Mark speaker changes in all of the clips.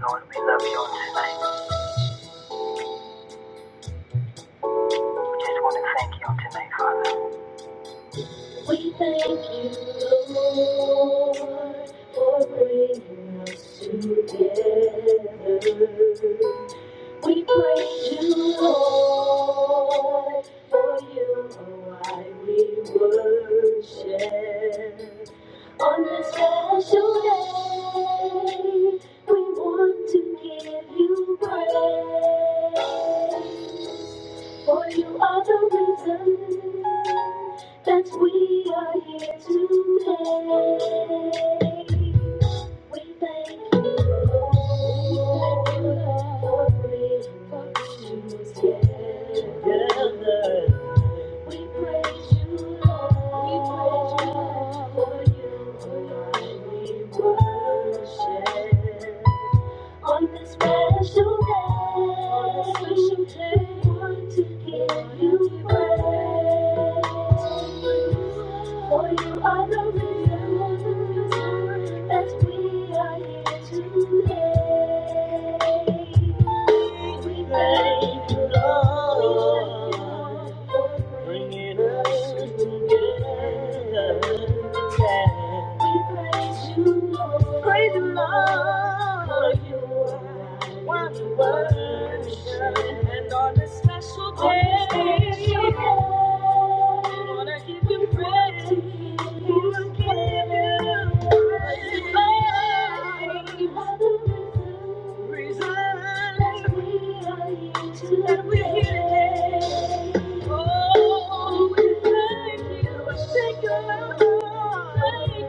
Speaker 1: Lord, we love you on tonight. We just want to thank you on tonight, Father. We thank you, Lord, for bringing us together. We praise you, Lord, for you are why we worship. On this special day, we want to give you praise. For you are the reason that we are here today. We thank you, Lord, for bringing us together. We praise you, Lord. We praise you, Lord, for you alone we worship. On this special day, I want to give you praise. For you are the reason that we are here today. We thank you, Lord, for bringing us together. We praise you, Lord. Praise the Lord. Thank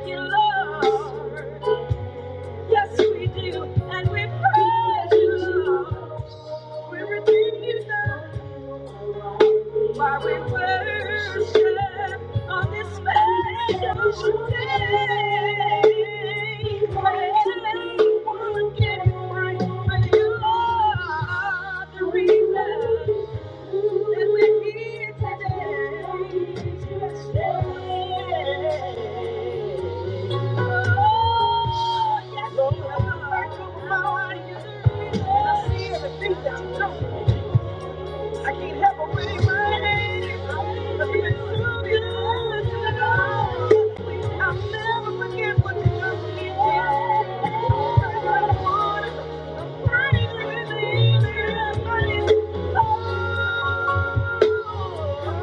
Speaker 1: you, Lord. Yes, we do, and we praise you, Lord. We redeem you now. Why we worship on this special day. Why Anyone can pray, but you are the reason. I Thank you. I can't help but wave my hands. I've been through it I'll never forget what you done for me. I'm burning with anger, I'm burning with love. I'll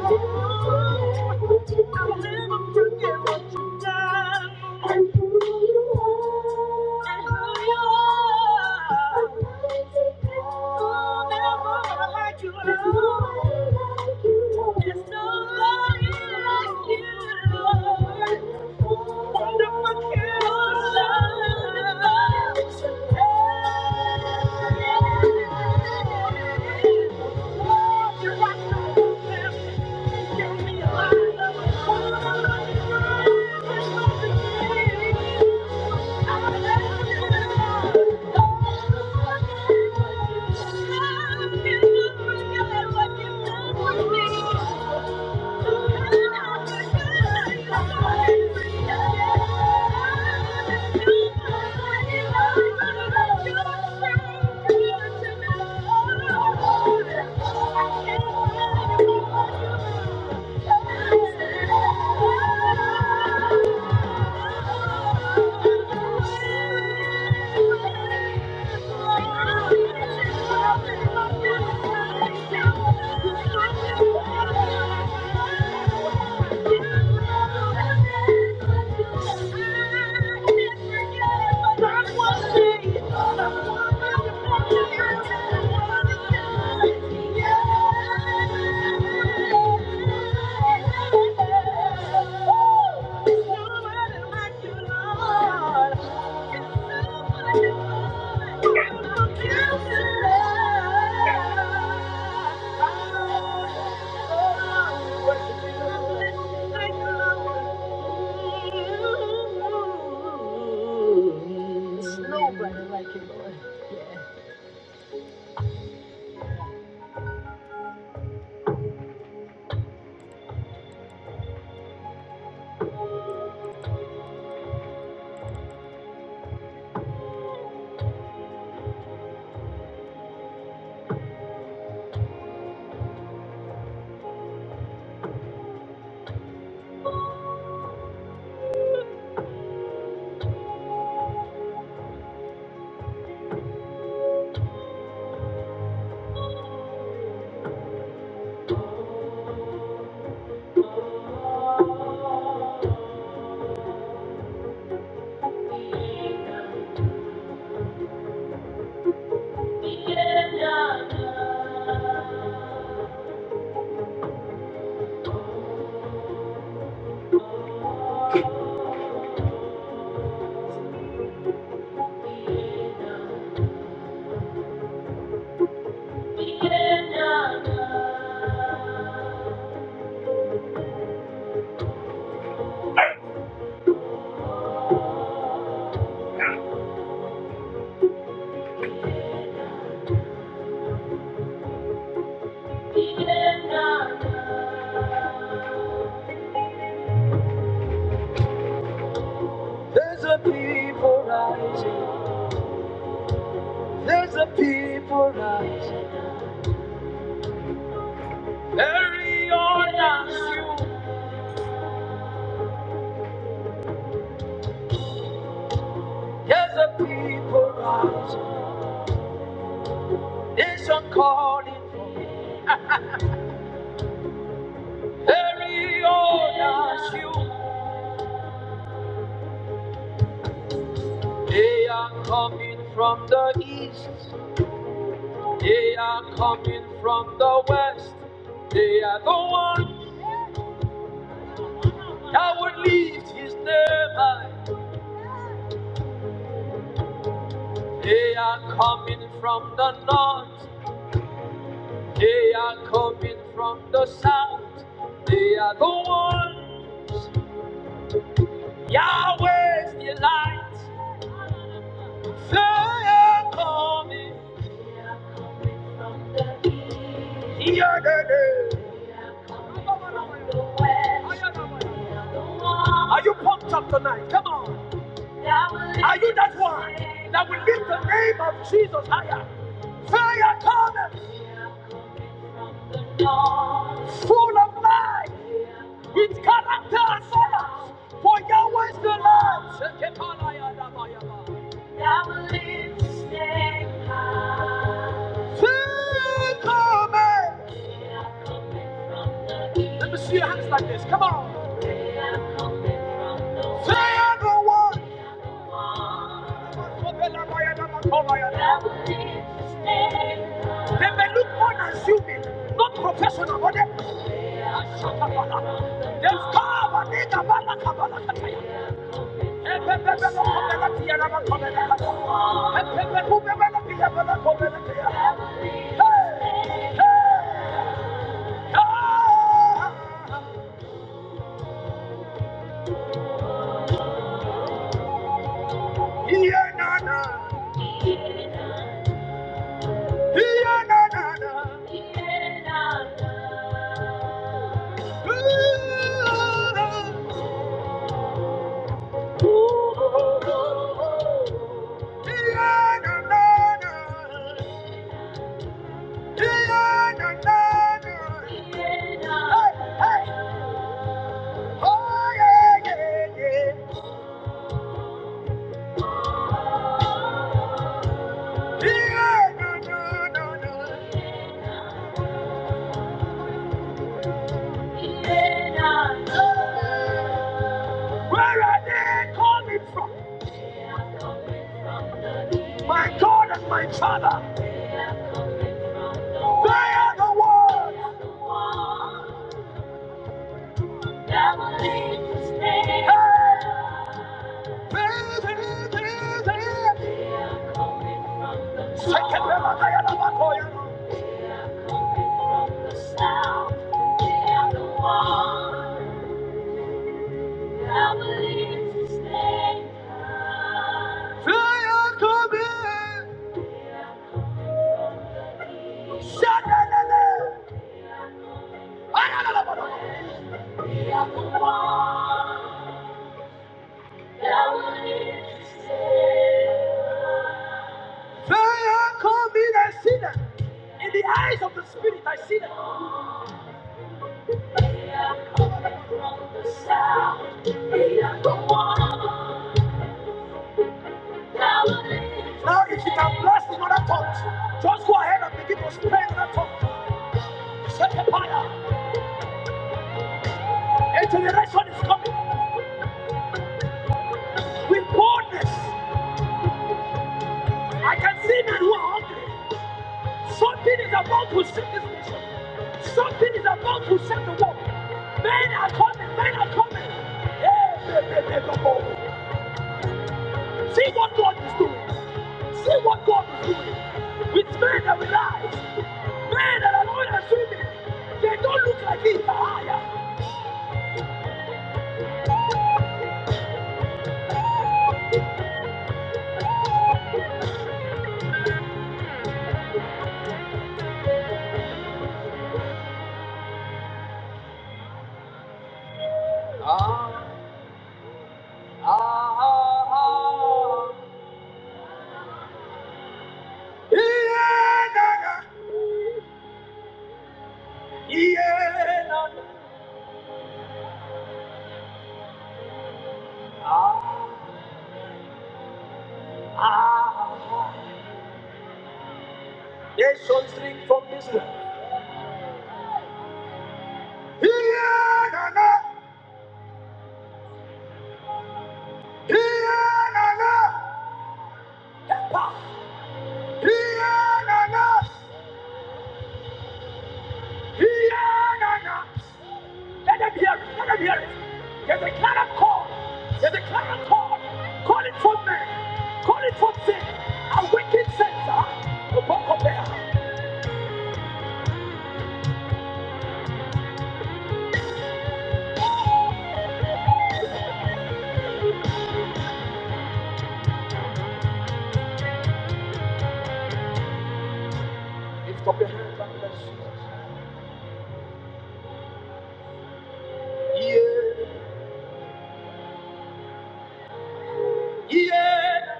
Speaker 1: never forget what you done and who you are and who you are. I'll never Thank you. Thank you. Thank you. Yeah. Thank you. There's a people rise, nation calling, every orders you. They are coming from the east, they are coming from the west. They are the ones. I lift his name high. They are coming from the north. They are coming from the south. They are the ones. Yahweh's delight. They are coming. They are coming from the east. Yeah, yeah, yeah. They are coming from the west. They Are the ones. Are you pumped up tonight? Come on. Are you that one that will lift the name of Jesus higher? Fire cometh, full of life, with character and manners. For Yahweh is the Lord. Shekepanaya dabayaba. Fire cometh. Let me see your hands like this. Come on. Fire the one. They may look unassuming, not professional, but they They've come and they are bala kabala kataya. Ebebebe no kobela tiya na ma kobela kataya. Ebebe kubebe no tiya bala kobela tiya. Hey, hey, hey. ah. Iya na na, iya na na Fire, call me that sinner. In the eyes of the Spirit, I see them. Now, if you can bless in other tongues, just go ahead and begin to pray in other tongues. Set a fire. A generation is coming with boldness. I can see men who are hungry. Something is about to set this nation. Something is about to set the world. Men are coming. Men are coming. Hey, hey, hey, hey, come on. See what God is doing. See what God is doing. With men that realize, men that are not assuming, they don't look like this. Ah, yeah. Ah. Ah, yeah, yeah, ah, ah. Nations drink from this well. Yeah, na, na. Yeah, na, na. Yeah, na, na. Yeah, na, na. Let them hear it. Let them hear it. There's a clarion call. There's a clarion call. Call it for men. Call it for sin. A wicked sense. Ah, the book of them. Lift up your hands and bless Jesus. Yeah, yeah.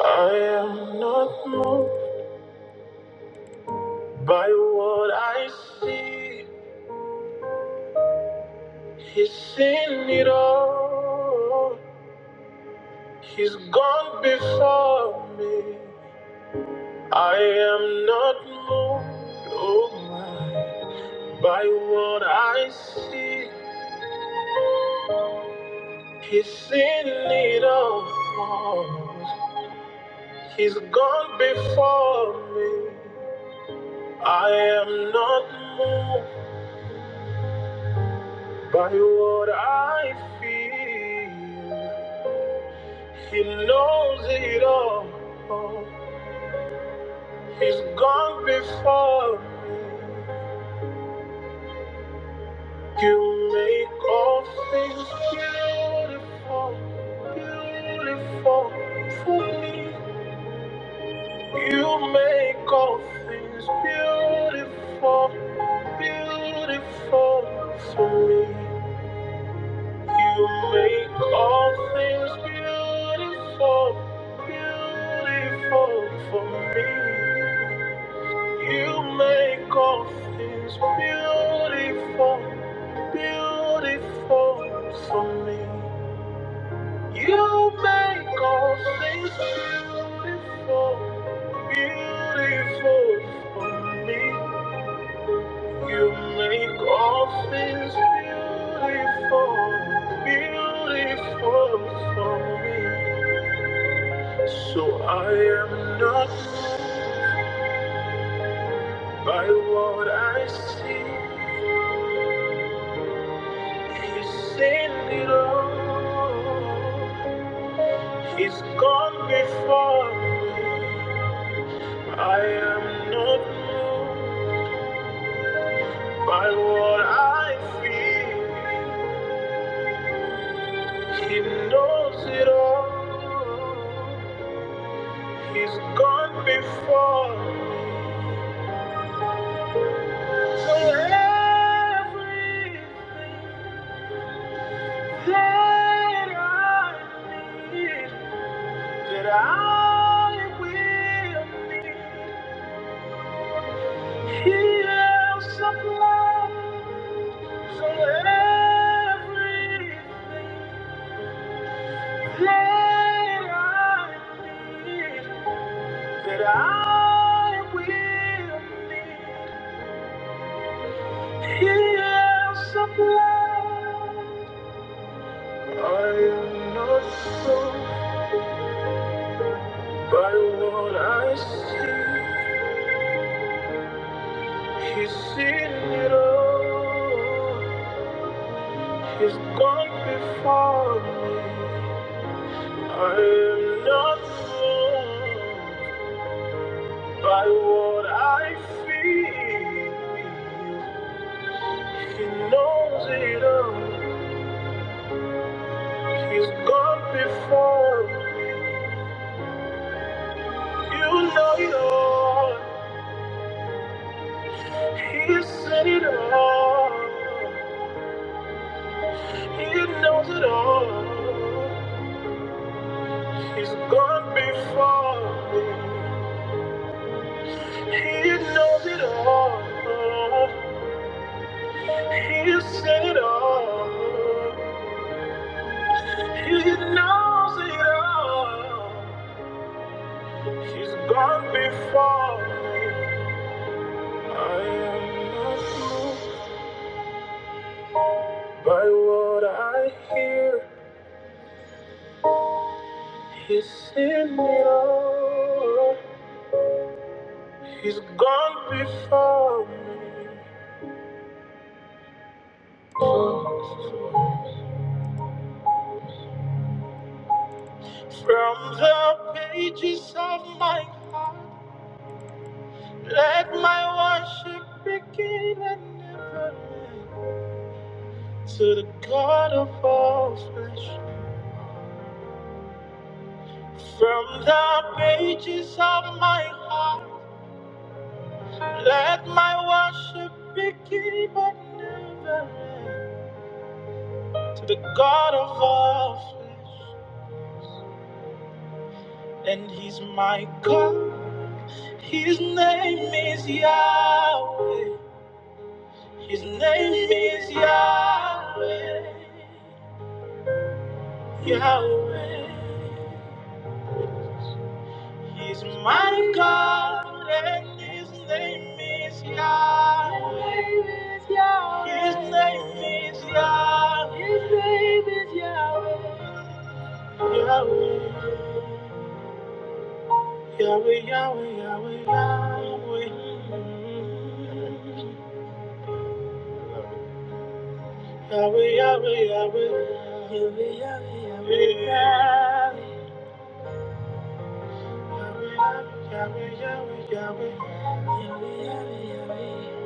Speaker 1: I am not moved by what I see. He's seen it all. He's gone before me. I am not moved, oh my, by what I see. He's seen it all. He's gone before me. I am not moved by what I feel. He knows it all. He's gone before me. You make all things beautiful, beautiful for me. You make all things beautiful, beautiful for me. You make all things beautiful, beautiful for me. You make all things beautiful, beautiful for me. You make all things beautiful, beautiful for me. You make all things beautiful, beautiful for me. So I am not by what I see. He's seen it all. He's gone before me. I am not I. He's gone before everything. I need. that I will be. He else supplies all everything that I need, that I will be. He else supplies. I am not sold by what I see. He's seen it all. He's gone before me. I am not moved by what I feel. He knows it all. He's gone before me. You know it all. He said it all. He knows it all. He's gone before me. He knows it all. He said it all. He knows it all. He's gone before me. I am not moved by what I hear. He's seen it all. He's gone before me. From the pages of my heart, let my worship begin and never end. to the God of all flesh. From the pages of my heart, let my worship begin but never end. To the God of all flesh, and He's my God. His name is Yahweh. His name is Yahweh. Yahweh. He's my God, and His name is Yah. His name is Yah. His name is Yahweh. Yahweh, Yahweh, Yahweh, Yahweh. Yahweh, Yahweh, Yahweh. Yahweh, Yahweh, Yahweh, Yahweh. Yahweh, Yahweh, Yahweh, Yahweh. Yahweh, Yahweh, Yahweh.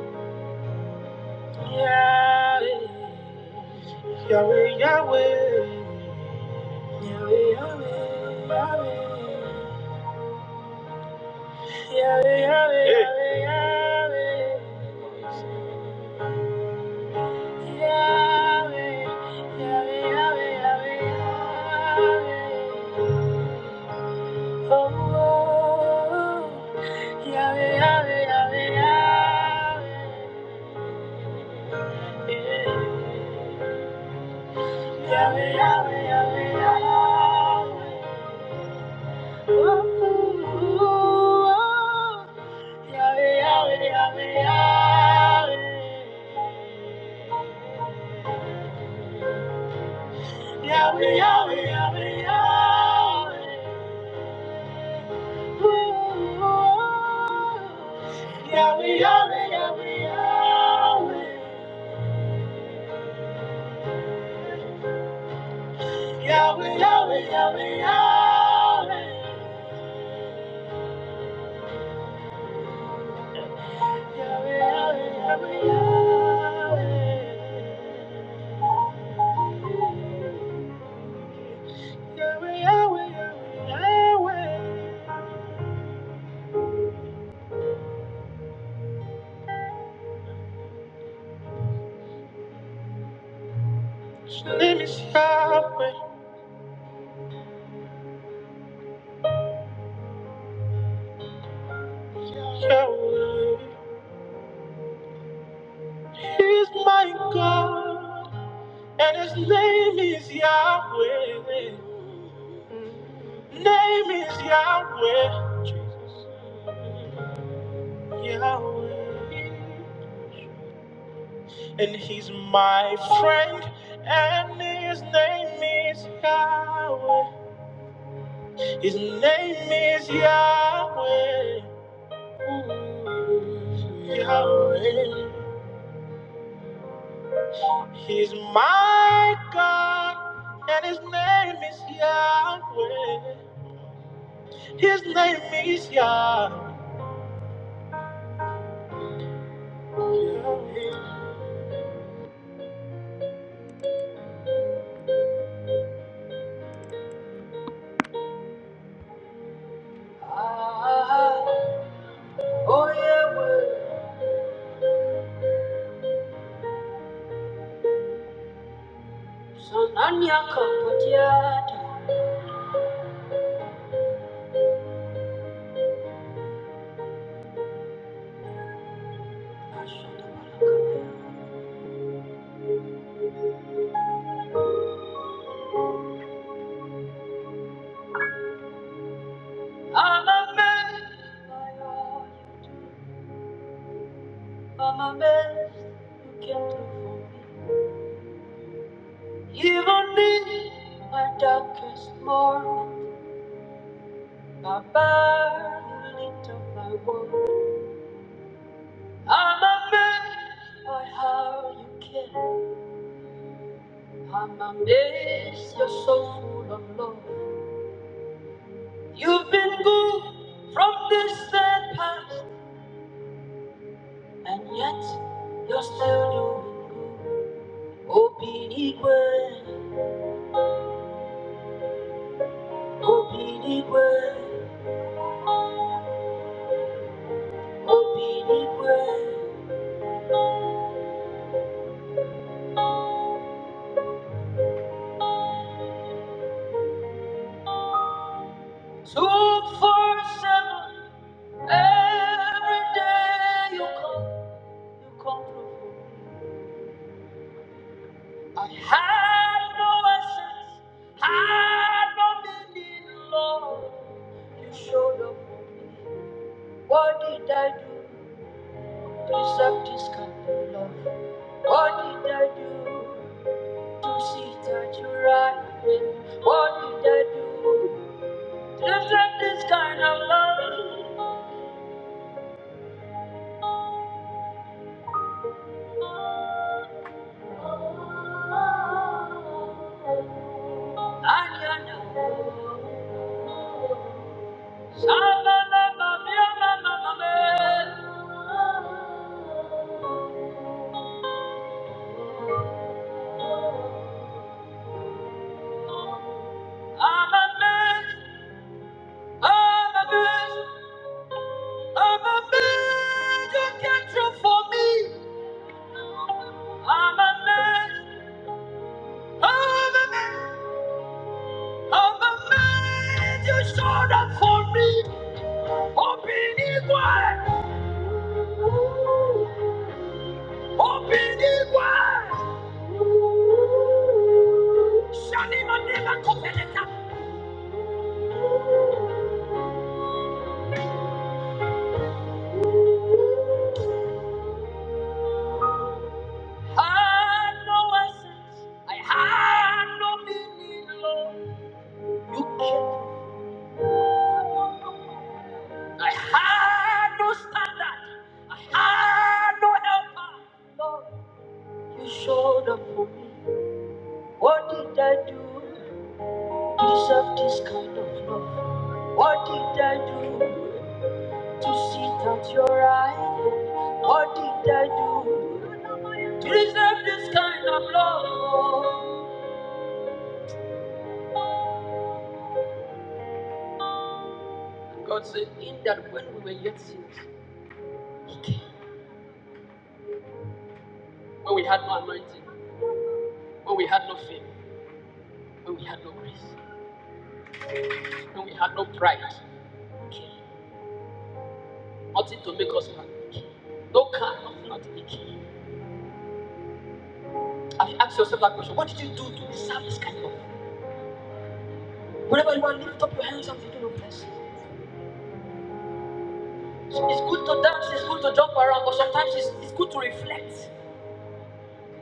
Speaker 1: yeah, Yahweh, Yahweh, Yahweh, Yahweh. Yahweh, Yahweh, Hey. Yahweh, Yahweh. Yahweh, Yahweh, Yahweh, Yahweh, Yahweh. Oh, Yahweh, Yahweh, Yahweh, Yahweh. Yahweh, Yahweh, Yahweh, Yahweh. Yahweh, Yahweh, Yahweh, Yahweh. Name is Yahweh, Yahweh. He's my God, and his name is Yahweh. Name is Yahweh, Jesus, Yahweh. And he's my friend, and his name is Yahweh. His name is Yahweh, Ooh, Yahweh. He's my God, and his name is Yahweh. His name is Yahweh. Ah, oh Yahweh, I'm amazed by God. I'm amazed you can do for me. Even in my darkest morning, my barely lit up my world. I'm amazed by how you care. I'm amazed you're so full of love. You've been good from this dead past, and yet you're still doing good. Obinigwe, Obinigwe, two, four, seven. Every day you come, I had no essence, had no meaning, Lord. This kind of love, what did I do? But you right, what did I do? Just like this kind of love, and you know. Sama mama, mama, mama, mama. I'm a man, I'm a man, I'm a man. You can't do for me. I'm a man, I'm a man, I'm a man. You showed up for me. Oh, be quiet. Open it wide. Shanima never kopeleta. Had no essence. I had no meaning, Lord. I had no standard. I had no helper. Lord, you showed up for me. What did I do? to Deserve this kind of love. Without your right hand, what did I do? To deserve this kind of love. God said, in that when we were yet sinners, He came. when we had no anointing, when we had no faith, when we had no grace, when we had no pride. Nothing to make us happy. No kind of nothing. Have you asked yourself that question? What did you do to deserve this kind of? Whenever you are, lift up your hands and begin to bless. So it's good to dance, it's good to jump around, but sometimes it's, it's good to reflect.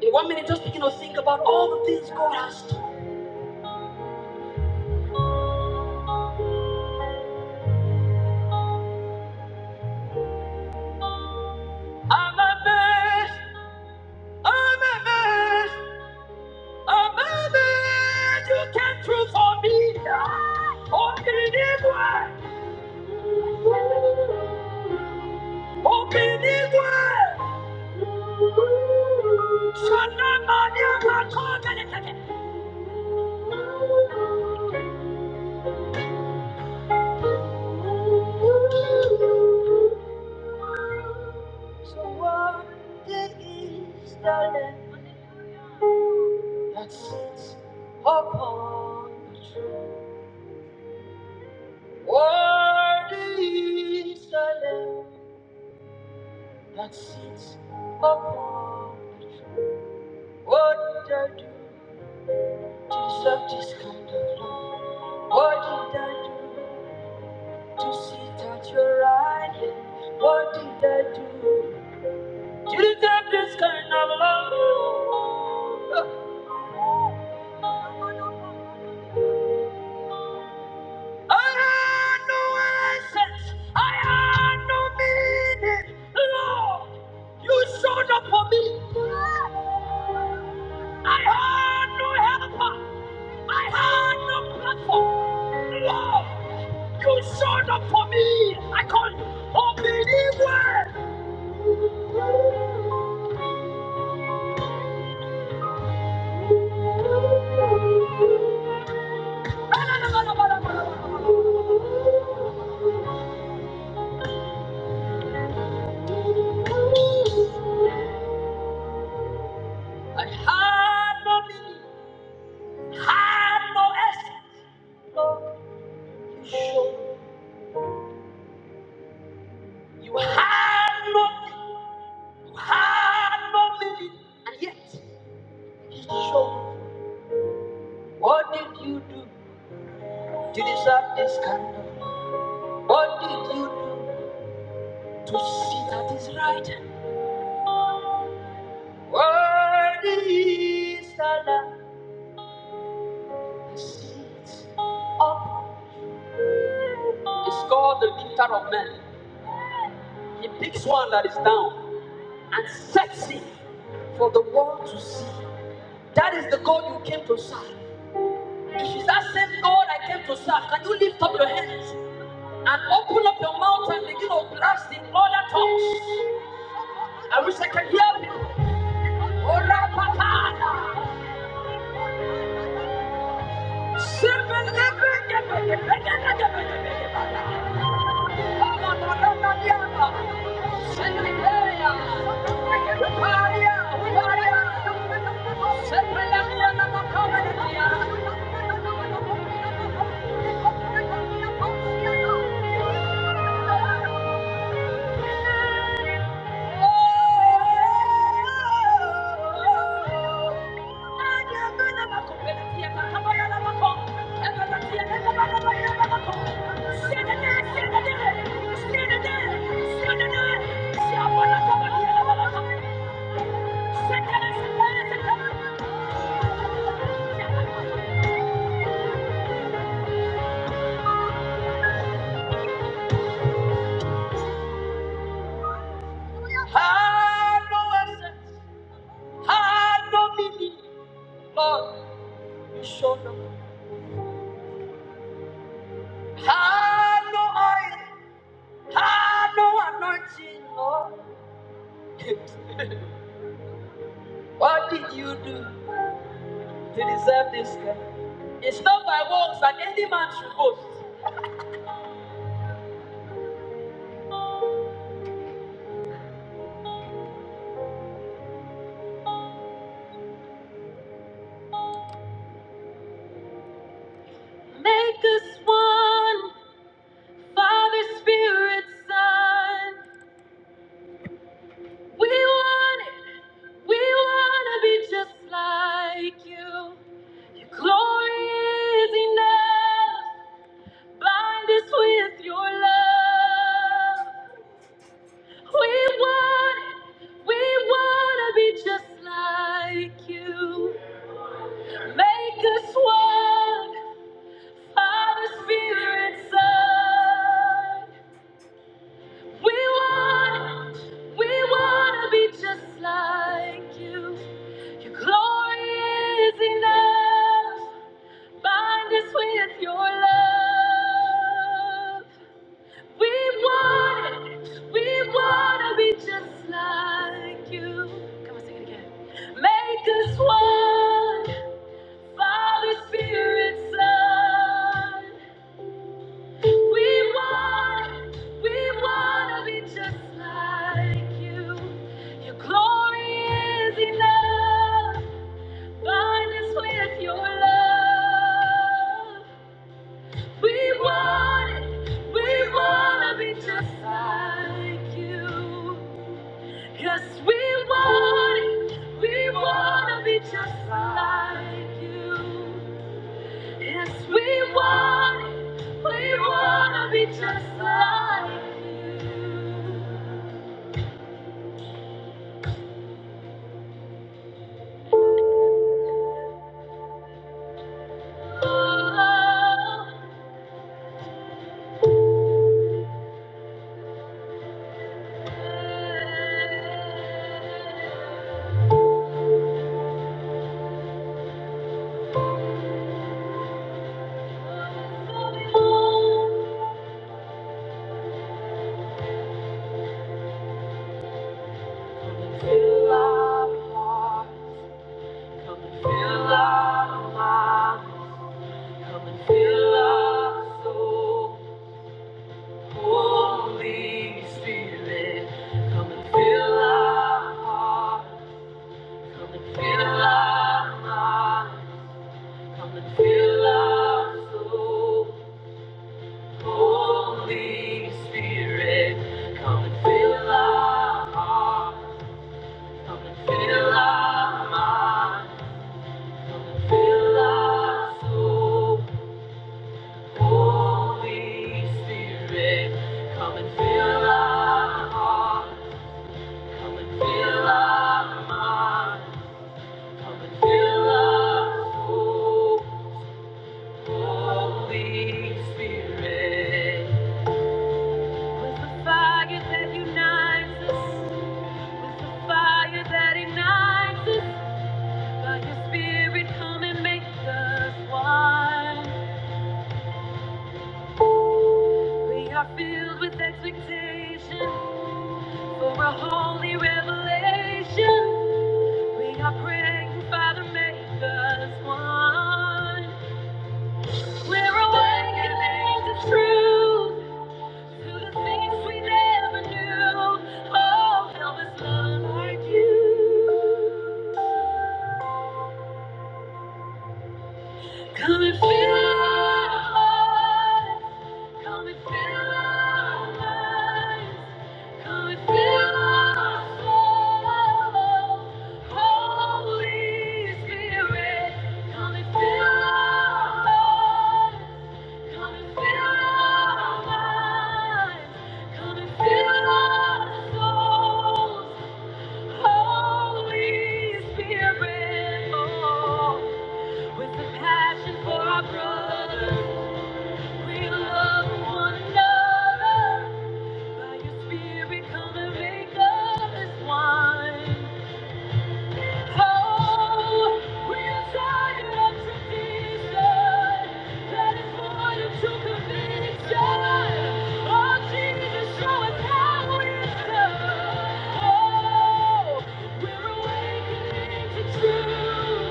Speaker 1: In one minute, just begin to think about all the things God has done. I'm amazed, I'm amazed, Amame, you came through for me. Openigwe, Openigwe. Shanamania makonde. So what is the land that sits upon the throne? What is the land that sits upon the throne? What did I do to deserve this kind of love? What did I do? to sit at your right What did I do Did I have this kind of love? I had no essence, I had no meaning. Lord, you showed up for me. I had no helper, I had no platform. Lord, you showed up for me. I call you. Obedient And had no meaning, had no essence. You showed me. You had nothing, you had no meaning, and yet you showed me. What did you do to deserve this kind of? What did you do to see that is right? hand? Worthy is the Lamb who sits up is God the lifter of men. He picks one that is down and sets it. for the world to see. That is the God you came to serve. If it's that same God I came to serve, can you lift up your hands and open up your mouth and begin to blast in other tongues? I wish I could hear you. Ora patana. Sebe lebe gebe gebe gebe gebe gebe gebe. Ama na na na na. Stand there! Stand there! Stand there! Had no assets, had no meaning, Lord, you showed up. Had no oil, had no anointing, Lord. what did you do to deserve this? God? It's not by works that any man should boast. Make us one, Father, Spirit, Son. We want it. We want to be just like you. Your glory is enough. Bind us with your love. We want it. We want to be just like you. Make us one. Father, Spirit, Son. We want, we want to be just like you. Your glory is enough. Bind us with your love. We want it. We want to be just like you. Come on, sing it again. Make us one. Father, Spirit, Son. We want, we want to be just like you. Your glory is enough. Bind us with your love. We want it, we want to be just like you. Yes, we want it. We want to be just like you. Yes, we want it. We want to be just like you. Oh, fill our hearts. Come and fill our minds. Come and fill our soul. Holy Spirit, come and fill our hearts. Come and fill our minds. Come and fill our soul. Holy Spirit, come and fill our hearts, come and fill our minds, come and fill our soul. Holy Spirit, come and fill our hearts, come and fill our minds, come and fill our soul. Holy Spirit, with the fire that unites us. With the fire that ignites us, by your spirit come and make us one. We are filled with expectation for a holy revelation. We are praying, Father, make us one. We're awakening to truth. To the things we never knew, oh, help us love like you. Come and feel alive. Come and feel our minds. Come and feel our soul. Holy Spirit, come and feel our lives. Come and feel our minds. Come and feel our souls. Holy Spirit, oh. With a passion for our brothers, we love one another. By your spirit, come and make of this wine. Oh, we are tired of tradition that is void of true conviction. Oh, Jesus, show us how it's done. Oh, we're awakening to truth.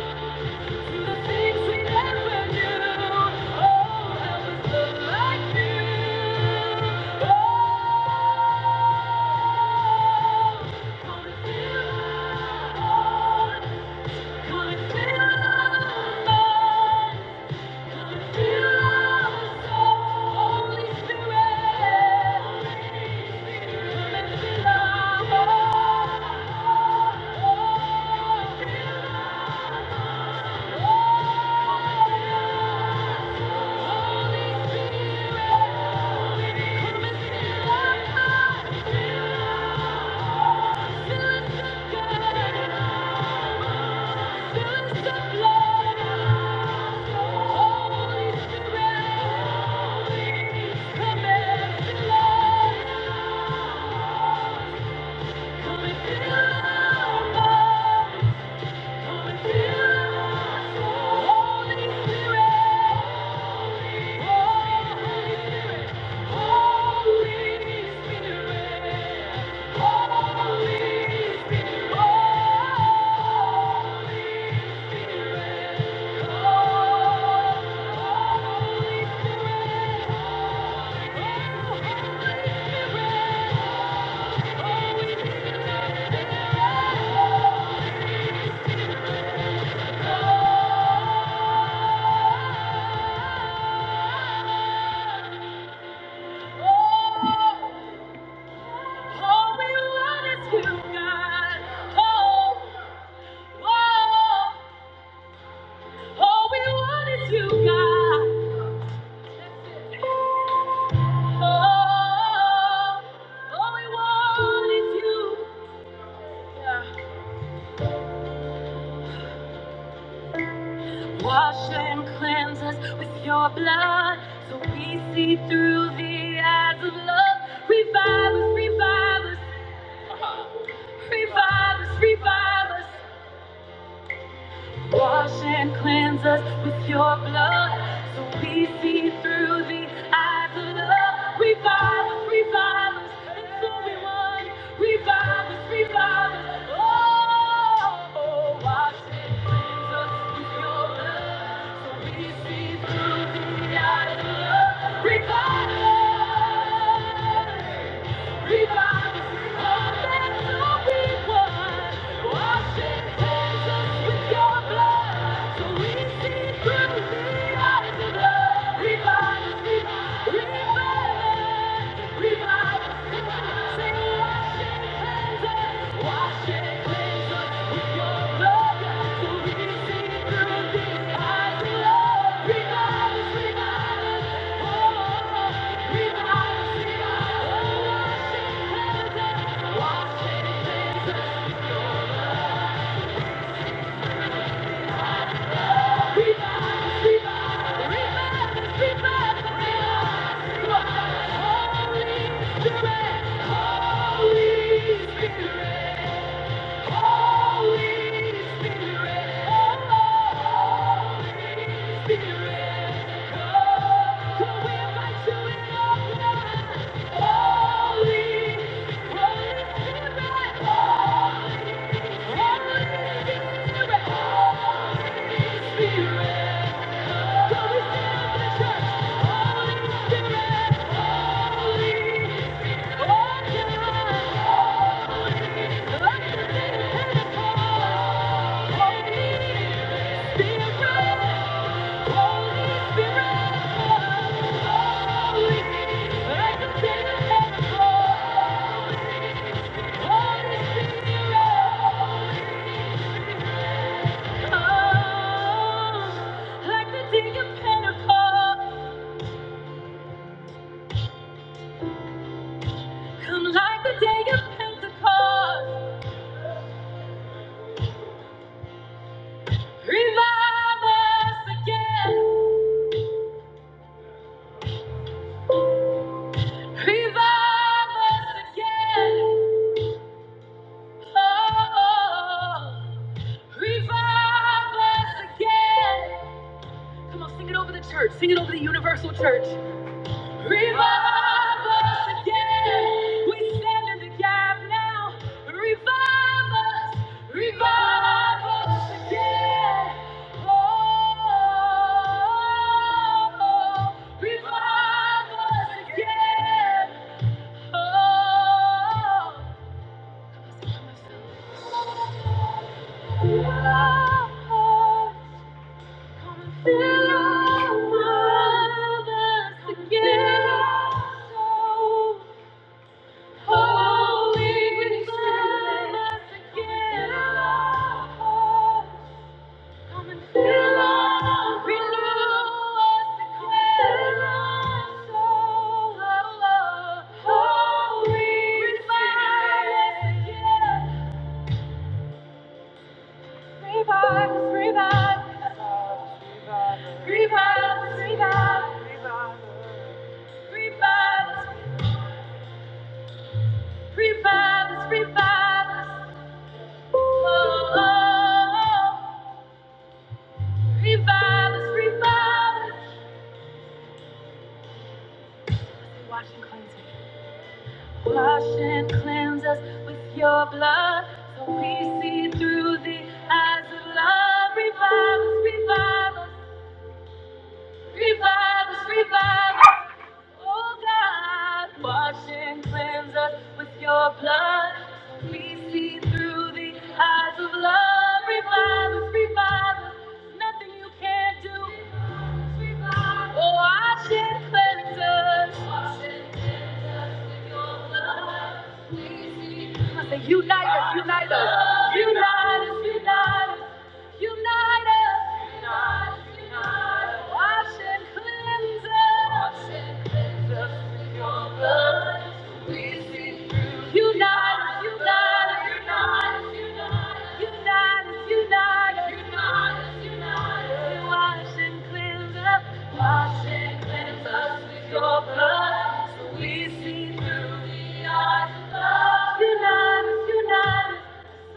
Speaker 1: Oh! All we want is you, God. Oh, oh, all we want is you, God. Oh, all we want is you. Yeah. Wash and cleanse us with your blood, so we see through the eyes of love. Revive us, revive us, revive us, revive us. Wash and cleanse us with your blood so we see through the eyes of love. Revive us, revive us, that's what we want. Revive us, revive us, oh, wash and cleanse us with your blood so we see through the eyes of love. Revive us. Wash and cleanse us with your blood, so we see through these eyes of love. Revive us, revive us. Spirit, oh, we set your Holy Spirit. Revive us again. Revive us again. Oh, revive us again. Come on, sing it over the church. Sing it over the universal church. Revive us again. We stand in the gap now. Revive us. Revive us again. Oh, revive us again. Oh, fill us. Fill our mouths. Come and fill us Wash and cleanse us with your blood so we see through the eyes of love. Revive us, revive us. Revive us, revive us. Oh God, wash and cleanse us with your blood. We see through the eyes of love. Revive us, revive us. Nothing you can't do. Oh, wash and cleanse us. Wash and cleanse us with your blood. We see. I say, unite us, unite us, unite us, unite us. Unite us. Unite, unite Wash and cleanse us. Wash and cleanse us with your blood. We see through. Unite us. Unite us. Unite us. Unite us. wash and cleanse us. Wash and cleanse us with your blood. So we see through the eyes of love. Unite us. us.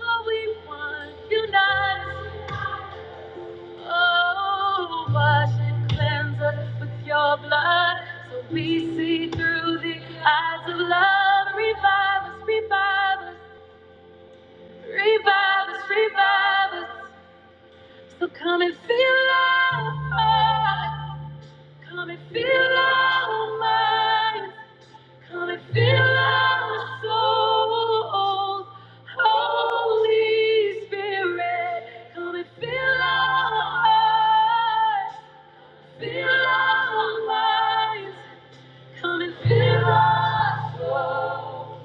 Speaker 1: So we want. Unite us. Oh, wash and cleanse us with your blood so we see through the eyes of love. Revive us, revive us, revive us, revive us. So come and fill our hearts, come and fill our minds, come and fill our souls. Holy Spirit, come and fill our hearts. Feel our minds, come and fill our soul.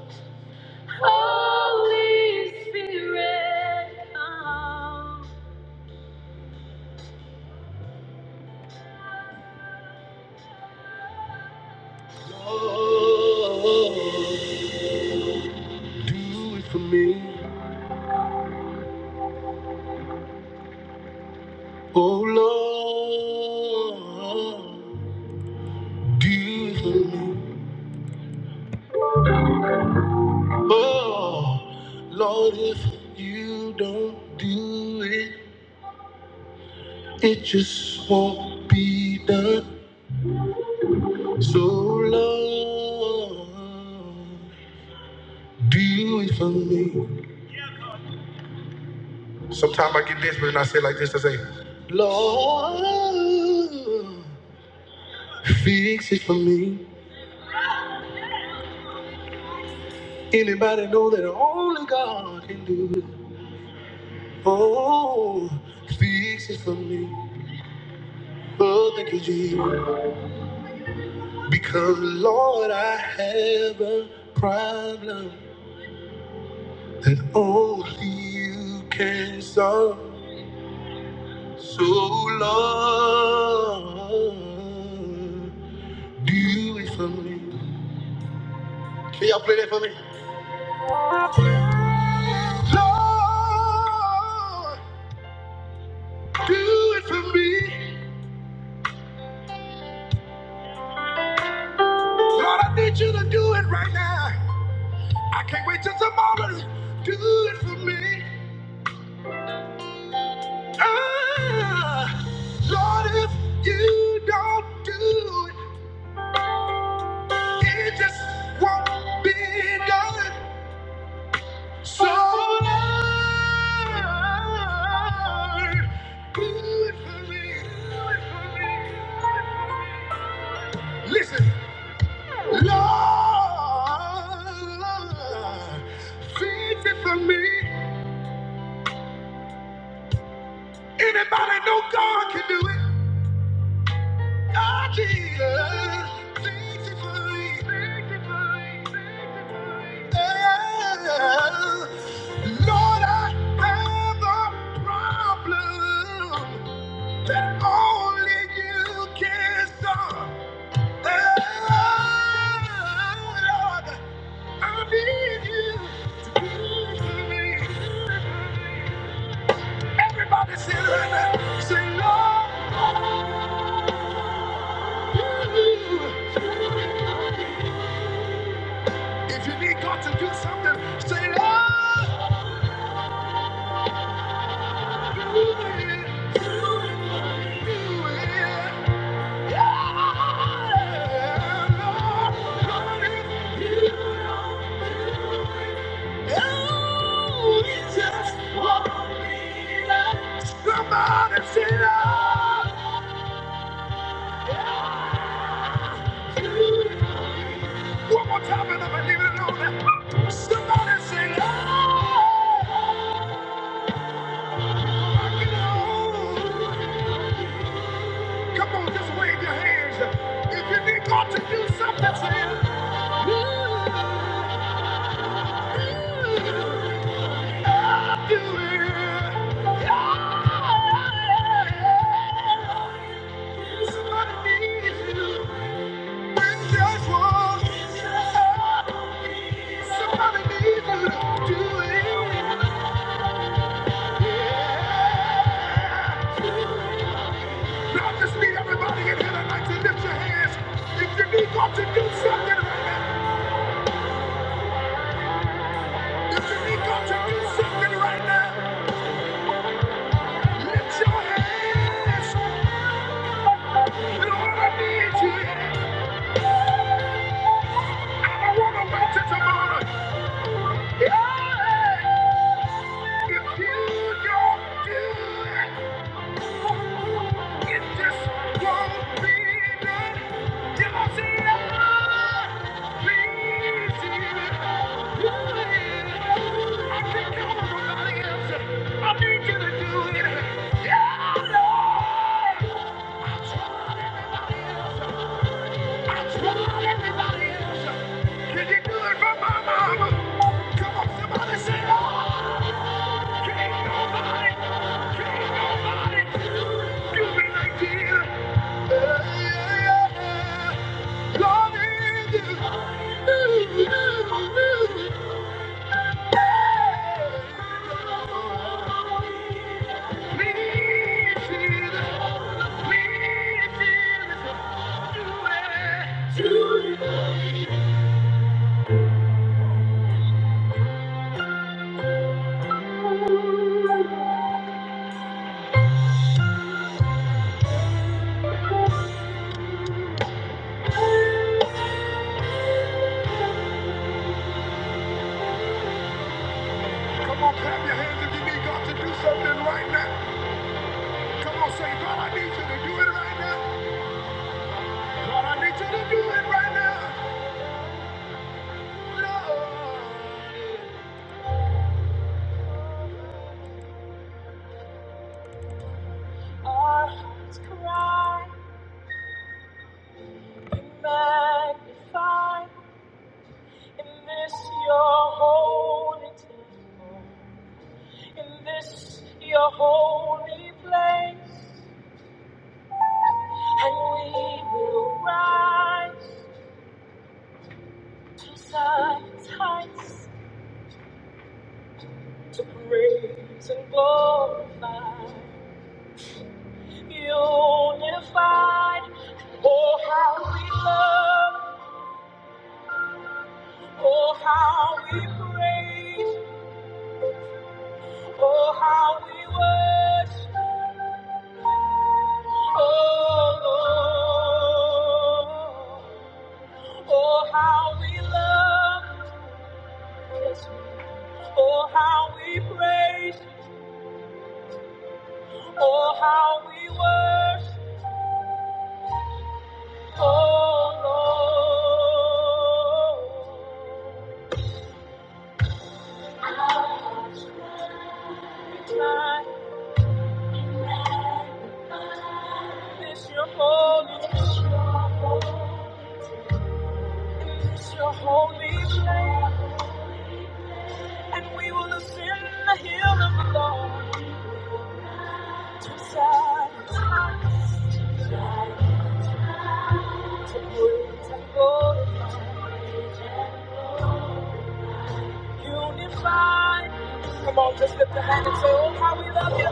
Speaker 1: Holy Spirit, come. Oh, do it for me, oh Lord. Do it for me, oh Lord. If you don't do it, it Lord. Do Sometimes I get desperate and I say like this, I say, Lord, fix it for me. Anybody know that only God can do it? Oh, fix it for me. Oh, thank you, Jesus. Because, Lord, I have a problem that only you can solve. So, Lord, do it for me. Can y'all play that for me? Lord, do it for me. Lord, I need you to do it right now. I can't wait till tomorrow. Do it for me. Ah, Lord, if you don't do it, it just won't be done. So, Lord, do it for me. Listen. Lord, fix it for me. Anybody know God can do it? God, Jesus, fix it for me. Yeah. Lord, I have a problem that only you can solve. Oh, Lord, I need you to do it for me. Everybody say, amen. Say, Lord, if you need God to do something, say, Lord, do it. Somebody say, Lord, do it. One more time, and i believe leaving it alone. Somebody say, Lord, rock it on. Come on, just wave your hands. If you need God to do something, say, Lord, do it. To do something right now. If you need God to do something right now, lift your hands. Lord, I need you. I don't want to wait till tomorrow. Yeah. If you don't do it, it just won't be done. Till I see I please you. I can't count on nobody else. I need you to do it. Yeah, Lord. I tried everybody else. I tried everybody else. Can you do it for my mama? Come on, somebody say, Lord. Come on, clap your hands if you need God to do something right now. Come on, say, God, I need you to do it right now. God, I need you to do it right now. Lord. Our hearts cry, be magnified in this your holy temple, in this your holy place, and we will rise to Zion's heights to praise and glorify, unified. Oh, how we love, oh, how we praise. Oh, how we worship, oh Lord. Oh, how we love, oh, how we praise, oh, how we worship, oh Lord. Tonight is your holy, is your holy name, and we will ascend the hill of the Lord. Side, Unified. Come on, just lift the hand and say, Oh, how we love you.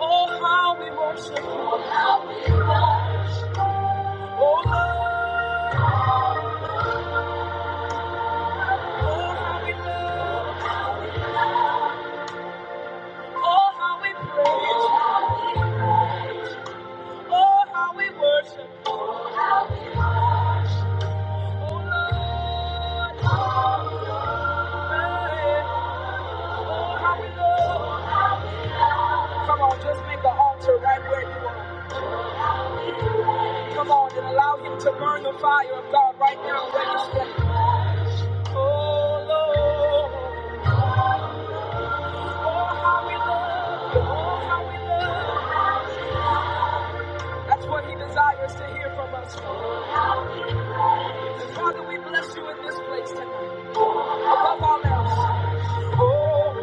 Speaker 1: Oh, how we worship you. Oh, Lord, oh, how we love. Oh, how we praise. Oh, how we worship. Oh, Lord, oh, how we love. Come on, just make an altar right where you are. Come on, and allow Him to burn the fire of God right now where you stand. Oh, Lord, oh, how we love. Oh, how we love. That's what He desires to hear from us. Father, we bless you in this place tonight. Above all else. Oh, Lord, we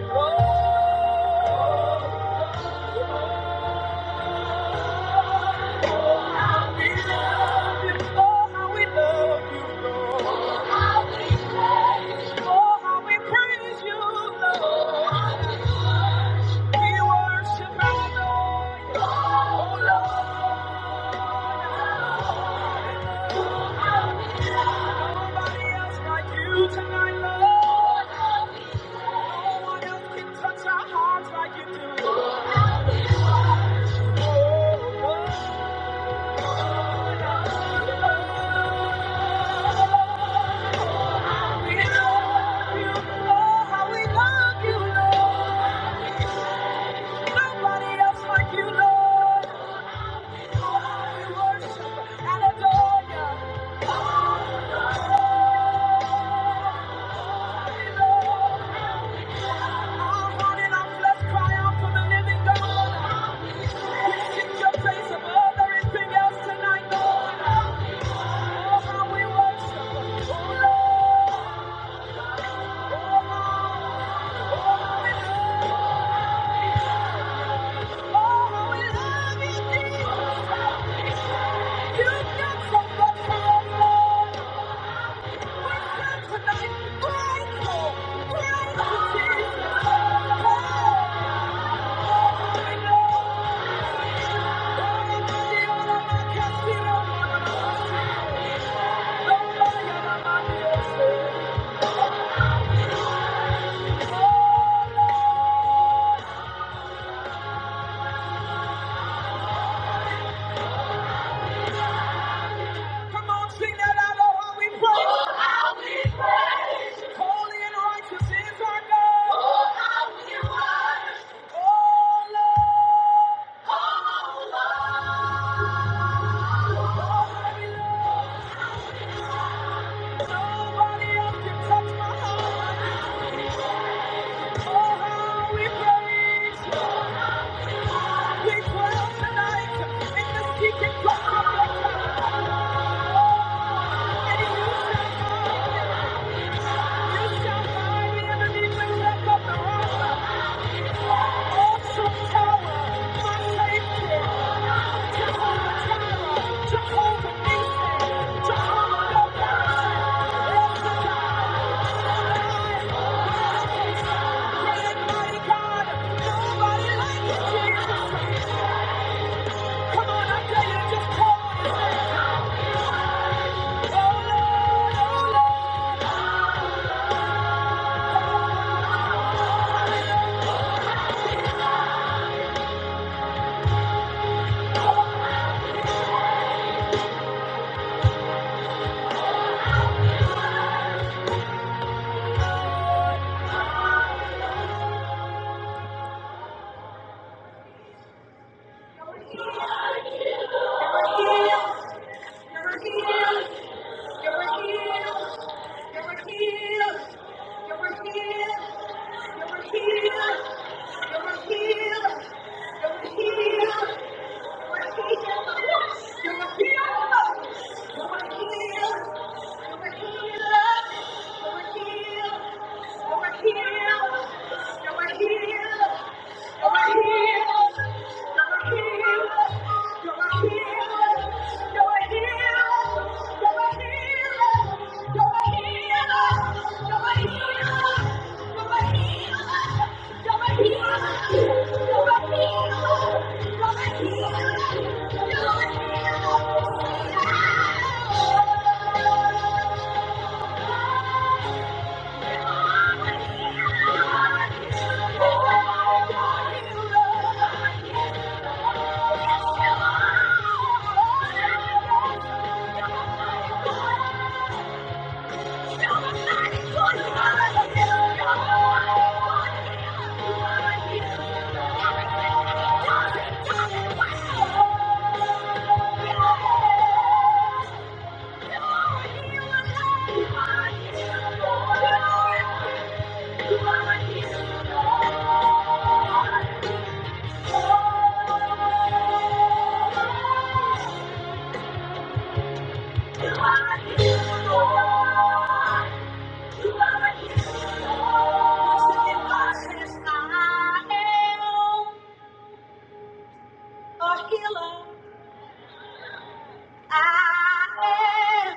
Speaker 1: love you. Oh, how we love you. Oh, how we praise you, Lord. We worship Nobody else like you tonight, Lord. No one else can touch our hearts like you do. We love you. Oh, how we love you, Lord. Nobody else like you, Lord. Oh, how we worship and adore you. Nobody else can touch my heart. Oh, how we praise We dwell tonight in the secret place of your God. And you shall find, you shall find the enemy will lift up the rock. Awesome tower, my safety. Jehovah Jireh, Jehovah Nissi, Jehovah Gabor, El Shaddai. Great mighty God, nobody like Jesus. Come on, I tell you, just call You're a healer. You're You're a a healer. You're a healer. Yes, you are. You are Thank you. a healer. I am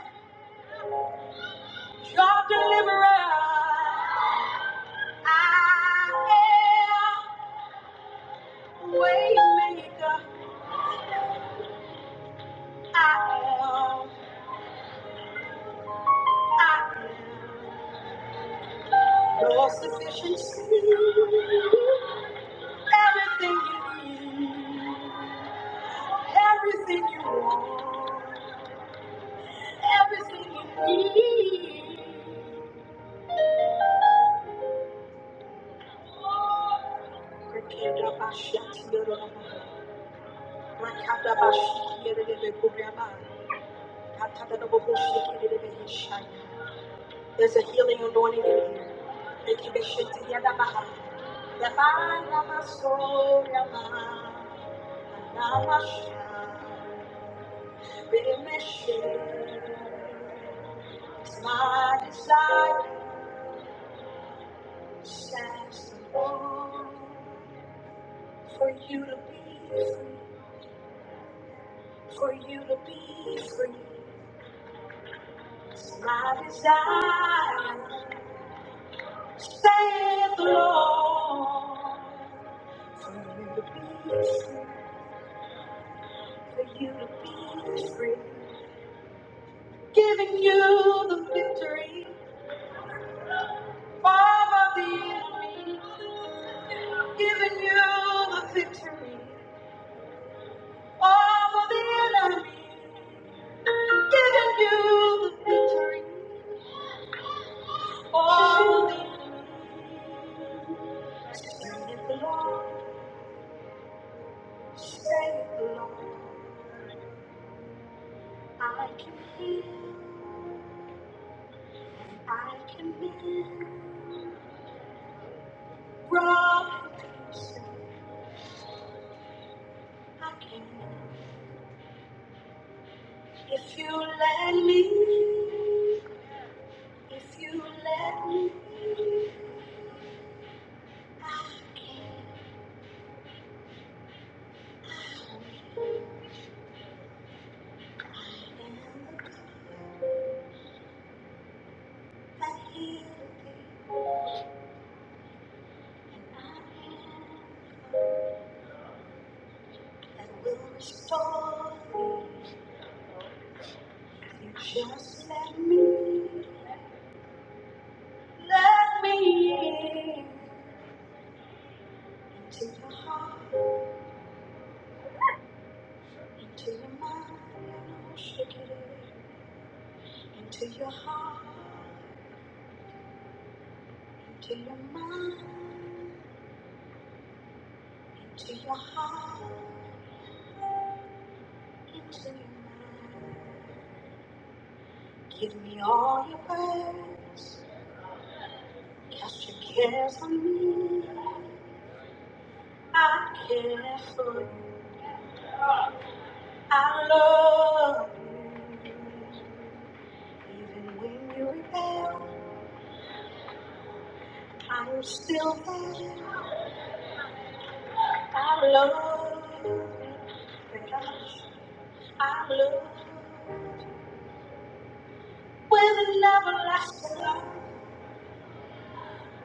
Speaker 1: your deliverer. I am way maker. I am. I am your sufficiency. Everything you need. Everything you want. Everything you need. Father, the enemy. Giving you the victory. All of the enemy giving you the victory. All of the enemy. Save the Lord. Save the Lord. I can.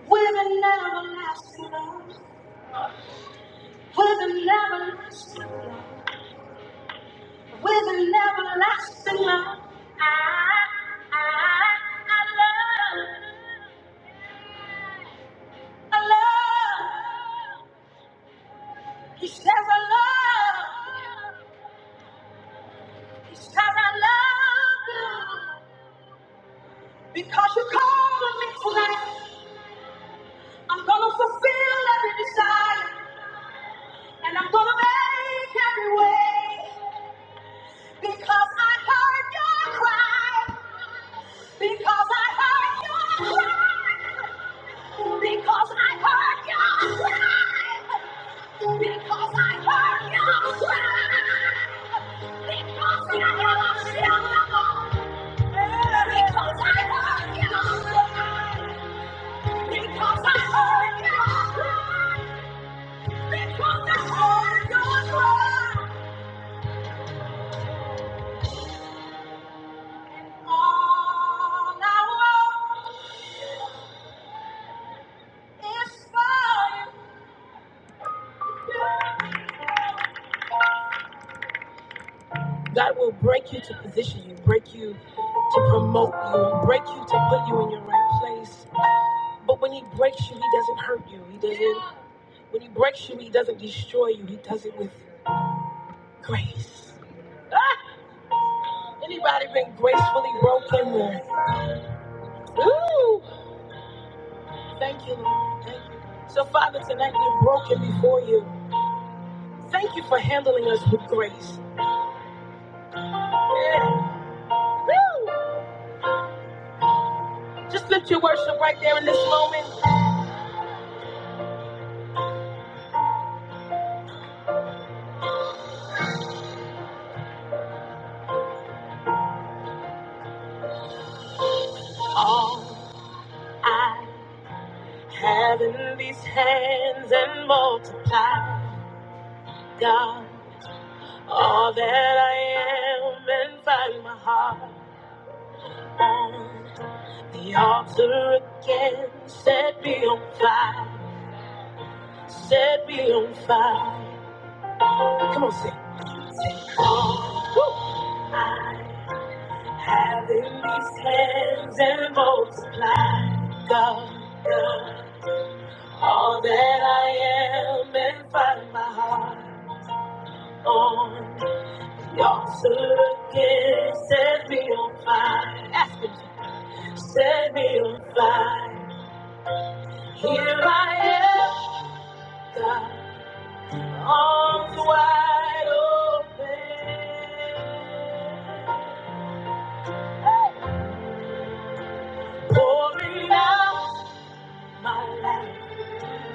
Speaker 1: With an everlasting love. With an everlasting love. With an everlasting love. I, I, I love. I love. He says I love. Cause I love you. Because you called me tonight. I'm gonna fulfill every desire. And I'm gonna make every way. Because I heard your cry. Because I heard your cry. Because I heard your cry. Because I heard your cry. Because I heard your cry. God will break you to position you, break you to promote you, break you to put you in your right place. But when He breaks you, He doesn't hurt you. He doesn't. When He breaks you, He doesn't destroy you. He does it with grace. Ah, anybody been gracefully broken? Or Woo! Thank you, Lord. Thank you. So, Father, tonight we're broken before you. Thank you for handling us with grace. Yeah. Woo! Just lift your worship right there in this moment. All having these hands and multiply, God. All that I am and find my heart on the altar again. Set me on fire. Set me on fire. Come on, sing. All Have in these hands and multiply, God, God, all that I am and find my heart on. The altar again, set me on fire. Ask him to Set me on fire. Here I am, God, arms wide open, pouring out my life.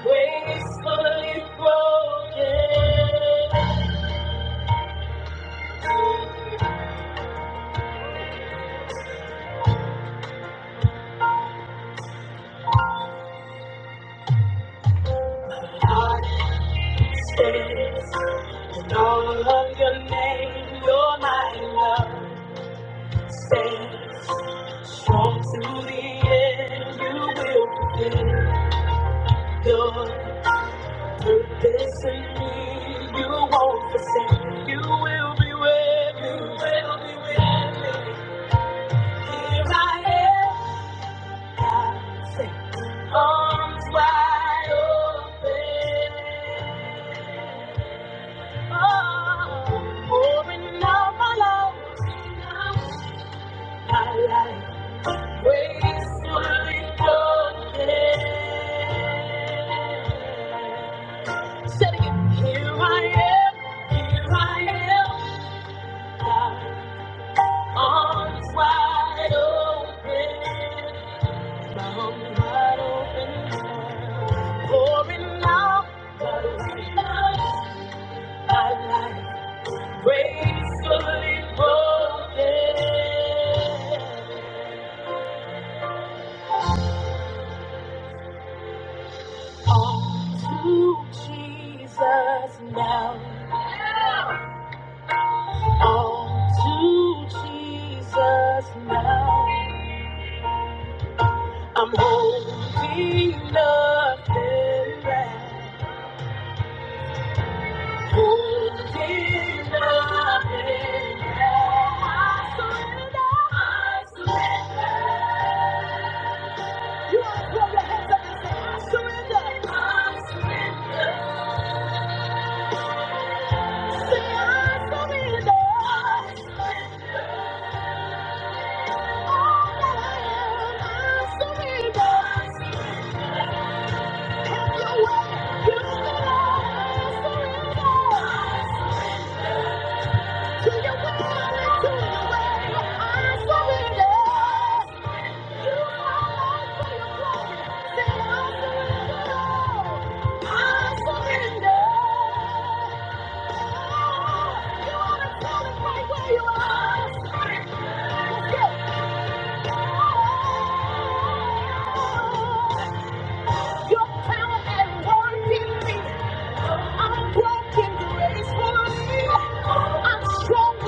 Speaker 1: Gracefully broken, heart stands. In all of your name, You're my love stands. Strong to the end, you will fulfill your purpose in me. You won't forsake. You will be with me. You will be with me. Here I am. Arms wide open, oh, pouring out my love, my life gracefully broken. Said again, here I am, here I am, God, arms wide open. Arms All to Jesus now. All to Jesus now. Holding nothing back. I surrender. I surrender. You want to throw your hands up and say, I surrender. I surrender. Say, I surrender. All that I am, I surrender. Have your way. You said, I surrender. To your will and to your way. I surrender. You are Lord for your glory. Say, I surrender. I surrender. I'm strong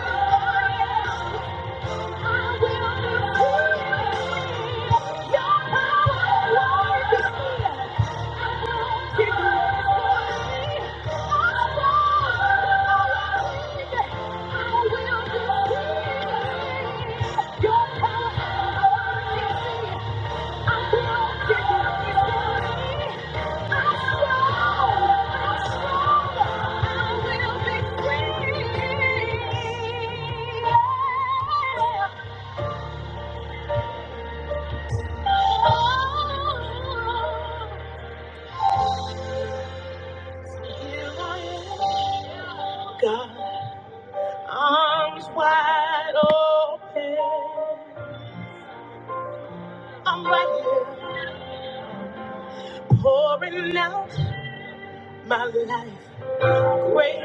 Speaker 1: and I am. I will be free. God, arms wide open. I'm right here pouring out my life. Great.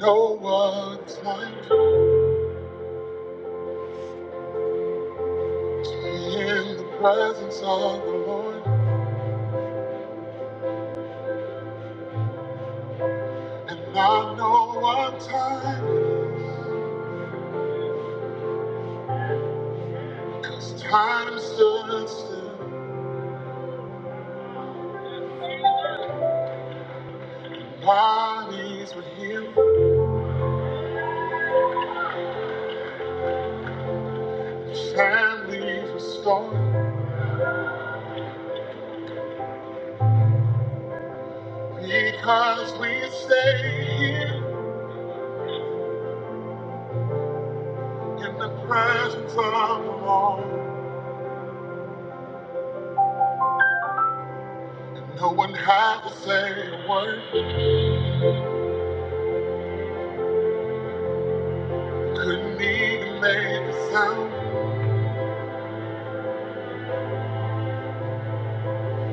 Speaker 1: No one's like me in the presence of the Lord. And I know what time, cause time stood still. Bodies were healed, families restored. Because we stay here in the presence of the Lord. And no one had to say a word, couldn't even make a sound.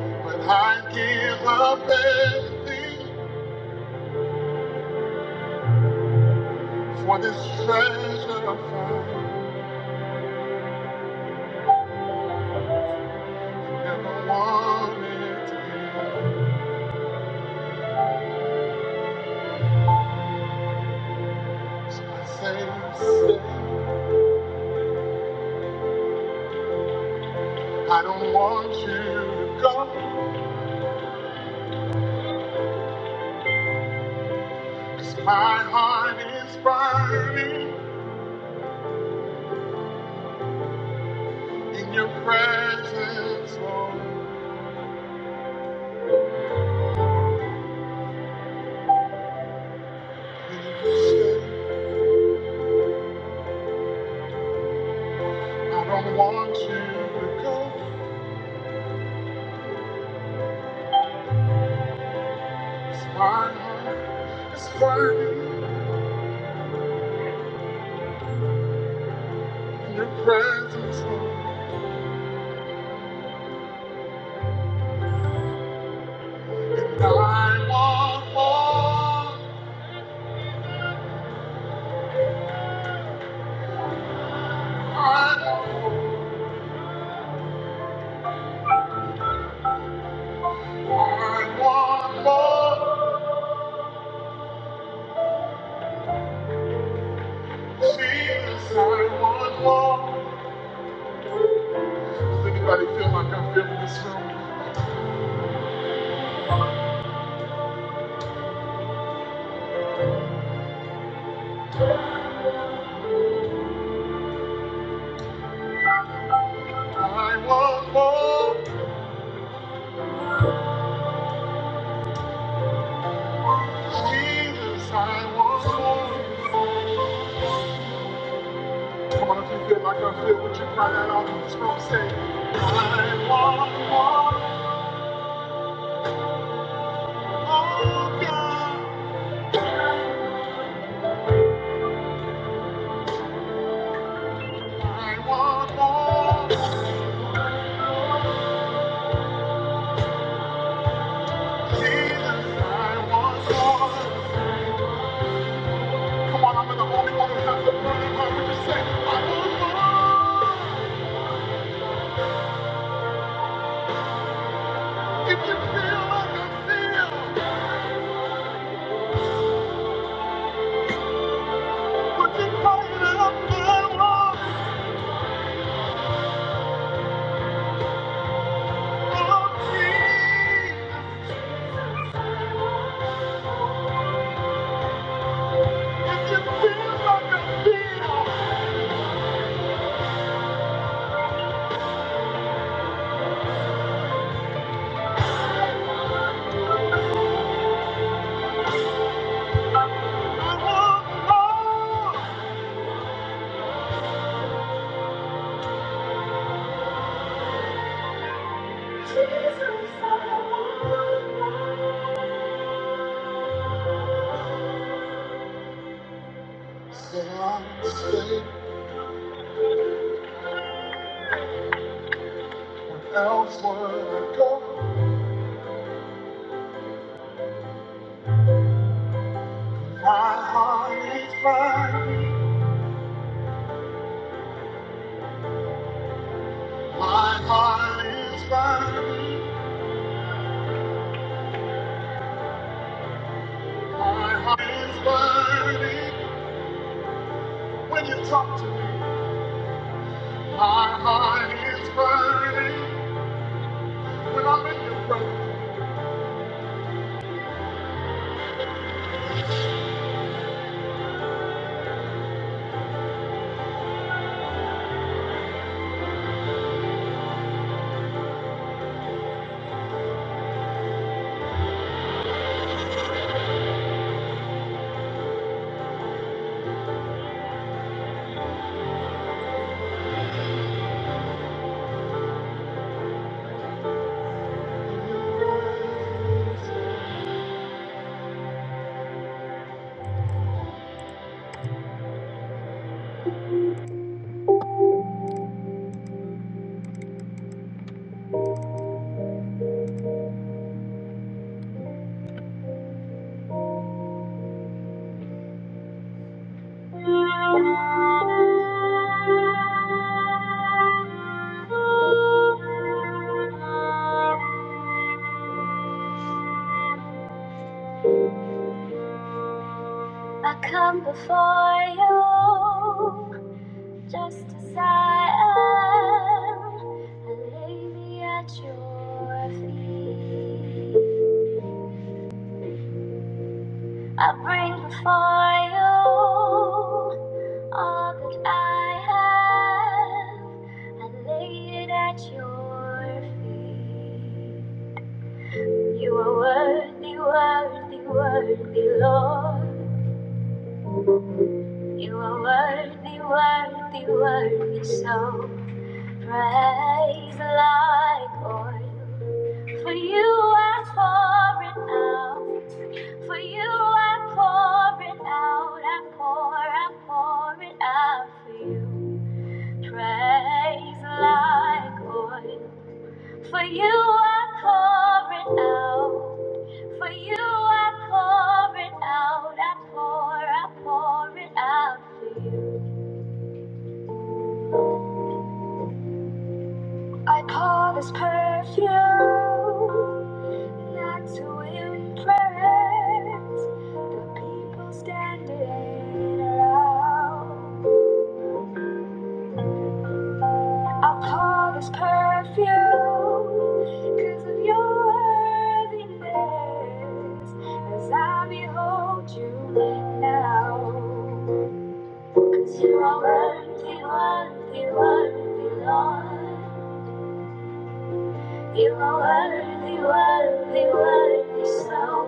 Speaker 1: But I give up everything for this treasure I found. Never wanted to be. So I say, stay. I don't want you to go, 'cause my heart is burning in your presence, Lord. I don't want you to go. 'cause My heart is burning in your presence. And I want more. I want more. I want more. Jesus, I want more. Does anybody feel like I feel in this room? I want more. Jesus, I want more. Come on, if you feel like I feel, would you cry that out in this room? I want more, oh God. I want more, Jesus. I want more. Come on, I'm the only one who has a burning heart. Would you say, I want more? If you feel like I feel, would you cry it out? I want more, Jesus. If you feel like I feel, where else would I go? My heart is burning. My heart is burning. My heart is burning. When you talk to me, my heart is burning. When I'm in your presence, I come before you just as I am. I lay me at your feet. I bring before you all that I have. I lay it at your feet. You are worthy, worthy, worthy, Lord. You are worthy, worthy, worthy, so. Praise like oil, for you I pour it out. For you I pour it out, I pour, I pour it out for you. Praise like oil. For you I pour it out. For you I pour it out, I pour, I pour it out for you. I pour this perfume. Not to impress the people standing around. I'll pour this perfume because of your worthiness. As I behold you now, 'Cause you are worthy, worthy, worthy, Lord. You are worthy, worthy, worthy, so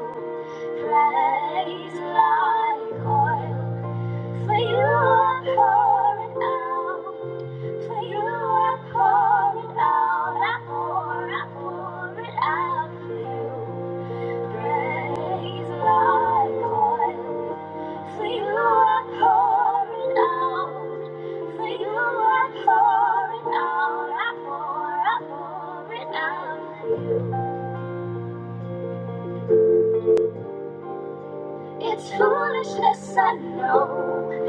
Speaker 1: praise like oil. For you are pouring out, for you are pouring out, I pour, I pour it out for you. Praise my God. For you are pouring out. For you are pouring out. I pour, I pour it out. It's foolishness, I know.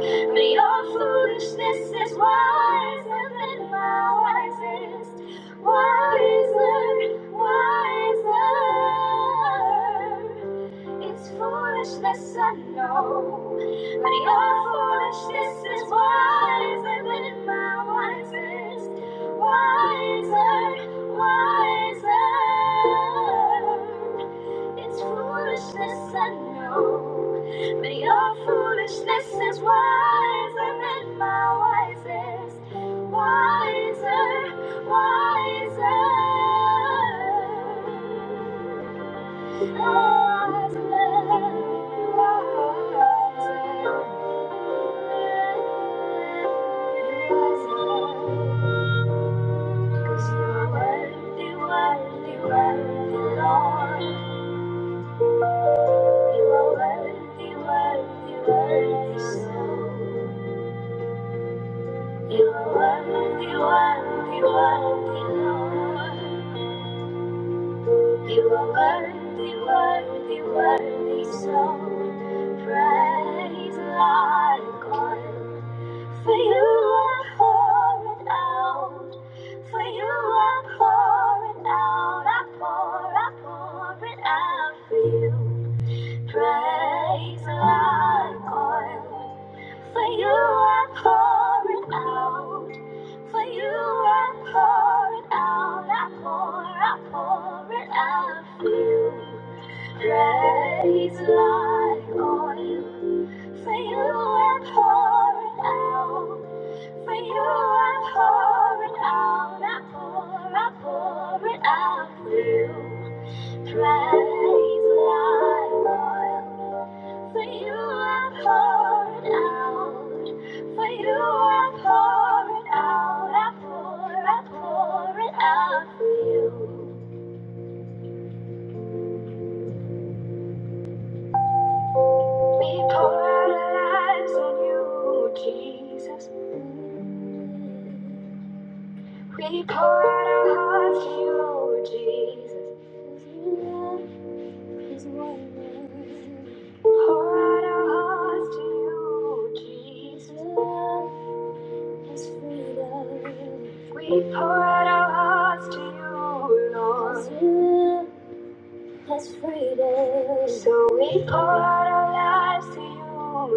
Speaker 1: But your foolishness is wiser than my wisest. Wiser, wiser. It's foolishness, I know. But your foolishness is wiser than my wisest. Wiser, wiser. It's foolishness, I know. But your foolishness is wiser than my wisest. Wiser, wiser. You are worthy, worthy, worthy, Lord. You are worthy, worthy, worthy, so praise like oil. For you are pouring out, for you are pouring out, I pour, I pour it out for you. Praise like oil, for you are pouring out. For you I pour it out, I pour, I pour it out for you. Praise like oil. For you I pour it out. For you I pour it out, I pour, I pour it out for you. Praise like oil. For you I pour it out. For you I pour it out. I pour, I pour it out for you. We pour out our lives on you, Jesus. We pour out our hearts to you, Jesus. is waiting. Pour out our hearts to you, Jesus. freedom. We pour out our hearts to you, Lord. 'Cause you has freedom. So we pour out our lives to you,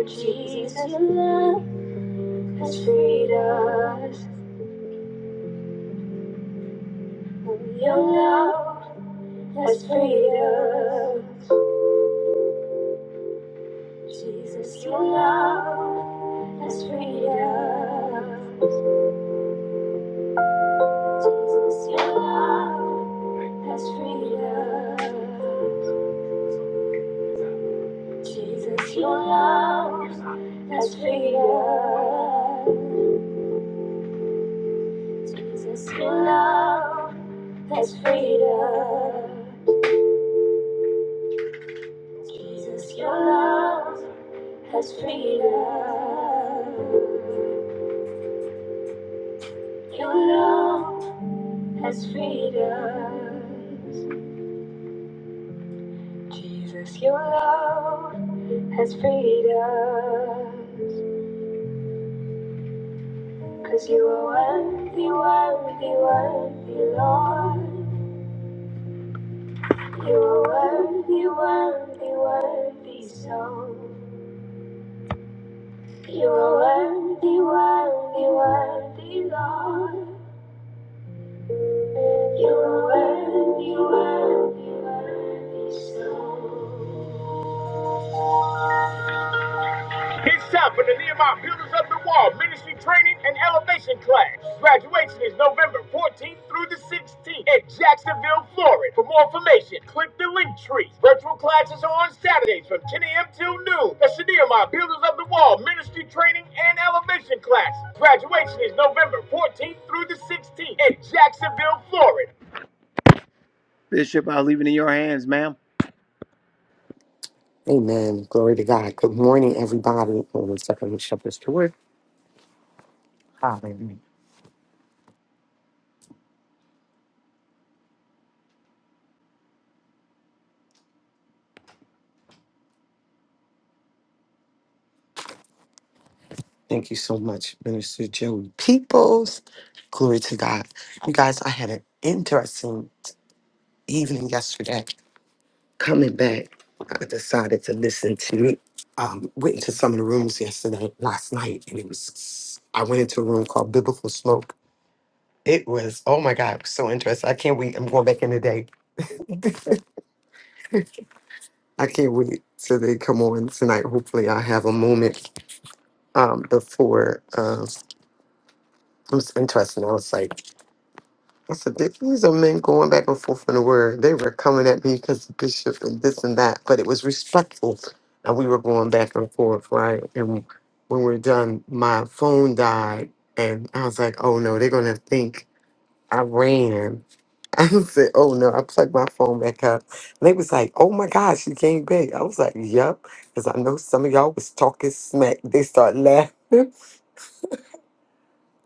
Speaker 1: Jesus. Jesus, Your love has freed us. Your love has freed us. Jesus, your love has freed us. Jesus, your love has freedom. Jesus, your love has freedom. Jesus, your love has freedom. Jesus, your love has freedom. Your love has freedom. Jesus, your love has freedom. Cause you are worthy, worthy, worthy, Lord. You are worthy, worthy, worthy, so. You are worthy, worthy, worthy, Lord. You are worthy, worthy, worthy, so. He's tapping the Nehemiah, builders of the wall, ministry. Bishop, I'll leave it in your hands, ma'am.
Speaker 2: Amen. Glory to God. Good morning, everybody. Hold on a second. Let me shut this door. Hallelujah. Thank you so much, Minister Joey Peoples. Glory to God. You guys, I had an interesting evening yesterday. Coming back, I decided to listen to, um, went into some of the rooms yesterday, last night, and it was, I went into a room called Biblical Smoke. It was, oh my God, it was so interesting. I can't wait. I'm going back in today. I can't wait till they come on tonight. Hopefully, I have a moment um, before. Uh, it was interesting. I was like, I said, "Did these are men going back and forth in the word. They were coming at me because the bishop and this and that, but it was respectful. And we were going back and forth, right? And when we are done, my phone died. And I was like, oh no, they're going to think I ran. I said, oh no, I plugged my phone back up. And they was like, oh my God, she came back. I was like, yep. Because I know some of y'all was talking smack. They start laughing.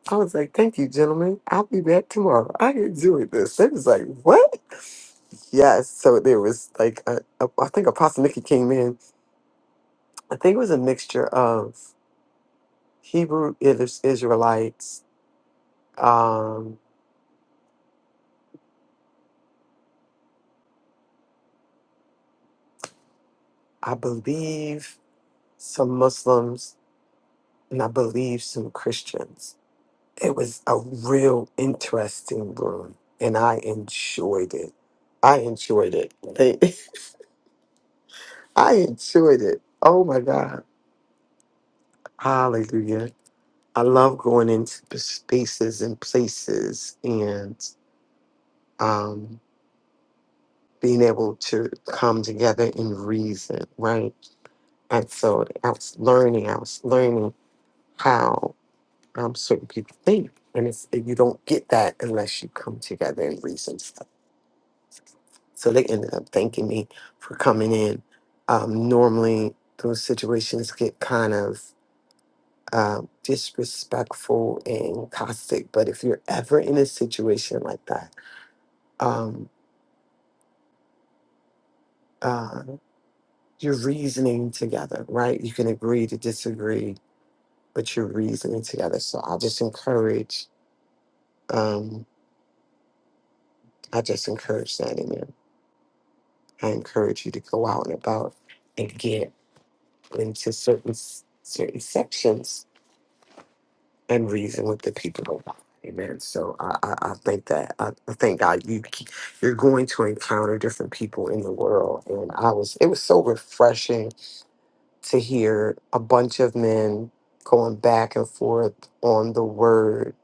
Speaker 2: I was like, thank you, gentlemen. I'll be back tomorrow. I enjoyed this. They was like, what? Yes. So there was like, a, a, I think Apostle Nikki came in. I think it was a mixture of Hebrew Is- Israelites. Um, I believe some Muslims and I believe some Christians. It was a real interesting room and I enjoyed it. I enjoyed it. They, I enjoyed it. Oh my God. Hallelujah. I love going into p- spaces and places and um, being able to come together in reason, right? And so I was learning, I was learning how um, certain people think. And it's, you don't get that unless you come together and reason stuff. So they ended up thanking me for coming in. Um, normally, those situations get kind of uh, disrespectful and caustic. But if you're ever in a situation like that, um, uh, you're reasoning together, right? You can agree to disagree, but you're reasoning together. So I just encourage, um, I just encourage that in you. I encourage you to go out and about and get into certain s- certain sections and reason with the people. of Amen. So I, I, I think that I, I thank God you ke- you're going to encounter different people in the world, and I was it was so refreshing to hear a bunch of men going back and forth on the word,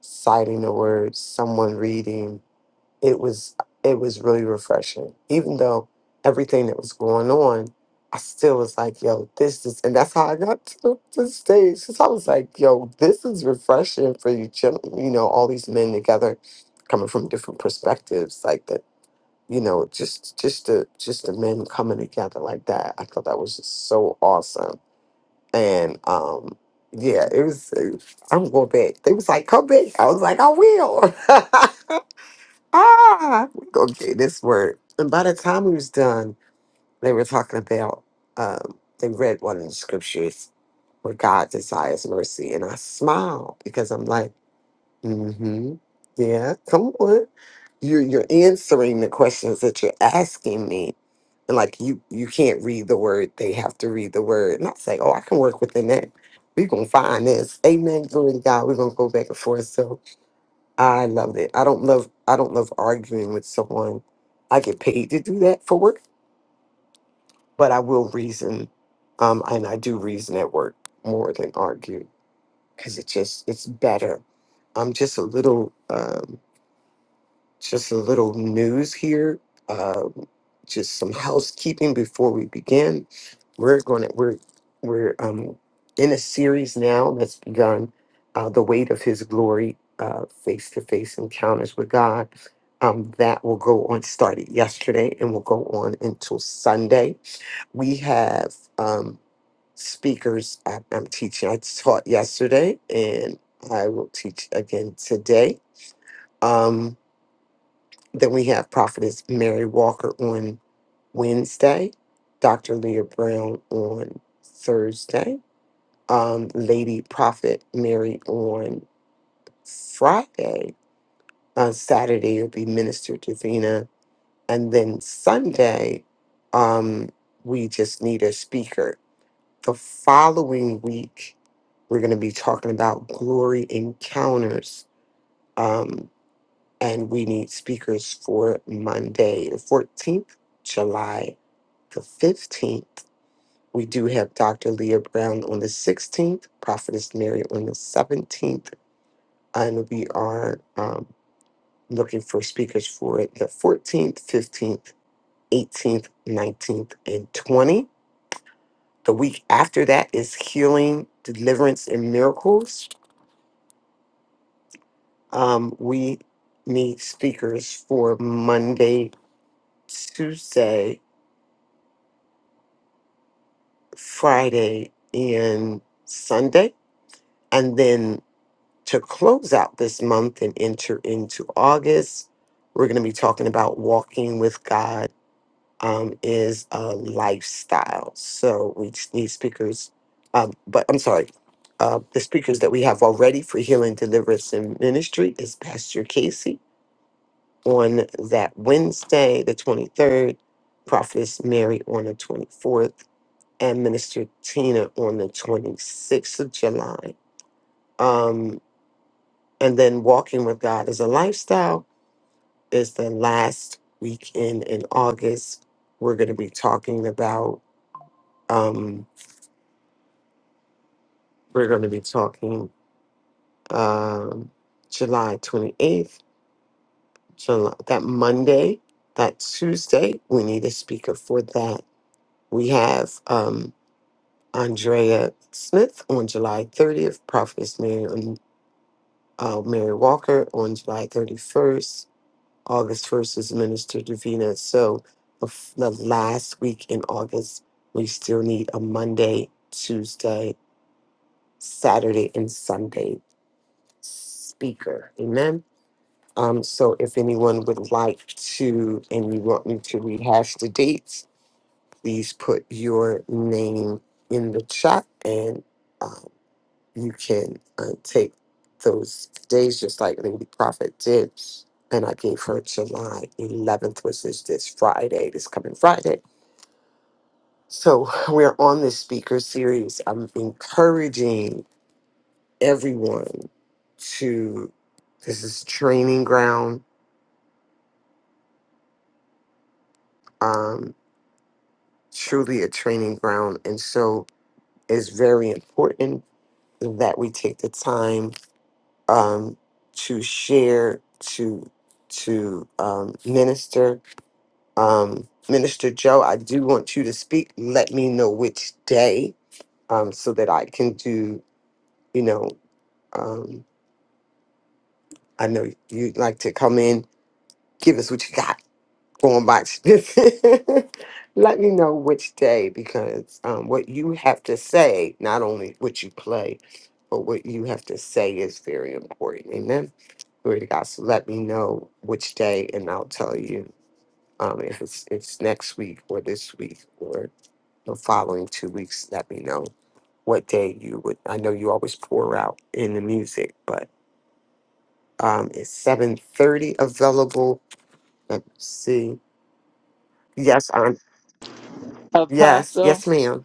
Speaker 2: citing the word, someone reading. It was it was really refreshing. Even though everything that was going on, I still was like, yo, this is and that's how I got to the stage. Cause I was like, yo, this is refreshing for you gentlemen, you know, all these men together coming from different perspectives. Like that, you know, just just the just the men coming together like that. I thought that was just so awesome and um, yeah, it was. uh, I'm going back. They was like, "Come back." I was like, "I will." I'm gonna get this word. And by the time we was done, they were talking about. Um, they read one of the scriptures where God desires mercy, and I smiled because I'm like. Mm-hmm. Yeah, come on. You're you're answering the questions that you're asking me. And like you you can't read the word, they have to read the word. And I say, Oh, I can work within that. We're gonna find this. Amen. Glory to God. We're gonna go back and forth. So I love it. I don't love I don't love arguing with someone. I get paid to do that for work, but I will reason. Um, and I do reason at work more than argue because it just it's better. I'm just a little um. Just a little news here. Uh, just some housekeeping before we begin. We're going to we're we're um in a series now that's begun. Uh, the weight of His glory, face to face encounters with God. Um, that will go on. Started yesterday and will go on until Sunday. We have um speakers. I, I'm teaching. I taught yesterday and I will teach again today. Um, then we have Prophetess Mary Walker on Wednesday, Dr. Leah Brown on Thursday, um, Lady Prophet Mary on Friday. On Saturday, it'll be Minister Davina. And then Sunday, um, we just need a speaker. The following week, we're going to be talking about glory encounters. um, and we need speakers for Monday, the 14th, July the 15th. We do have Dr. Leah Brown on the 16th, Prophetess Mary on the 17th, and we are um, looking for speakers for the 14th, 15th, 18th, 19th, and 20. The week after that is Healing, Deliverance, and Miracles. Um, we need speakers for Monday, Tuesday. Friday and Sunday. And then to close out this month and enter into August, we're going to be talking about walking with God um, is a lifestyle. So we just need speakers, um, but I'm sorry. Uh, the speakers that we have already for healing, deliverance, and ministry is Pastor Casey on that Wednesday, the 23rd, Prophetess Mary on the 24th, and Minister Tina on the 26th of July. Um, and then Walking with God as a Lifestyle is the last weekend in August. We're going to be talking about, um, we're going to be talking um, July 28th, July, that Monday, that Tuesday. We need a speaker for that. We have um, Andrea Smith on July 30th, Prophetess Mary uh, Mary Walker on July 31st. August 1st is Minister Davina. So the, f- the last week in August, we still need a Monday, Tuesday, Saturday, and Sunday speaker. Amen. Um, so if anyone would like to, and you want me to rehash the dates, please put your name in the chat and um, you can uh, take those days just like the Lady Prophet did. And I gave her July 11th, which is this Friday, this coming Friday. So we're on this speaker series. I'm encouraging everyone to, this is training ground, um, truly a training ground. And so it's very important that we take the time um, to share, to to um, minister. Um, minister Joe, I do want you to speak. Let me know which day um, so that I can do, you know, um, I know you'd like to come in, give us what you got going by. Let me know which day because um, what you have to say, not only what you play, but what you have to say is very important. Amen. Glory to God. So let me know which day, and I'll tell you um, if it's it's next week or this week or the following two weeks. Let me know what day you would. I know you always pour out in the music, but um, it's seven thirty available. Let me see. Yes, I'm. Yes,
Speaker 3: Apostle,
Speaker 2: yes, ma'am.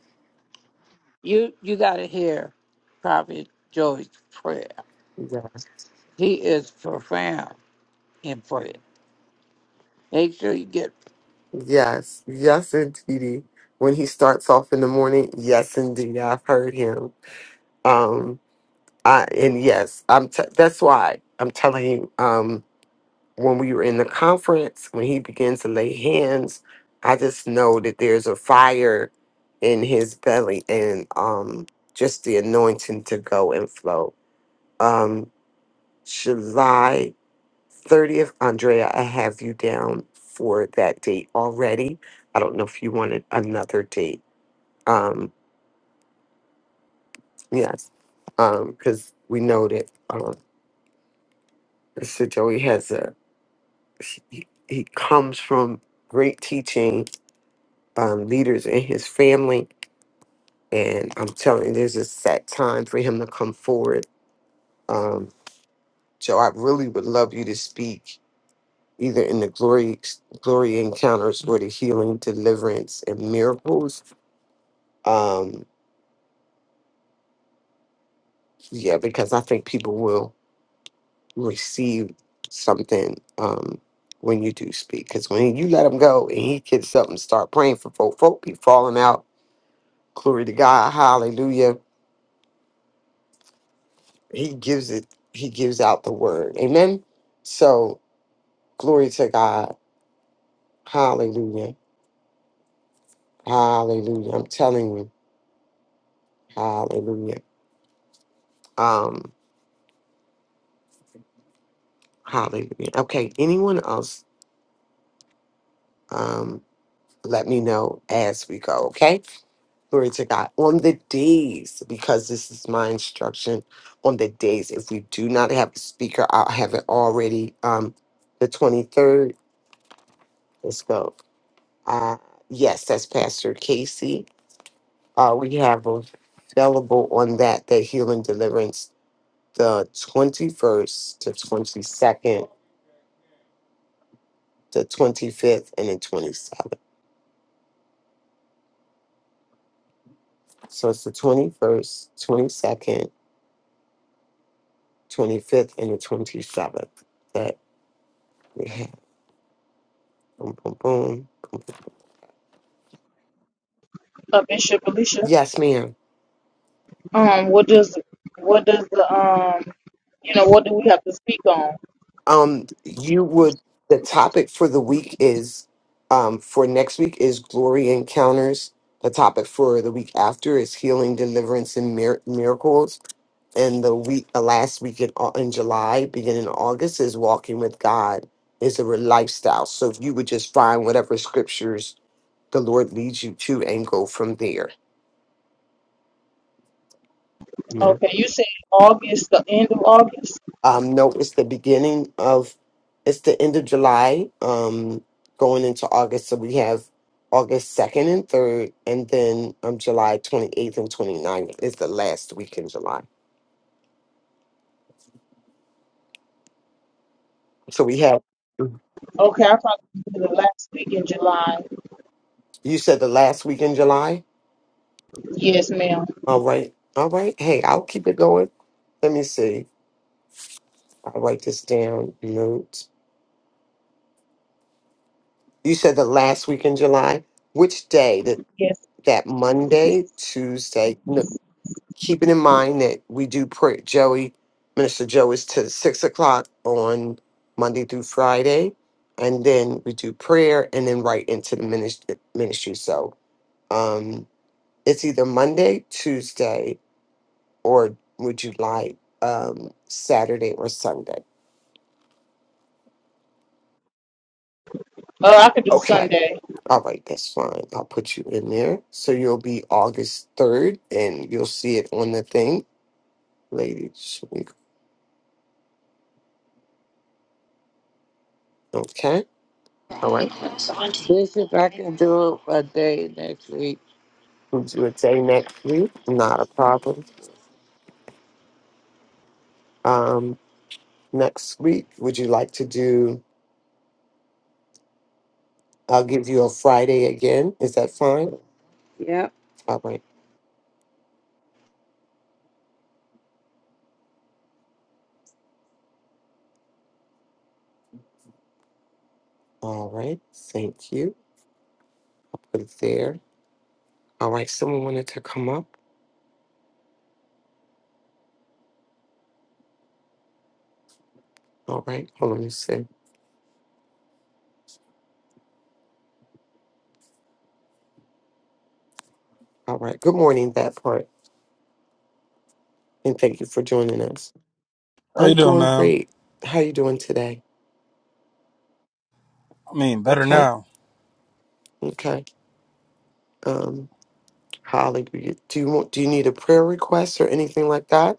Speaker 3: you you got to hear Prophet Joey's prayer.
Speaker 2: Yeah.
Speaker 3: He is profound in prayer. Make sure you get
Speaker 2: Yes, yes, indeedy. When he starts off in the morning, yes, indeed, I've heard him. Um, I, and yes, I'm. T- that's why I'm telling you. Um, when we were in the conference, when he began to lay hands, I just know that there's a fire in his belly, and um, just the anointing to go and flow. Um, July thirtieth, Andrea, I have you down for that date already. I don't know if you wanted another date. Um, yes, um, because we know that um, Mr. Joey has a he, he comes from great teaching um, leaders in his family. And I'm telling you, there's a set time for him to come forward. Um, so I really would love you to speak either in the glory, glory encounters or the healing, deliverance, and miracles. Um, yeah, because I think people will receive something um, when you do speak. Because when you let him go and he gets up and start praying for folk, folk be falling out Glory to God. Hallelujah. He gives it, he gives out the word. Amen. So, glory to God. Hallelujah. Hallelujah. I'm telling you. Hallelujah. Um, hallelujah. Okay. Anyone else? Um, let me know as we go. Okay. Glory to God. On the days, because this is my instruction, on the days, if we do not have a speaker, I'll have it already. Um, the 23rd. Let's go. Uh, yes, that's Pastor Casey. Uh, we have available on that the healing deliverance the 21st, the 22nd, the 25th, and the 27th. So it's the 21st, 22nd, 25th, and the 27th that we have. Boom, boom, boom.
Speaker 4: uh, Bishop Alicia,
Speaker 2: Yes, ma'am.
Speaker 4: um, what does what does the um, you know, what do we have to speak on?
Speaker 2: um you would the topic for the week is um for next week is glory encounters the topic for the week after is healing deliverance and mir- miracles and the week the last week in, Au- in july beginning of august is walking with god is a re- lifestyle so if you would just find whatever scriptures the lord leads you to and go from there
Speaker 4: Okay, you said August, the end of August.
Speaker 2: Um, no, it's the beginning of, it's the end of July, um, going into August. So we have August 2nd and 3rd, and then um, July 28th and 29th is the last week in July. So we have,
Speaker 4: Okay, I probably do the last week in July.
Speaker 2: you said the last week in July?
Speaker 4: Yes, ma'am.
Speaker 2: All right. All right. Hey, I'll keep it going. Let me see. I'll write this down. Notes. You said the last week in July. Which day? That,
Speaker 4: Yes.
Speaker 2: that Monday, Tuesday? no, keeping in mind that we do pray, Joey, Minister Joe is to six o'clock on Monday through Friday. And then we do prayer and then right into the ministry. ministry. So um, it's either Monday, Tuesday, or would you like um, Saturday or Sunday?
Speaker 4: Oh, I could do
Speaker 2: Okay.
Speaker 4: Sunday.
Speaker 2: All right, that's fine. I'll put you in there. So you'll be August 3rd and you'll see it on the thing, ladies. Okay.
Speaker 3: Bishop. I can do it a day next week.
Speaker 2: Would you would say next week? Not a problem. Um, next week, would you like to do? I'll give you a Friday again. Is that fine?
Speaker 3: Yep.
Speaker 2: All right. All right. Thank you. Put it there. All right. Someone wanted to come up. All right. Hold on a sec. All right. Good morning, that part. And thank you for joining us.
Speaker 5: How
Speaker 2: I'm
Speaker 5: you doing,
Speaker 2: doing
Speaker 5: man?
Speaker 2: great. How you doing today?
Speaker 5: I mean, better
Speaker 2: Okay.
Speaker 5: now.
Speaker 2: Okay. Um, hallelujah. Do you want do you need a prayer request or anything like that?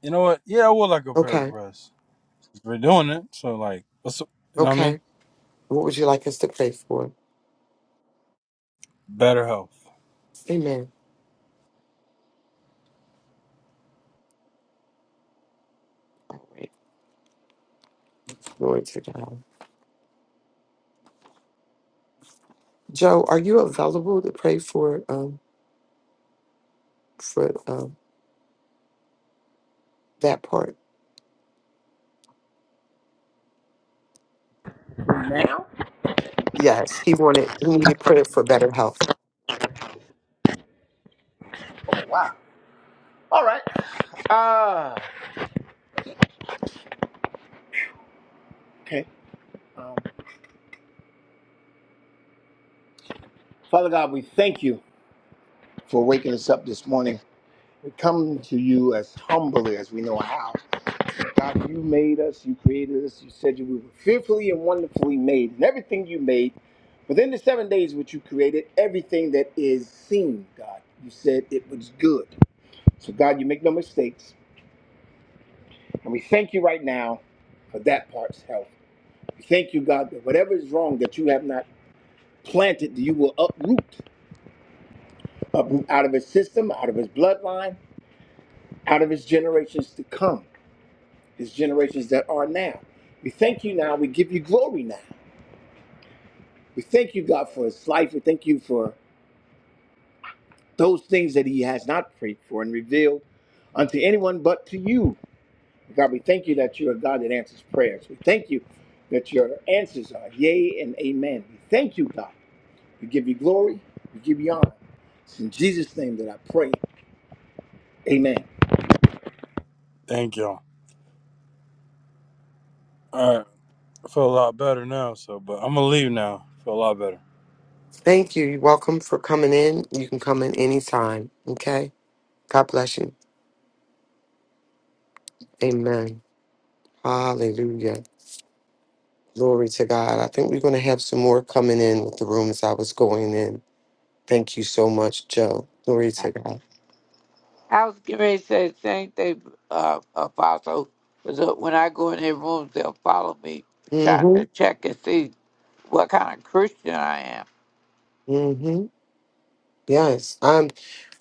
Speaker 5: You know what? Yeah, I would like a prayer
Speaker 2: Okay.
Speaker 5: request. We're doing it, so like, what's up? you know what I mean?
Speaker 2: Okay. What would you like us to pray for?
Speaker 5: Better health.
Speaker 2: Amen. All right. Glory to God. Joe, are you available to pray for um for um that part? Yes, he wanted he needed prayer for better health.
Speaker 5: Thank y'all. All right, I feel a lot better now. So, but I'm gonna leave now. Feel a lot better.
Speaker 2: Thank you. You're welcome for coming in. You can come in anytime. Okay. God bless you. Amen. Hallelujah. Glory to God. I think we're going to have some more coming in with the room as I was going in. Thank you so much, Joe. Glory
Speaker 3: I
Speaker 2: to God.
Speaker 3: I was getting ready to say the same thing, uh, Apostle, because when I go in their rooms, they'll follow me, trying to
Speaker 2: Mm-hmm.
Speaker 3: check and see what kind of Christian I am.
Speaker 2: Mm-hmm. Yes, um,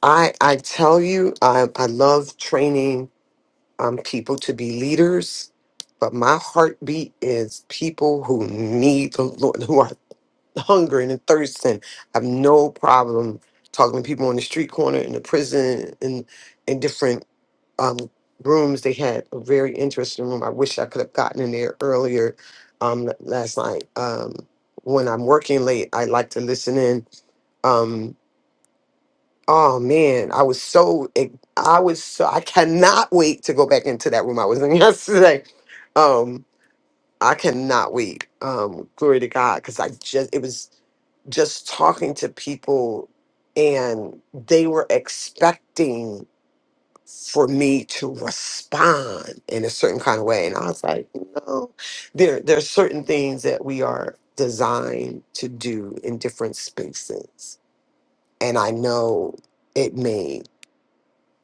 Speaker 2: I I tell you, I I love training um people to be leaders, but my heartbeat is people who need the Lord, who are hungering and thirsting. I have no problem talking to people on the street corner, in the prison, in in different um rooms. They had a very interesting room. I wish I could have gotten in there earlier, um, last night. Um, when I'm working late, I like to listen in. Um, Oh man, I was so ex- I was so I cannot wait to go back into that room I was in yesterday. Um, I cannot wait. Um, glory to God, because I just it was just talking to people, and they were expecting for me to respond in a certain kind of way, and I was like, no, there there's certain things that we are designed to do in different spaces, and I know it may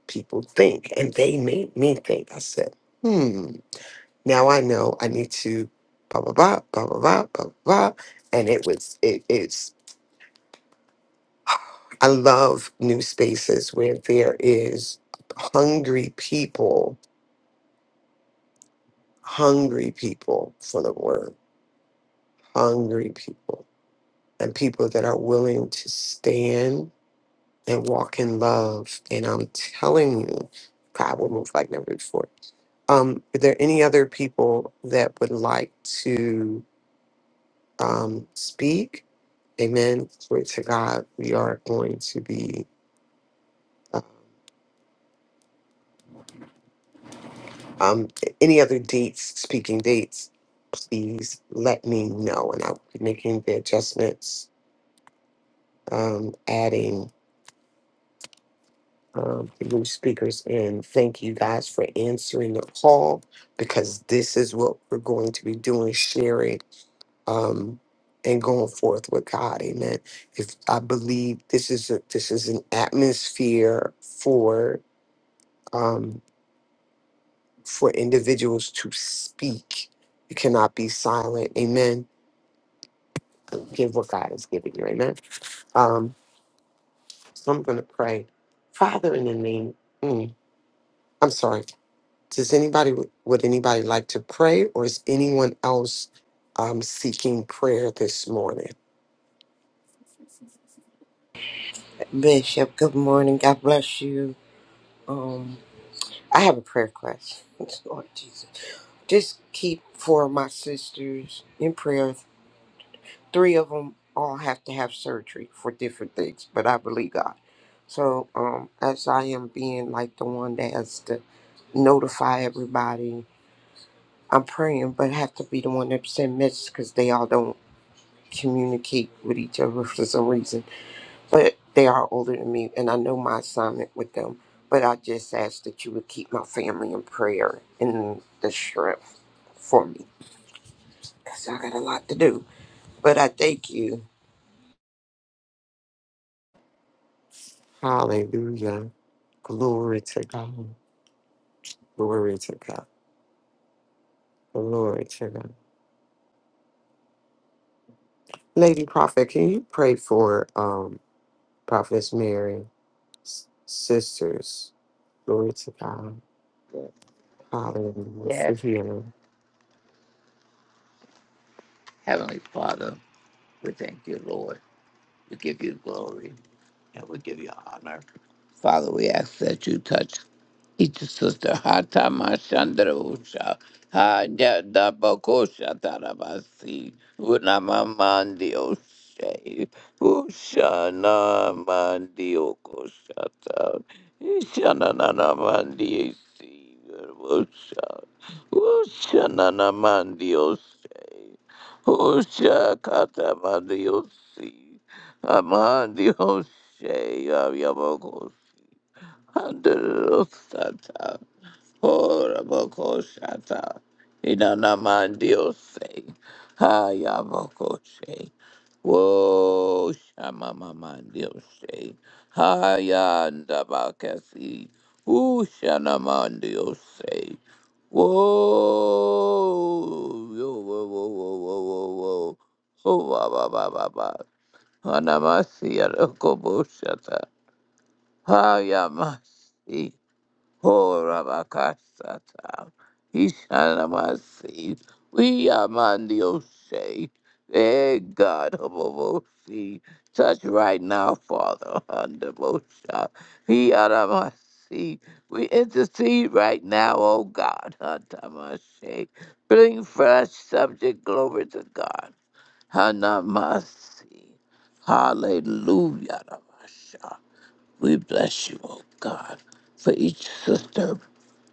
Speaker 2: people think. And they made me think. I said, hmm, now I know I need to blah, blah, blah, blah, blah, blah, blah, blah. And it was, it is, I love new spaces where there is hungry people, hungry people for the word, hungry people, and people that are willing to stand and walk in love. And I'm telling you, God will move like never before. Um, are there any other people that would like to um, speak? Amen. Glory to God. We are going to be, uh, um, any other dates, speaking dates, please let me know. And I'll be making the adjustments, um, adding um, the new speakers and thank you guys for answering the call because this is what we're going to be doing sharing um, and going forth with god amen if i believe this is a, this is an atmosphere for um, for individuals to speak you cannot be silent amen give what god has given you amen um, so i'm going to pray father in the name mm, i'm sorry Does anybody would anybody like to pray, or is anyone else um, seeking prayer this morning?
Speaker 6: Bishop, good morning. God bless you. Um, I have a prayer request. Lord Jesus, just keep four of my sisters in prayer. Three of them all have to have surgery for different things, but I believe God. So, um, as I am being like the one that has to notify everybody, I'm praying, but have to be the one that send messages because they all don't communicate with each other for some reason. but they are older than me, and I know my assignment with them. But I just ask that you would keep my family in prayer and the strength for me, because I got a lot to do. But I thank you.
Speaker 2: Hallelujah! Glory to God! Glory to God! Glory to God! Lady Prophet, can you pray for um, Prophetess Mary's sisters? Glory to God! Hallelujah! For
Speaker 3: Yes,
Speaker 2: healing,
Speaker 3: Heavenly Father, we thank you, Lord. We give you glory and we give you honor. Father, we ask that you touch each sister. Hata Mashandrosha. Hada Dabakosha Tarabasi. Unamamandi Oshe. Ushana Mandi Okoshata. Ishanana Mandi Esi. Usha. Ushanana Mandi Oshe. Usha Kata Mandi Osi. Amandi Oshe. Andalusata, Horaboko Shata, Inanamandiose, Hayabokoshe, Wo Shamamamandiose, Hayandabakasi, Ushanamandiose, Wo, yo, wo, wo, wo, wo, wo, wo, ho, ba, ba, ba, ba, ba, Hanamasi, Yarokobo Shata, Hayamasi. Horabakasata. Hishanamasi. We amandiose. Hey God, Hobobosi. Touch right now, Father, under Mosha. He Adamasi. We intercede right now, oh God, Hantamase. Bring fresh subject glory to God. Hanamasi. Hallelujah. Ramasha. We bless you, oh God for each sister.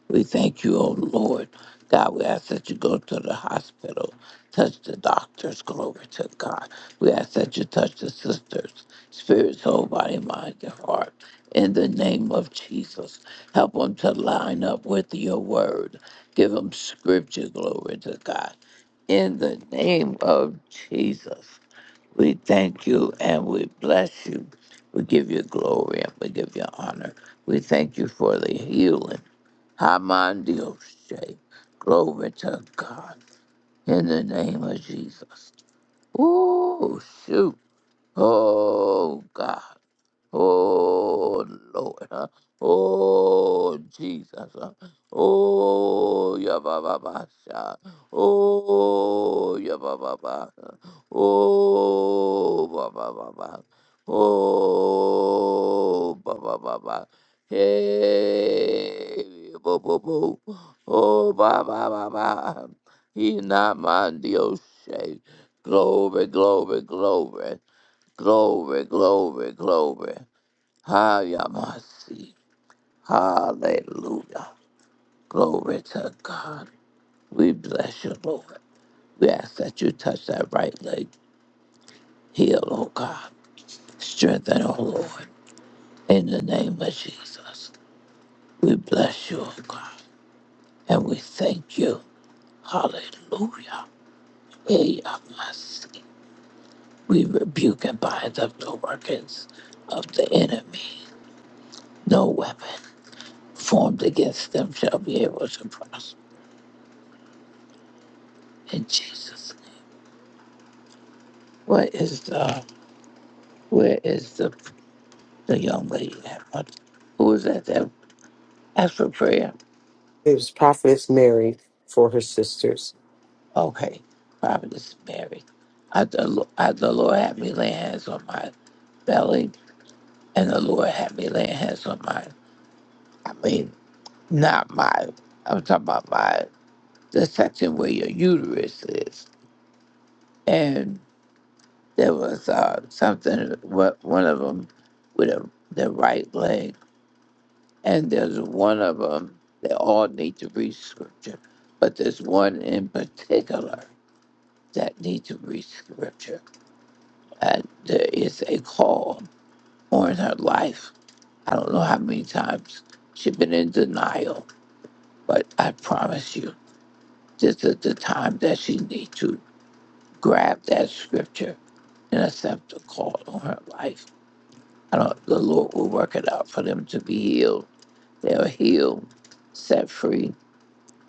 Speaker 3: We thank you, oh Lord. God, we ask that you go to the hospital, touch the doctors, glory to God. We ask that you touch the sisters, spirit, soul, body, mind, and heart. In the name of Jesus, help them to line up with your word. Give them scripture, glory to God. In the name of Jesus, we thank you and we bless you. We give you glory and we give you honor. We thank you for the healing. Hamandioshe. Glory to God. In the name of Jesus. Ooh, shoot. Oh, God. Oh Lord. huh? Oh Jesus. huh? Oh Yababasha. Oh Yababa. Oh Baba Baba. Oh Baba Baba. Hey bo bo bo. Oh Baba Baba. He not my Dios. Glory, glory, glory. Glory, glory, glory. Hayamasi. Hallelujah. Glory to God. We bless you, Lord. We ask that you touch that right leg. Heal, oh God. Strengthen, oh Lord. In the name of Jesus. We bless you, oh God. And we thank you. Hallelujah. Hayamasi. We rebuke and bind up the workings of the enemy. No weapon formed against them shall be able to prosper. In Jesus' name. What is the Where is the the young lady? that went- Who was that? That asked for prayer.
Speaker 2: it was Prophetess Mary for her sisters.
Speaker 3: Okay, Prophetess Mary. I the, Lo- I, the Lord had me lay hands on my belly, and the Lord had me lay hands on my. I mean, not my. I'm talking about my the section where your uterus is, and there was uh, something. What one of them with a, the right leg And there's one of them, they all need to read scripture, but there's one in particular that need to read scripture. And there is a call on her life. I don't know how many times she's been in denial, but I promise you, this is the time that she need to grab that scripture and accept the call on her life. I don't, the Lord will work it out for them to be healed. They're healed, set free,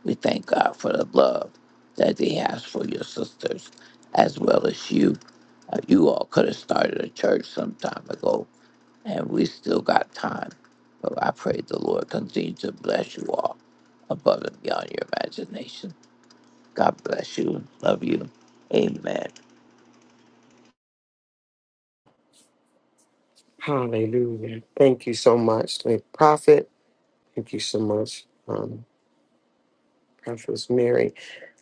Speaker 3: We thank God for the love that He has for your sisters as well as you. Uh, you all could have started a church some time ago, and we still got time. But I pray the Lord continue to bless you all above and beyond your imagination. God bless you. Love you. Amen.
Speaker 2: Hallelujah! Thank you so much, Lady Prophet. Thank you so much. um, Prophetess Mary.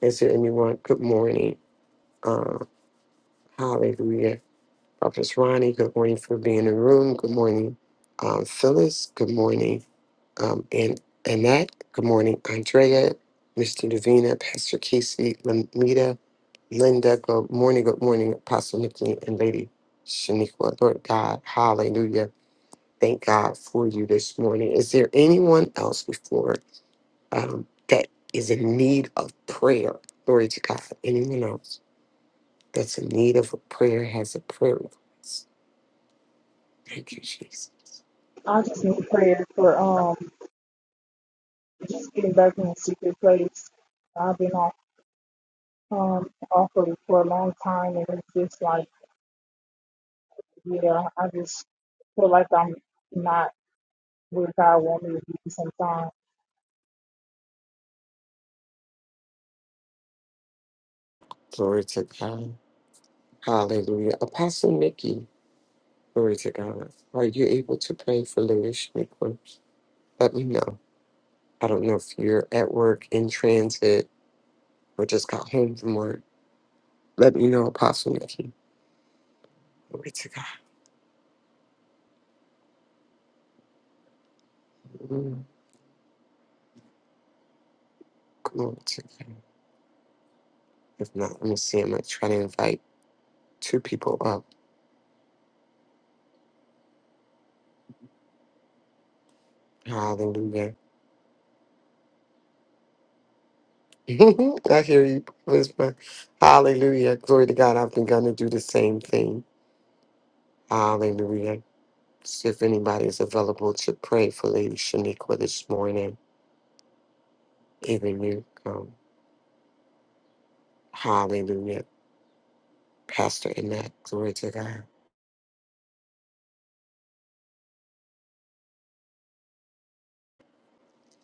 Speaker 2: Is there anyone? Good morning. Uh, hallelujah. Prophetess Ronnie, good morning for being in the room. Good morning, um, Phyllis. Good morning, um, and Annette. Good morning, Andrea, Mr. Davina, Pastor Casey, Lamita, Linda, good morning, good morning, Apostle Nikki and Lady Shaniqua. Lord God, hallelujah. Thank God for you this morning. Is there anyone else before? um, that is in need of prayer. Glory to God. Anyone else that's in need of a prayer has a prayer request. Thank you, Jesus.
Speaker 4: I just need prayer for um, just getting back in the secret place. I've been off um off of it for a long time, and it's just like yeah, I just feel like I'm not where God want me to be sometimes.
Speaker 2: Glory to God. Hallelujah. Apostle Nikki, glory to God. Are you able to pray for Lewis Strickland? Let me know. I don't know if you're at work, in transit, or just got home from work. Let me know, Apostle Nikki. Glory to God. Mm, Glory to God. If not, let me see. I'm going to try to invite two people up. Hallelujah. I hear you whisper. Hallelujah. Glory to God. I've begun to do the same thing. Hallelujah. So if anybody is available to pray for Lady Shaniqua this morning, even you, um, hallelujah. Pastor Annette, glory to God.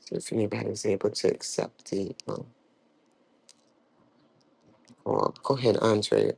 Speaker 2: So if anybody is able to accept the um, call, go ahead, Andre,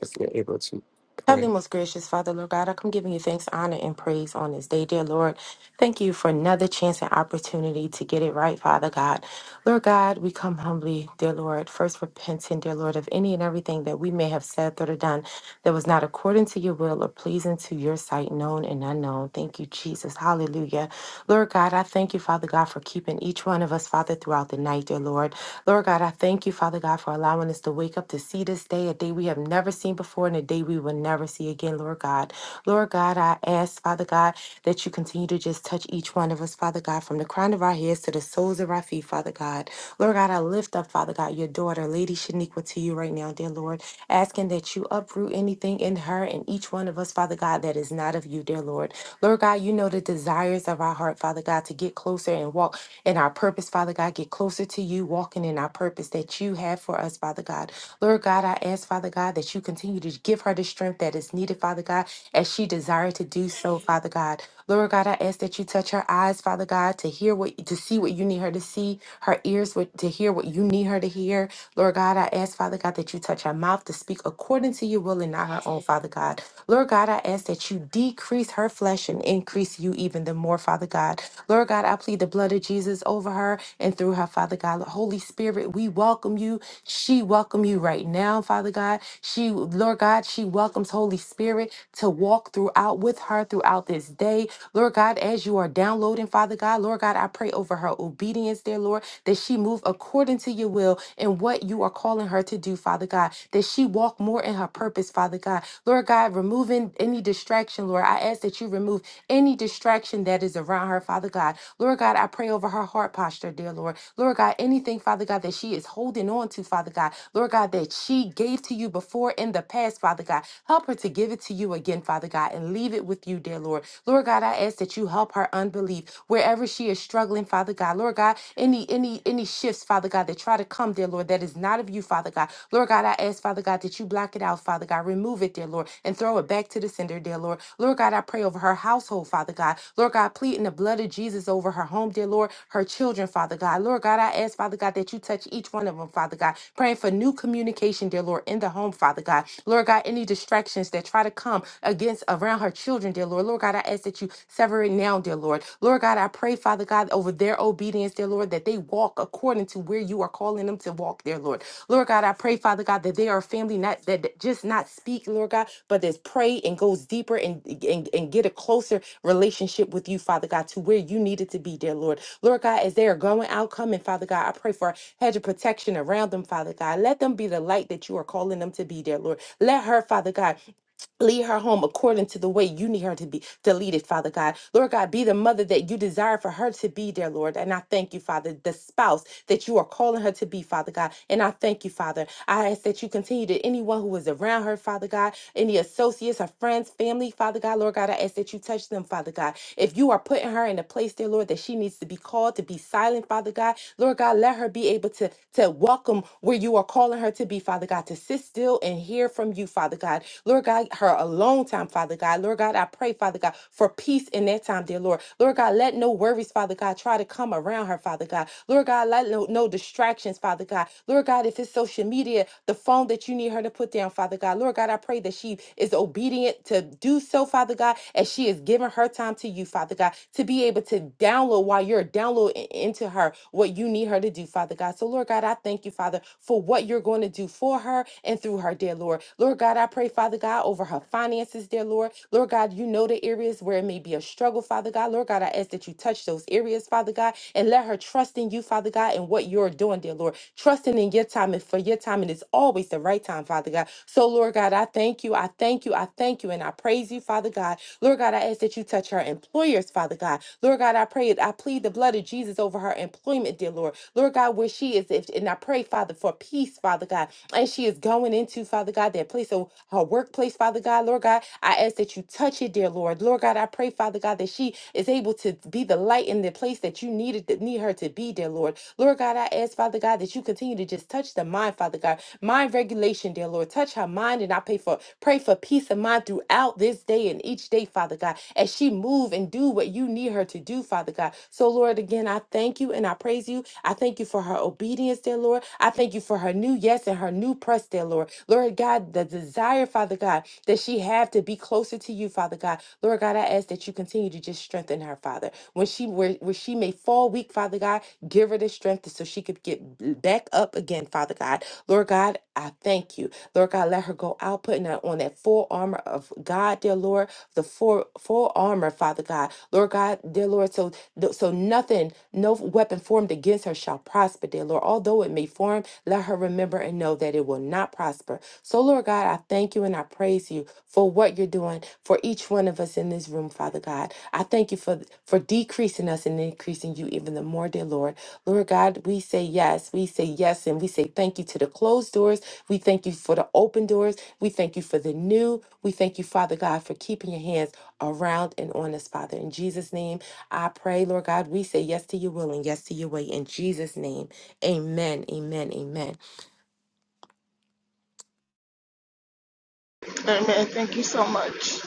Speaker 2: if you're able to
Speaker 7: Heavenly,
Speaker 2: pray.
Speaker 7: most gracious Father, Lord God, I come giving you thanks, honor, and praise on this day, dear Lord. Thank you for another chance and opportunity to get it right, Father God. Lord God, we come humbly, dear Lord, first repenting, dear Lord, of any and everything that we may have said, thought, or done that was not according to your will or pleasing to your sight, known and unknown. Thank you, Jesus. Hallelujah. Lord God, I thank you, Father God, for keeping each one of us, Father, throughout the night, dear Lord. Lord God, I thank you, Father God, for allowing us to wake up to see this day, a day we have never seen before and a day we will never see again, Lord God. God. Lord God, I ask, Father God, that you continue to just touch each one of us, Father God, from the crown of our heads to the soles of our feet, Father God. Lord God, I lift up, Father God, your daughter, Lady Shaniqua, to you right now, dear Lord, asking that you uproot anything in her and each one of us, Father God, that is not of you, dear Lord. Lord God, you know the desires of our heart, Father God, to get closer and walk in our purpose, Father God, get closer to you, walking in our purpose that you have for us, Father God. Lord God, I ask, Father God, that you continue to give her the strength that is needed, Father God, as she desired to do so, Father God. Lord God, I ask that you touch her eyes, Father God, to hear what to see what you need her to see, her ears what, to hear what you need her to hear, Lord God, I ask, Father God, that you touch her mouth to speak according to your will and not her own, Father God. Lord God, I ask that you decrease her flesh and increase you even the more, Father God. Lord God, I plead the blood of Jesus over her and through her, Father God. Holy Spirit, we welcome you. She welcome you right now, Father God. She, Lord God, she welcomes Holy Spirit to walk throughout with her throughout this day. Lord God, as you are downloading, Father God, Lord God, I pray over her obedience, dear Lord. Lord, that she move according to your will and what you are calling her to do, Father God, that she walk more in her purpose, Father God. Lord God, removing any distraction, Lord. I ask that you remove any distraction that is around her, Father God. Lord God, I pray over her heart posture, dear Lord. Lord God, anything, Father God, that she is holding on to, Father God. Lord God, that she gave to you before in the past, Father God. Help her to give it to you again, Father God, and leave it with you, dear Lord. Lord God, I ask that you help her unbelief wherever she is struggling, Father God. Lord God, any any any shifts, Father God, that try to come, dear Lord, that is not of you, Father God. Lord God, I ask, Father God, that you block it out, Father God. Remove it, dear Lord, and throw it back to the sender, dear Lord. Lord God, I pray over her household, Father God. Lord God, pleading the blood of Jesus over her home, dear Lord, her children, Father God. Lord God, I ask, Father God, that you touch each one of them, Father God. Praying for new communication, dear Lord, in the home, Father God. Lord God, any distractions that try to come against around her children, dear Lord. Lord. Lord God, I ask that you sever it now, dear Lord. Lord God, I pray, Father God, over their obedience, dear Lord, that they walk according to where you are calling them to walk, dear Lord. Lord God, I pray, Father God, that they are a family not that that just not speak, Lord God, but that pray and goes deeper and, and and get a closer relationship with you, Father God, to where you need it to be, dear Lord. Lord God, as they are going out, coming, Father God, I pray for a hedge of protection around them, Father God. Let them be the light that you are calling them to be, dear Lord. Let her, Father God, Lead her home according to the way you need her to be to lead it, Father God. Lord God, be the mother that you desire for her to be, dear Lord. And I thank you, Father, the spouse that you are calling her to be, Father God. And I thank you, Father. I ask that you continue to anyone who is around her, Father God, any associates, her friends, family, Father God, Lord God, I ask that you touch them, Father God. If you are putting her in a place, dear Lord, that she needs to be called to be silent, Father God, Lord God, let her be able to, to welcome where you you are calling her to be, Father God, to sit still and hear from you, Father God. Lord God, her alone time, Father God. Lord God, I pray, Father God, for peace in that time, dear Lord. Lord God, let no worries, Father God, try to come around her, Father God. Lord God, let no, no distractions, Father God. Lord God, if it's social media, the phone that you need her to put down, Father God. Lord God, I pray that she is obedient to do so, Father God, as she is giving her time to you, Father God, to be able to download while you're downloading download i- into her what you need her to do, Father God. So, Lord God, I thank you, Father, for what you're going to do for her and through her, dear Lord. Lord God, I pray, Father God, over her finances, dear Lord. Lord God, you know the areas where it may be a struggle, Father God. Lord God, I ask that you touch those areas, Father God, and let her trust in you, Father God, and what you're doing, dear Lord. Trusting in your time and for your time, and it's always the right time, Father God. So, Lord God, I thank you. I thank you. I thank you. And I praise you, Father God. Lord God, I ask that you touch her employers, Father God. Lord God, I pray it. I plead the blood of Jesus over her employment, dear Lord. Lord God, where she is, if, and I pray, Father, for peace, Father God, and she is going into, Father God, that place of her workplace, Father God. Lord God, I ask that you touch it, dear Lord. Lord God, I pray, Father God, that she is able to be the light in the place that you needed that need her to be, dear Lord. Lord God, I ask, Father God, that you continue to just touch the mind, Father God. Mind regulation, dear Lord. Touch her mind, and I pray for. Pray for peace of mind throughout this day and each day, Father God, as she move and do what you need her to do, Father God. So, Lord, again, I thank you and I praise you. I thank you for her obedience, dear Lord. I thank you for her new yes and her new press, dear Lord. Lord God, the desire, Father God, that she have to be closer to you, Father God. Lord God, I ask that you continue to just strengthen her, Father. When she where, where she may fall weak, Father God, give her the strength so she could get back up again, Father God. Lord God, I thank you. Lord God, let her go out putting that on that full armor of God, dear Lord, the full, full armor, Father God, Lord God, dear Lord, so th- so nothing, no weapon formed against her shall prosper, dear Lord. Although it may form, let her remember and know that it will not prosper. So, Lord God, I thank you and I praise you you for what you're doing for each one of us in this room, Father God. I thank you for for decreasing us and increasing you even the more, dear Lord. Lord God, we say yes. We say yes and we say thank you to the closed doors. We thank you for the open doors. We thank you for the new. We thank you, Father God, for keeping your hands around and on us, Father. In Jesus' name, I pray, Lord God, we say yes to your will and yes to your way. In Jesus' name, amen, amen, amen.
Speaker 4: Amen. Thank you so much.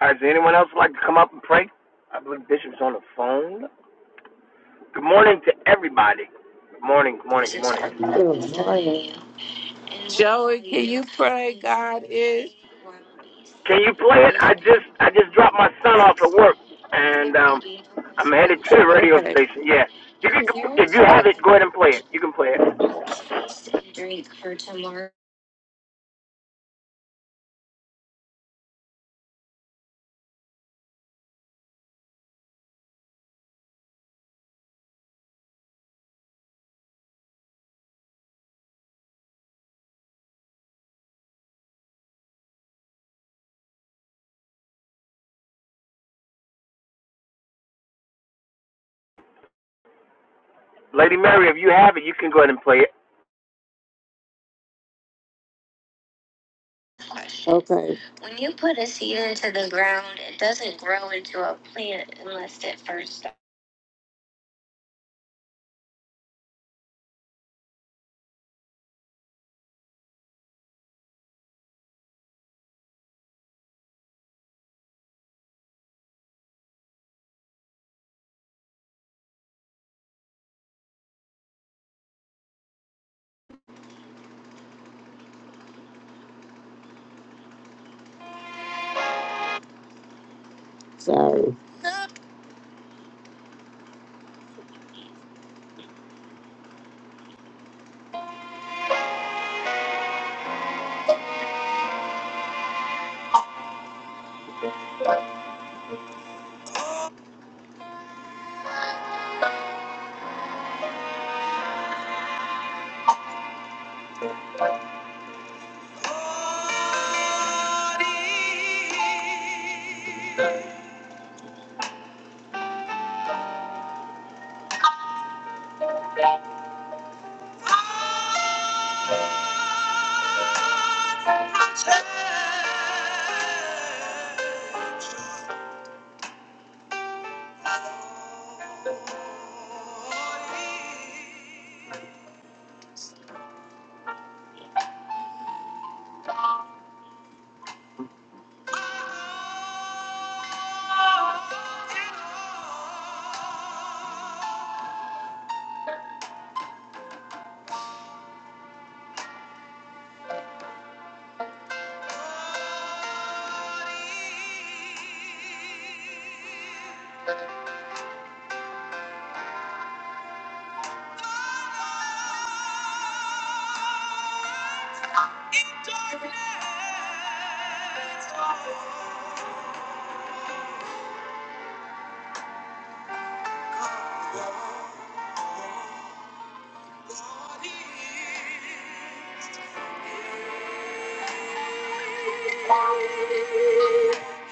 Speaker 8: All right, does anyone else like to come up and pray? I believe Bishop's on the phone. Good morning to everybody. Good morning, good morning, good morning.
Speaker 3: Joey, can you pray? God is.
Speaker 8: Can you play it? I just I just dropped my son off at work, and um, I'm headed to the radio station. Yeah, you can
Speaker 3: Okay.
Speaker 8: if you have it, go ahead and play it. You can play it. Lady Mary, if you have it, you can go ahead and play it.
Speaker 3: Okay, sorry.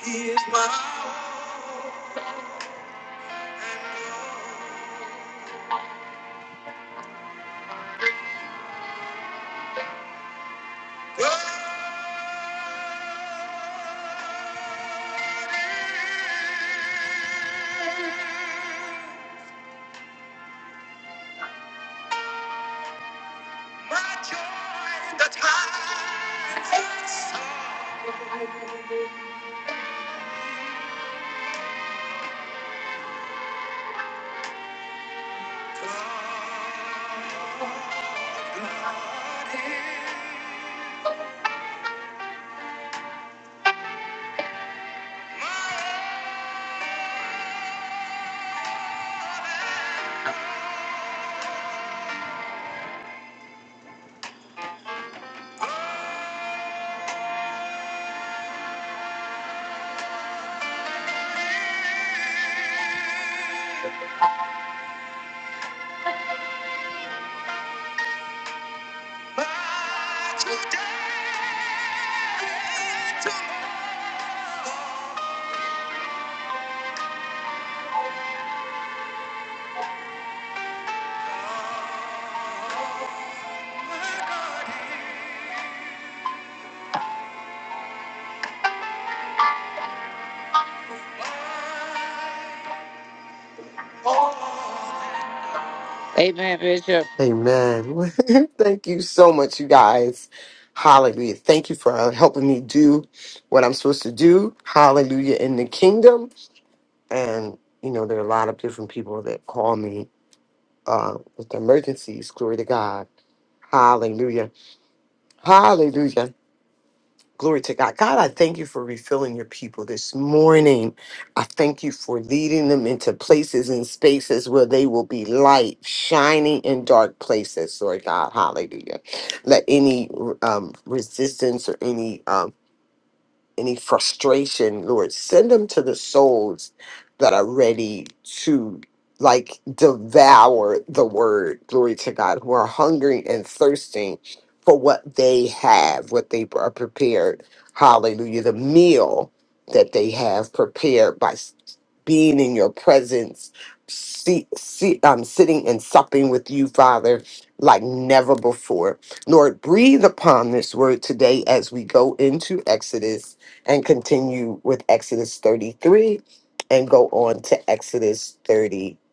Speaker 3: He is my all and all. Amen, Bishop.
Speaker 2: Amen. Thank you so much, you guys. Hallelujah. Thank you for uh, helping me do what I'm supposed to do. Hallelujah in the kingdom. And, you know, there are a lot of different people that call me uh, with emergencies. Glory to God. Hallelujah. Hallelujah. Glory to God. God, I thank you for refilling your people this morning. I thank you for leading them into places and spaces where they will be light, shining in dark places, Lord God. Hallelujah. Let any um, resistance or any um, any frustration, Lord, send them to the souls that are ready to like devour the word, glory to God, who are hungry and thirsting for what they have, what they are prepared. Hallelujah. The meal that they have prepared by s- being in your presence, see, see, um, sitting and supping with you, Father, like never before. Lord, breathe upon this word today as we go into Exodus and continue with Exodus 33 and go on to Exodus 34.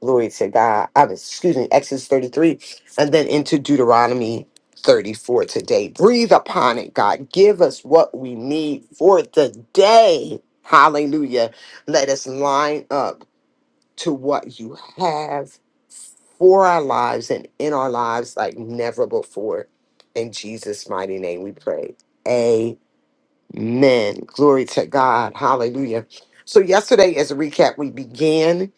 Speaker 2: Glory to God. I'm excuse me, Exodus 33 and then into Deuteronomy 34 today. Breathe upon it, God. Give us what we need for the day. Hallelujah. Let us line up to what you have for our lives and in our lives like never before. In Jesus' mighty name we pray. Amen. Glory to God. Hallelujah. So yesterday, as a recap, we began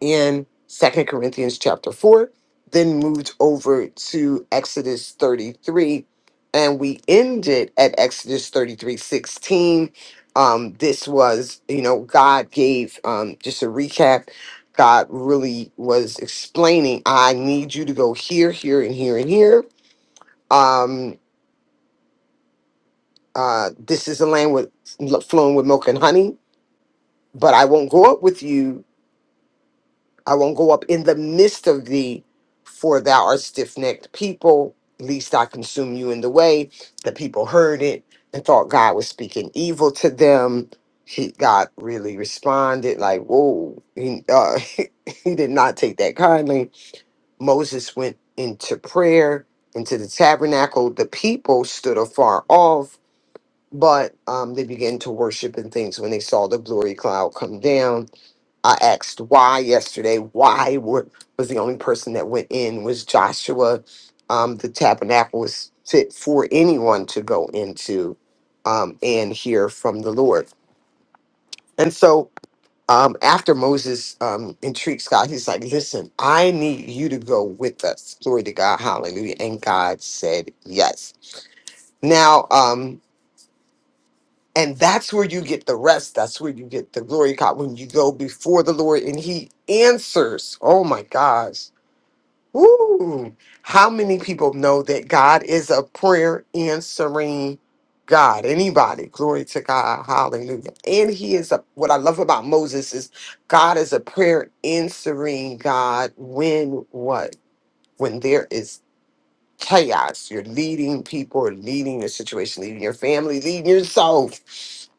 Speaker 2: in Second Corinthians chapter 4, then moved over to Exodus 33, and we ended at Exodus 33 16. Um, this was, you know, God gave um just a recap. God really was explaining, I need you to go here, here, and here, and here. Um, uh, this is a land with flowing with milk and honey but I won't go up with you. I won't go up in the midst of thee, for thou art stiff necked people. Least I consume you in the way. The people heard it and thought God was speaking evil to them. He God really responded like, "Whoa!" He, uh, he did not take that kindly. Moses went into prayer into the tabernacle. The people stood afar off, but um, they began to worship and things when they saw the glory cloud come down I asked why yesterday. Why were, was the only person that went in was Joshua? Um, the tabernacle was fit for anyone to go into um, and hear from the Lord. And so um, after Moses um, intrigued God, he's like, "Listen, I need you to go with us." Glory to God, Hallelujah! And God said yes. Now, um, and that's where you get the rest. That's where you get the glory, God, when you go before the Lord and He answers. Oh my gosh Ooh, how many people know that God is a prayer answering God? Anybody? Glory to God. Hallelujah. And he is a what I love about Moses is God is a prayer answering God when what? When there is chaos. You're leading people, leading your situation, leading your family, leading yourself.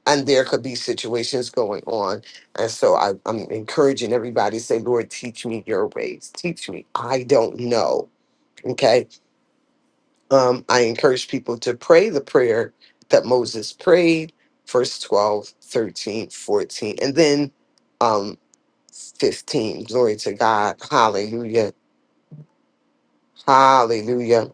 Speaker 2: And there could be situations going on. And so I, I'm encouraging everybody to say, Lord, teach me your ways. Teach me. I don't know. Okay. Um, I encourage people to pray the prayer that Moses prayed, verse 12, 13, 14, and then um, 15. Glory to God. Hallelujah. Hallelujah.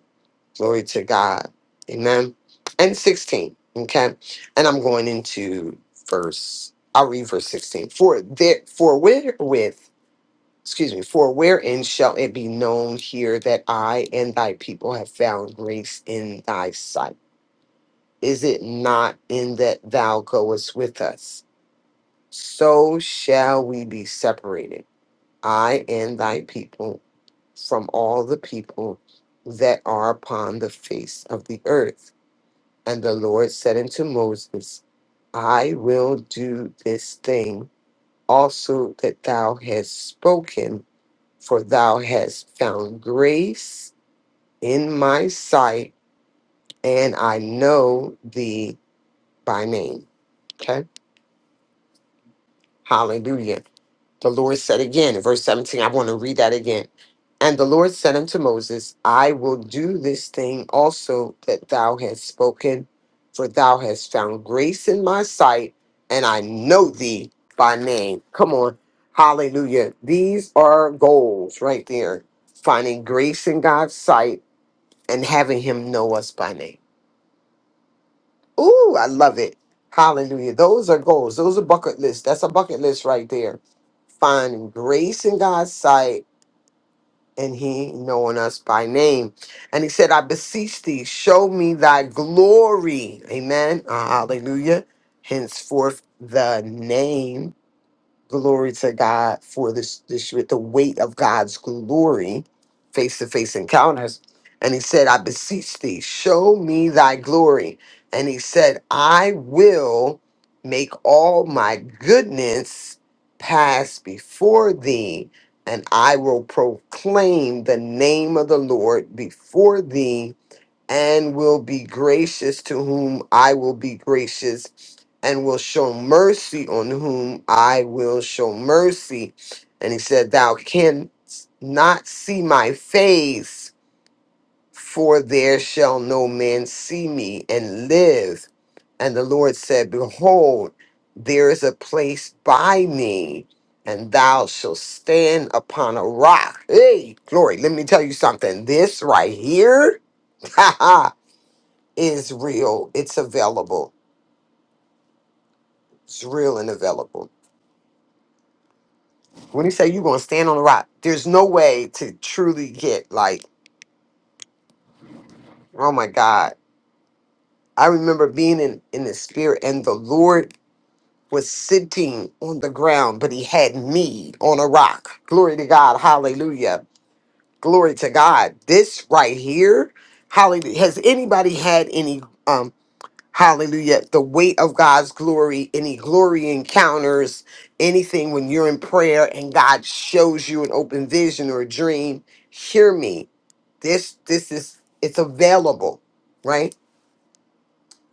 Speaker 2: Glory to God. Amen. And 16. Okay. And I'm going into verse, I'll read verse 16. For there, for wherewith, excuse me, for wherein shall it be known here that I and thy people have found grace in thy sight? Is it not in that thou goest with us? So shall we be separated, I and thy people, from all the people that are upon the face of the earth. And the Lord said unto Moses, I will do this thing also that thou hast spoken, for thou hast found grace in my sight, and I know thee by name. Okay. Hallelujah. The Lord said again in verse 17, I want to read that again. And the Lord said unto Moses, I will do this thing also that thou hast spoken, for thou hast found grace in my sight, and I know thee by name. Come on. Hallelujah. These are goals right there. Finding grace in God's sight and having him know us by name. Ooh, I love it. Hallelujah. Those are goals. Those are bucket lists. That's a bucket list right there. Finding grace in God's sight and He knowing us by name. And He said, I beseech thee, show me thy glory. Amen. Uh, hallelujah. Henceforth, the name. Glory to God for this this year, the weight of God's glory, face to face encounters. And he said, I beseech thee, show me thy glory. And he said, I will make all my goodness pass before thee, and I will proclaim the name of the Lord before thee and will be gracious to whom I will be gracious, and will show mercy on whom I will show mercy. And he said, Thou canst not see my face, for there shall no man see me and live. And the Lord said, Behold, there is a place by me, and thou shalt stand upon a rock. Hey, glory, let me tell you something. This right here. is real. It's available. It's real and available. When you say you're gonna stand on the rock, there's no way to truly get like, oh my God. I remember being in, in the spirit and the Lord was sitting on the ground, but he had me on a rock. Glory to God. Hallelujah. Glory to God. This right here, hallelujah. Has anybody had any um, Hallelujah. The weight of God's glory, any glory encounters, anything when you're in prayer and God shows you an open vision or a dream, hear me. This this is it's available, right?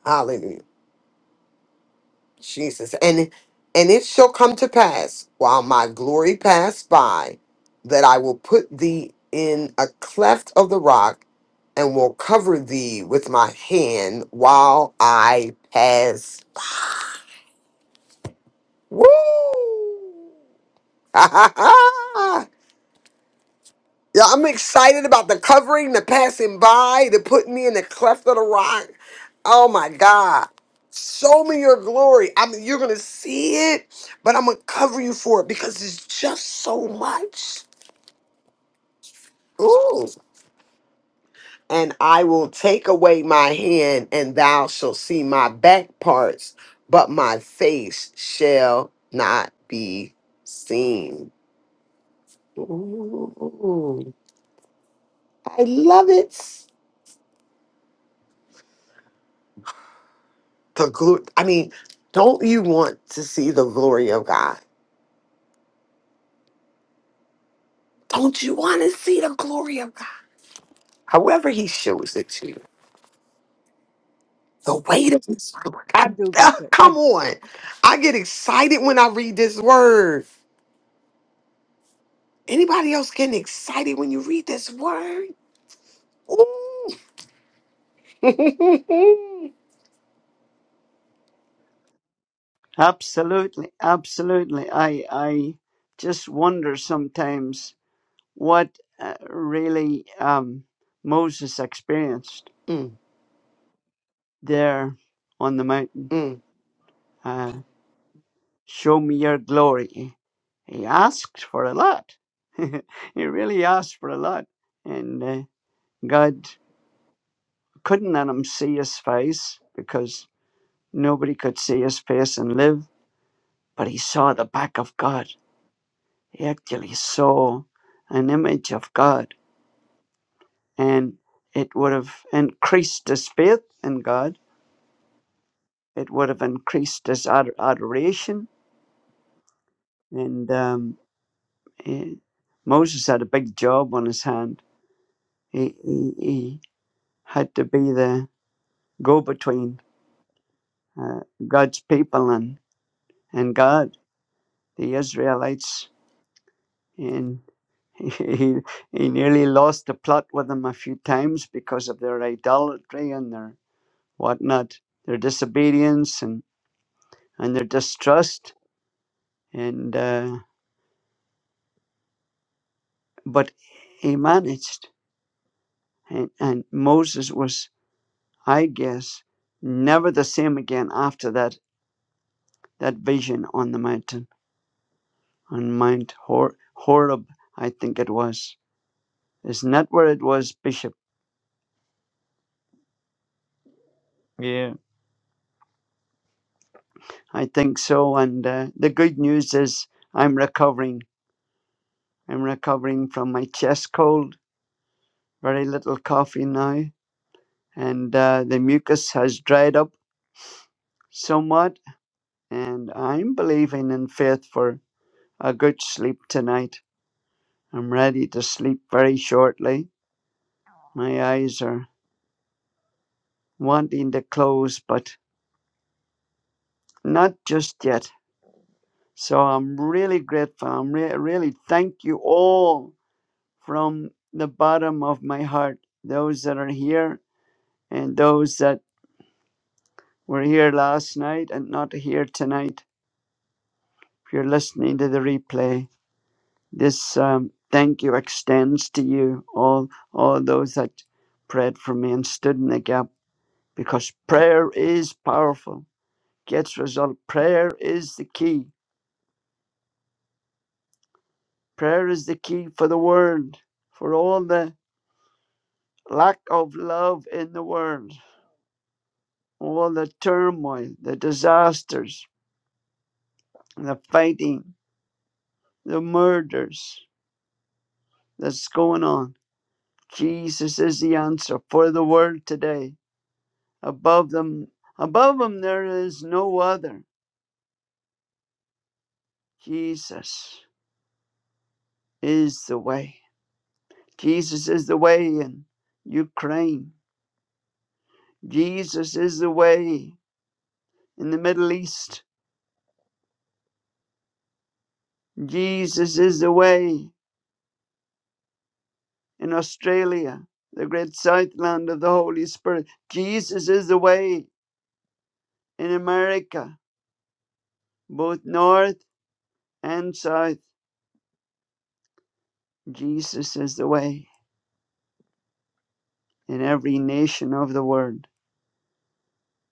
Speaker 2: Hallelujah. Jesus. And and it shall come to pass while my glory pass by that I will put thee in a cleft of the rock and will cover thee with my hand while I pass Woo! Ha ha ha! yeah, I'm excited about the covering, the passing by, the putting me in the cleft of the rock. Oh my God. Show me your glory. I mean, you're going to see it, but I'm going to cover you for it because it's just so much. Ooh. And I will take away my hand, and thou shalt see my back parts, but my face shall not be seen. Ooh. I love it. The glo- I mean, don't you want to see the glory of God? Don't you want to see the glory of God? However, He shows it to you. The weight of His glory.
Speaker 9: I
Speaker 2: I-
Speaker 9: do,
Speaker 2: ah,
Speaker 9: Bishop. I
Speaker 2: Come on. I get excited when I read this word. Anybody else getting excited when you read this word? Ooh.
Speaker 10: Absolutely, absolutely. I I just wonder sometimes what uh, really um, Moses experienced
Speaker 2: Mm,
Speaker 10: there on the mountain.
Speaker 2: mm.
Speaker 10: Uh, Show me your glory. He asked for a lot. he really asked for a lot, and uh, God couldn't let him see his face because nobody could see his face and live. But he saw the back of God He actually saw an image of God and it would have increased his faith in God. It would have increased his ad- adoration. And um, he- Moses had a big job on his hand. He, he, he had to be the go between uh, God's people and, and God, the Israelites. And he, he nearly lost the plot with them a few times because of their idolatry and their whatnot, their disobedience and, and their distrust. And uh, but he managed, and, and Moses was, I guess, never the same again after that that vision on the mountain on Mount Hor- Horeb, I think it was. Isn't that where it was, Bishop? Yeah, I think so. And uh, the good news is I'm recovering. I'm recovering from my chest cold. Very little coffee now and uh, the mucus has dried up somewhat. And I'm believing in faith for a good sleep tonight. I'm ready to sleep very shortly. My eyes are wanting to close, but not just yet. So I'm really grateful. I'm re- really thank you all from the bottom of my heart. Those that are here and those that were here last night and not here tonight. If you're listening to the replay, This um, thank you extends to you, all, all those that prayed for me and stood in the gap, because prayer is powerful, gets result. Prayer is the key. Prayer is the key for the world, for all the lack of love in the world, all the turmoil, the disasters, the fighting, the murders that's going on. Jesus is the answer for the world today. above them above them there is no other jesus is the way jesus is the way in ukraine jesus is the way in the middle east jesus is the way in australia the great southland of the holy spirit jesus is the way in america both north and south jesus is the way in every nation of the world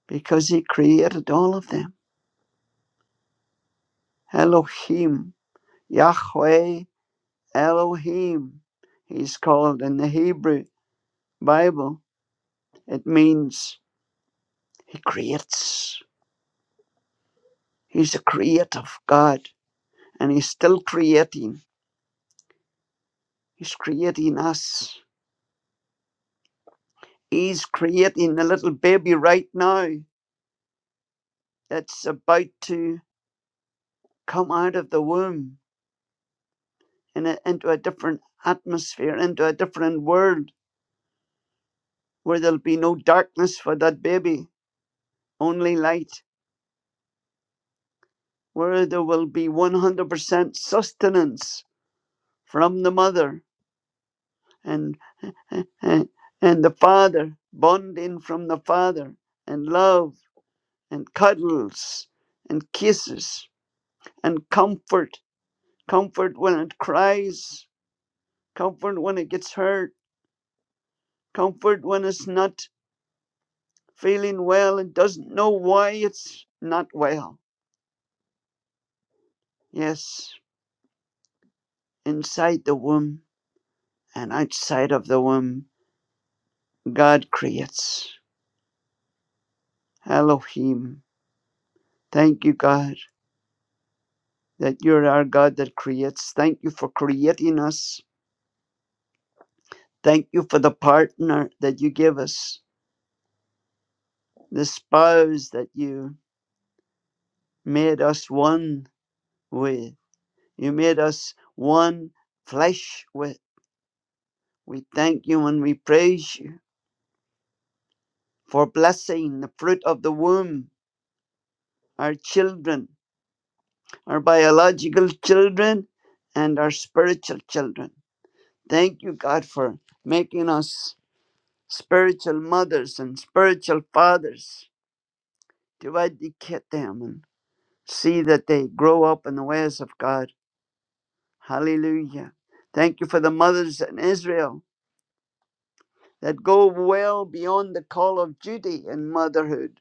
Speaker 10: because he created all of them Elohim, Yahweh Elohim. He's called in the Hebrew Bible. It means He creates. He's a creative God and He's still creating. He's creating us. He's creating a little baby right now that's about to come out of the womb in a, into a different atmosphere, into a different world where there'll be no darkness for that baby, only light where there will be 100% sustenance from the mother and, and, and the father, bonding from the father, and love, and cuddles, and kisses, and comfort. Comfort when it cries, comfort when it gets hurt, comfort when it's not feeling well and doesn't know why it's not well. Yes, inside the womb and outside of the womb, God creates. Elohim. Thank you, God, that you're our God that creates. Thank you for creating us. Thank you for the partner that you give us, the spouse that you made us one with. You made us one flesh with. We thank you and we praise you for blessing the fruit of the womb, our children, our biological children, and our spiritual children. Thank you, God, for making us spiritual mothers and spiritual fathers to educate them and see that they grow up in the ways of God. Hallelujah. Thank you for the mothers in Israel that go well beyond the call of duty in motherhood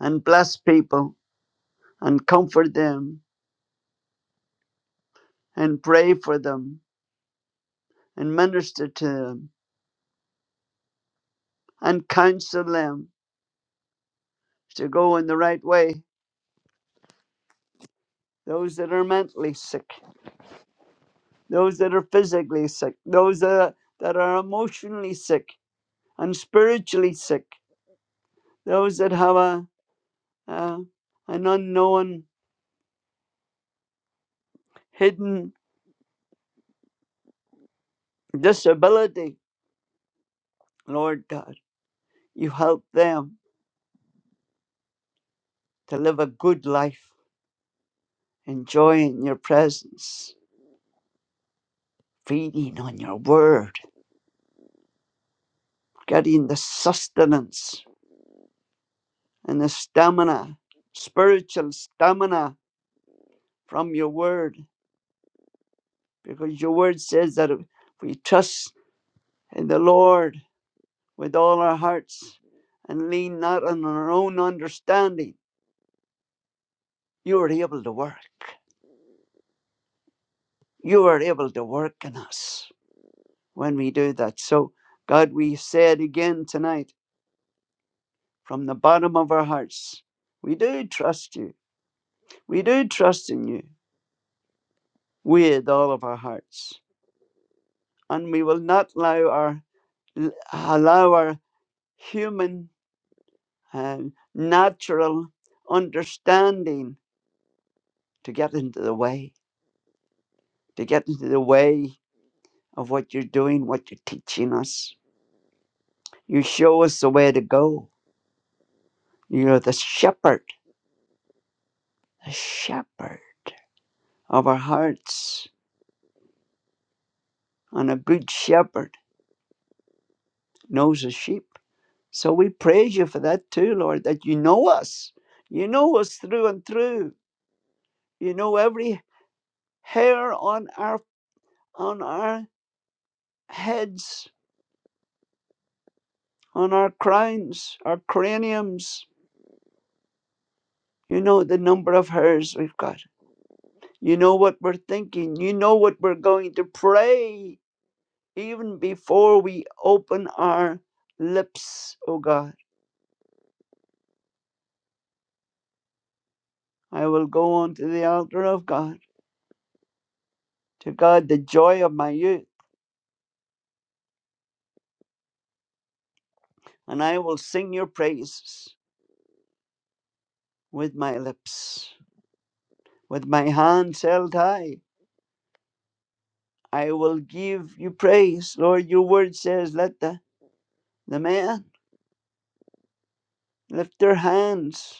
Speaker 10: and bless people and comfort them and pray for them and minister to them and counsel them to go in the right way. Those that are mentally sick those that are physically sick, those that, are, that are emotionally sick and spiritually sick, those that have a, a an unknown hidden disability. Lord God, you help them to live a good life, enjoying your presence, feeding on your word, getting the sustenance and the stamina, spiritual stamina from your word, because your word says that if we trust in the Lord, with all our hearts and lean not on our own understanding. You are able to work. You are able to work in us when we do that. So, God, we say it again tonight from the bottom of our hearts. We do trust you. We do trust in you with all of our hearts. And we will not allow our, allow our human and natural understanding to get into the way, to get into the way of what you're doing, what you're teaching us. You show us the way to go. You're the shepherd, the shepherd of our hearts. And a good shepherd knows his sheep. So we praise you for that too, Lord, that you know us. You know us through and through. You know every hair on our on our heads, on our crowns, our craniums. You know the number of hairs we've got. You know what we're thinking. You know what we're going to pray even before we open our lips, O God. I will go on to the altar of God, to God, the joy of my youth, and I will sing your praises with my lips. With my hands held high, I will give you praise. Lord, your word says, let the, the man lift their hands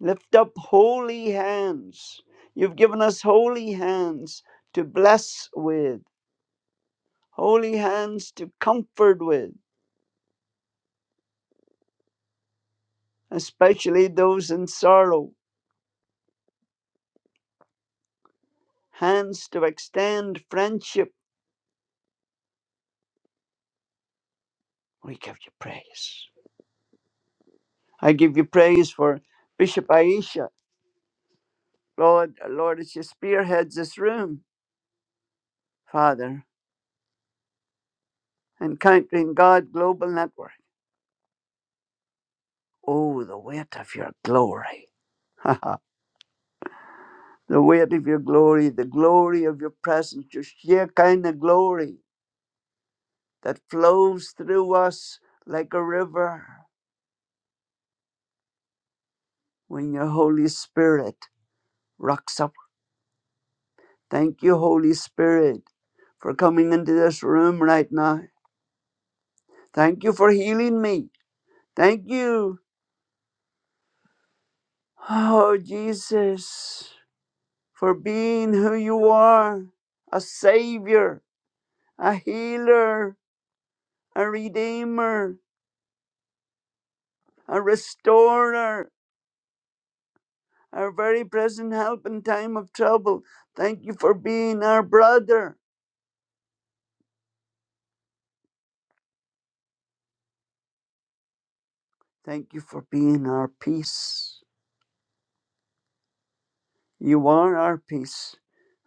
Speaker 10: Lift up holy hands. You've given us holy hands to bless with, holy hands to comfort with, especially those in sorrow, hands to extend friendship. We give you praise. I give you praise for Bishop Aisha. Lord, Lord, as she spearheads this room, Father, Encountering God Global Network. Oh, the weight of your glory. the weight of your glory, the glory of your presence, your sheer kind of glory that flows through us like a river when your Holy Spirit rocks up. Thank you, Holy Spirit, for coming into this room right now. Thank you for healing me. Thank you, oh Jesus, for being who you are a Savior, a healer, a Redeemer, a Restorer our very present help in time of trouble. Thank you for being our brother. Thank you for being our peace. You are our peace,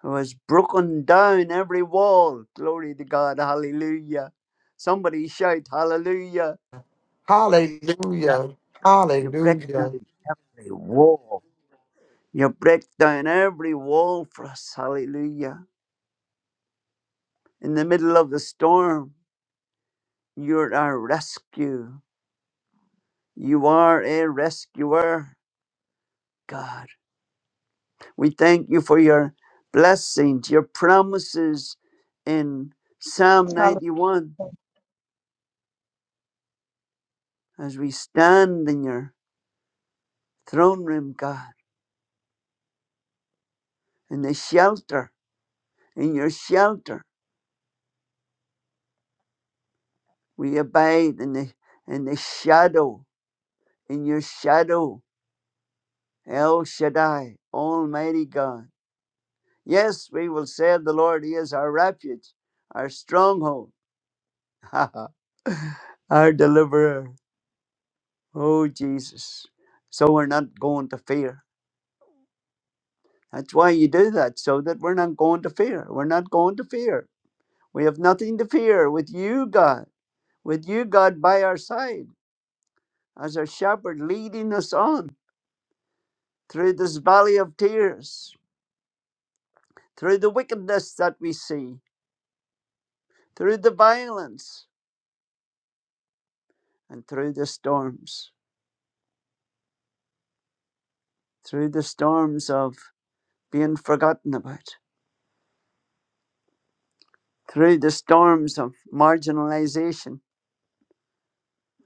Speaker 10: who has broken down every wall. Glory to God. Hallelujah. Somebody shout, Hallelujah.
Speaker 2: Hallelujah.
Speaker 10: You break
Speaker 2: Hallelujah.
Speaker 10: down every wall. You break down every wall for us. Hallelujah. In the middle of the storm, you're our rescue. You are a rescuer, God. We thank you for your blessings, your promises in Psalm
Speaker 4: Hallelujah.
Speaker 10: 91 as we stand in your throne room, God, in the shelter, in your shelter. We abide in the, in the shadow, in your shadow, El Shaddai, Almighty God. Yes, we will say of the Lord, He is our refuge, our stronghold, our deliverer. Oh, Jesus. So we're not going to fear. That's why you do that, so that we're not going to fear. We're not going to fear. We have nothing to fear with you, God, with you, God, by our side, as our shepherd leading us on through this valley of tears, through the wickedness that we see, through the violence, and through the storms, through the storms of being forgotten about, through the storms of marginalization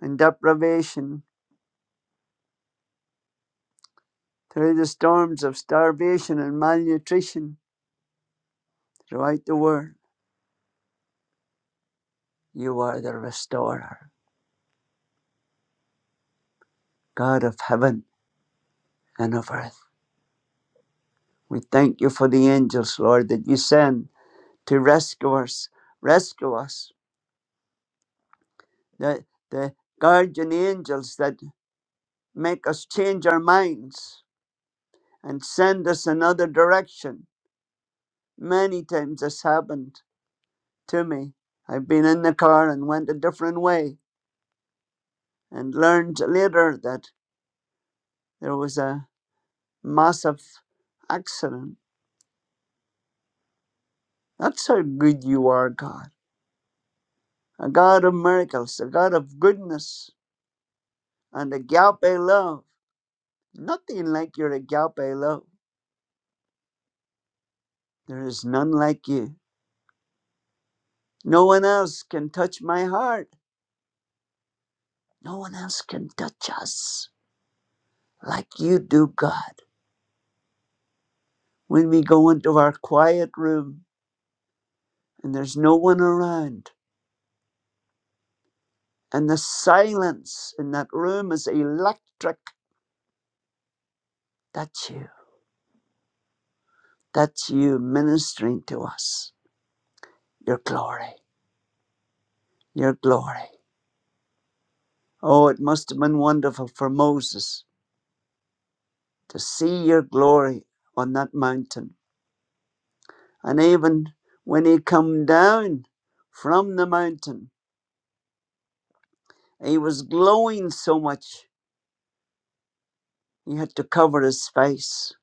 Speaker 10: and deprivation, through the storms of starvation and malnutrition Write the word. You are the restorer, God of heaven and of earth. We thank you for the angels, Lord, that you send to rescue us, rescue us, the, the guardian angels that make us change our minds and send us another direction. Many times this happened to me. I've been in the car and went a different way and learned later that there was a massive accident. That's how good you are, God. a God of miracles, a God of goodness, and a agape love. Nothing like your agape love. There is none like you. No one else can touch my heart. No one else can touch us like you do, God. When we go into our quiet room and there's no one around, and the silence in that room is electric, that's you. That's you ministering to us. Your glory, your glory. Oh, it must have been wonderful for Moses to see your glory on that mountain. And even when he come down from the mountain, he was glowing so much he had to cover his face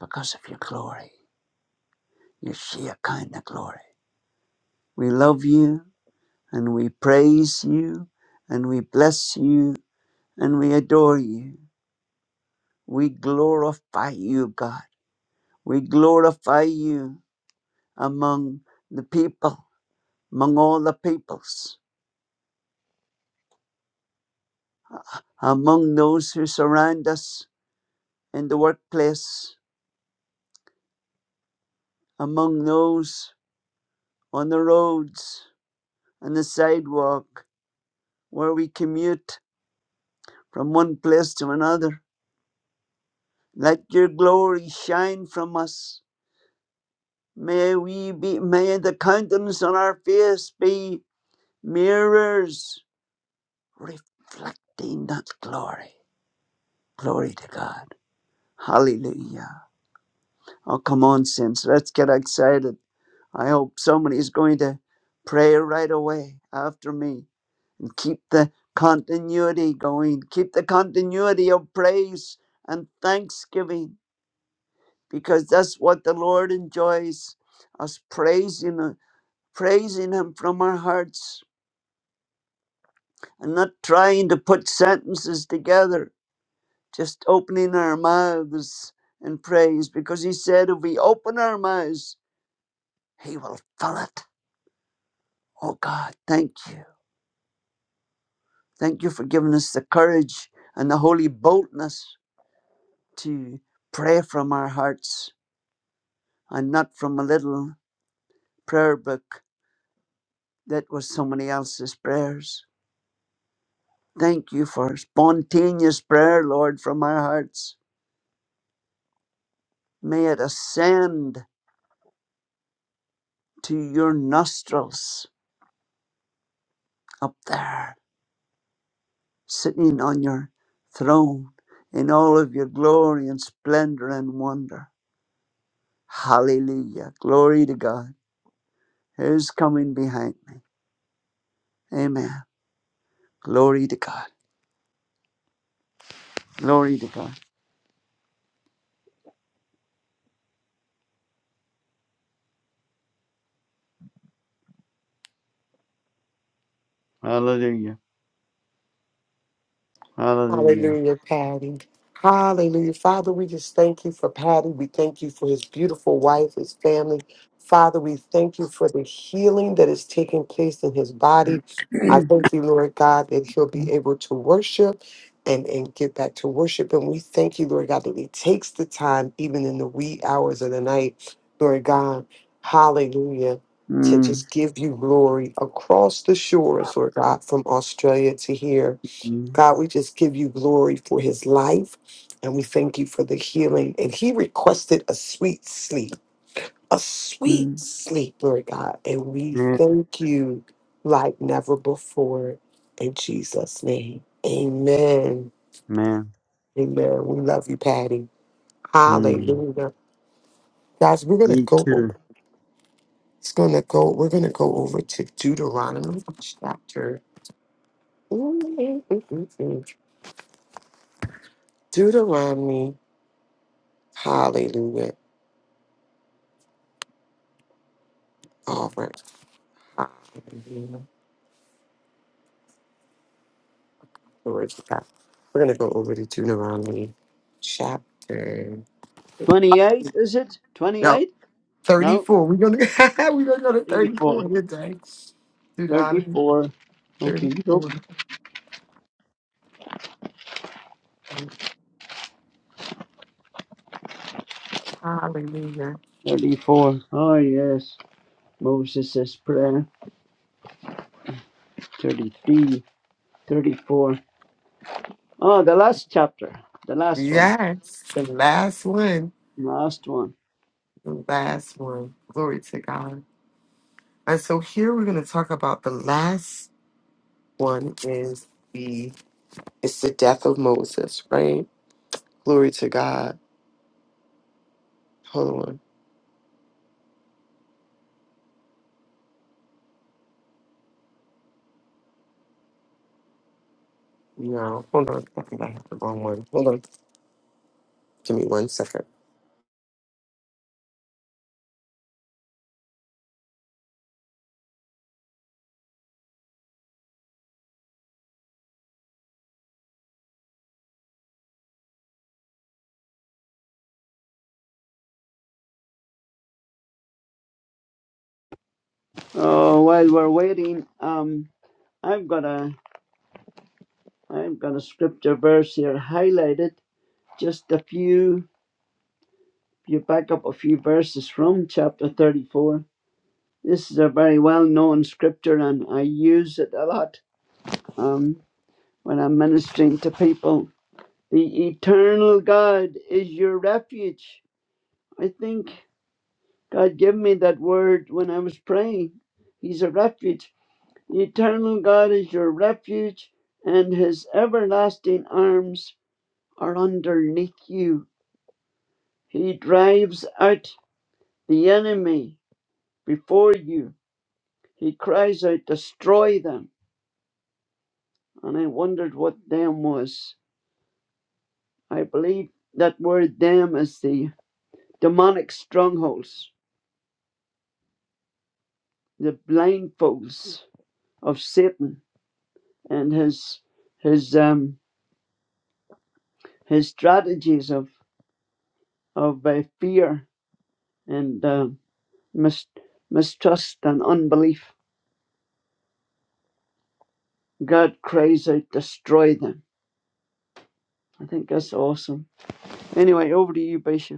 Speaker 10: because of your glory, your sheer kind of glory. We love you and we praise you and we bless you and we adore you. We glorify you, God. We glorify you among the people among all the peoples, among those who surround us in the workplace, among those on the roads, on the sidewalk, where we commute from one place to another. Let your glory shine from us. May we be, may the countenance on our face be mirrors reflecting that glory. Glory to God. Hallelujah. Oh, come on, saints. Let's get excited. I hope somebody is going to pray right away after me and keep the continuity going. Keep the continuity of praise and thanksgiving because that's what the Lord enjoys us praising Him, praising Him from our hearts and not trying to put sentences together, just opening our mouths in praise because He said if we open our mouths, He will fill it. Oh God, thank you. Thank you for giving us the courage and the holy boldness to pray from our hearts and not from a little prayer book that was somebody else's prayers. Thank you for spontaneous prayer, Lord, from our hearts. May it ascend to your nostrils up there, sitting on your throne in all of your glory and splendor and wonder. Hallelujah. Glory to God. Who's coming behind me? Amen. Glory to God. Glory to God. Hallelujah. Hallelujah.
Speaker 2: Hallelujah, Patty. Hallelujah. Father, we just thank you for Patty. We thank you for his beautiful wife, his family. Father, we thank you for the healing that is taking place in his body. I thank you, Lord God, that he'll be able to worship and, and get back to worship. And we thank you, Lord God, that he takes the time, even in the wee hours of the night, Lord God. Hallelujah. To
Speaker 10: mm,
Speaker 2: just give you glory across the shores, Lord God, from Australia to here.
Speaker 10: mm,
Speaker 2: God, we just give you glory for his life and we thank you for the healing. And he requested a sweet sleep, a sweet
Speaker 10: mm.
Speaker 2: sleep, Lord God. And we
Speaker 10: Yeah,
Speaker 2: thank you like never before in Jesus' name. Amen.
Speaker 10: man.
Speaker 2: Amen. We love you, Patty.
Speaker 10: Mm.
Speaker 2: Hallelujah. Guys, we're gonna
Speaker 10: Me
Speaker 2: go o-
Speaker 10: too.
Speaker 2: it's gonna go, we're gonna go over to Deuteronomy chapter. Deuteronomy. Hallelujah. All right. Glory to God. We're gonna go over to Deuteronomy chapter
Speaker 10: 28, is it?
Speaker 2: no
Speaker 10: 28? No,
Speaker 2: 34. We're gonna we're gonna go to
Speaker 10: 34.
Speaker 2: 34 today. Deuteronomy
Speaker 10: 34. Okay, you go.
Speaker 2: 34. Hallelujah.
Speaker 10: 34. Oh, yes. Moses' prayer. 33. 34. Oh, the last chapter. The last one.
Speaker 2: Yes, the last one.
Speaker 10: Last one.
Speaker 2: The last one. Glory to God. And so here we're gonna talk about the last one is the it's the death of Moses, right? Glory to God. Hold on. No, hold on. I think I have the wrong one. Hold on. Give me one second.
Speaker 10: Oh, while we're waiting, um, I've got a. I'm going to scripture verse here highlighted. Just a few, you back up a few verses from chapter 34. This is a very well known scripture and I use it a lot um, when I'm ministering to people. The eternal God is your refuge. I think God gave me that word when I was praying. He's a refuge. The eternal God is your refuge, and his everlasting arms are underneath you. He drives out the enemy before you. He cries out, Destroy them. And I wondered what them was. I believe that word them is the demonic strongholds, the blindfolds of Satan and his his um his strategies of of uh, fear and uh, mis- mistrust and unbelief. God cries out, Destroy them. I think that's awesome. Anyway, over to you, Bishop.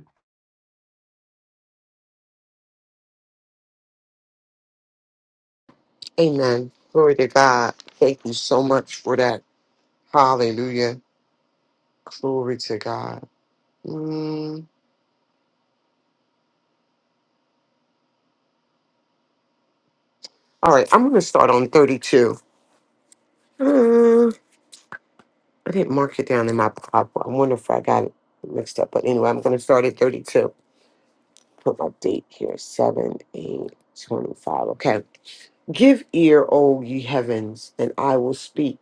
Speaker 2: Amen. Glory to God. Thank you so much for that. Hallelujah. Glory to God. Mm. All right, I'm going to start on 32. Uh, I didn't mark it down in my Bible. I wonder if I got it mixed up. But anyway, I'm going to start at 32. Put my date here 7, 8, 25. Okay. Give ear, O ye heavens, and I will speak.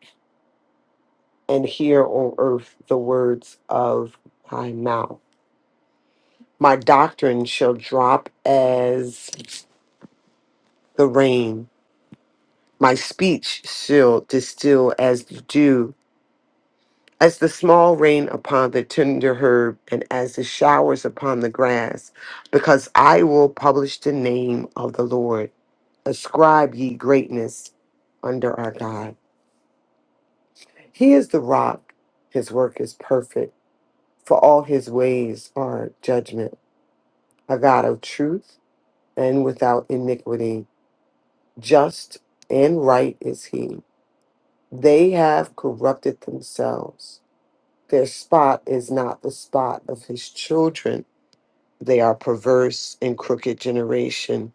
Speaker 2: and hear on earth the words of my mouth. My doctrine shall drop as the rain. My speech shall distill as the dew, as the small rain upon the tender herb, and as the showers upon the grass, because I will publish the name of the Lord. Ascribe ye greatness under our God. He is the rock, his work is perfect, for all his ways are judgment. a God of truth and without iniquity. Just and right is he. They have corrupted themselves. Their spot is not the spot of his children. They are perverse and crooked generation.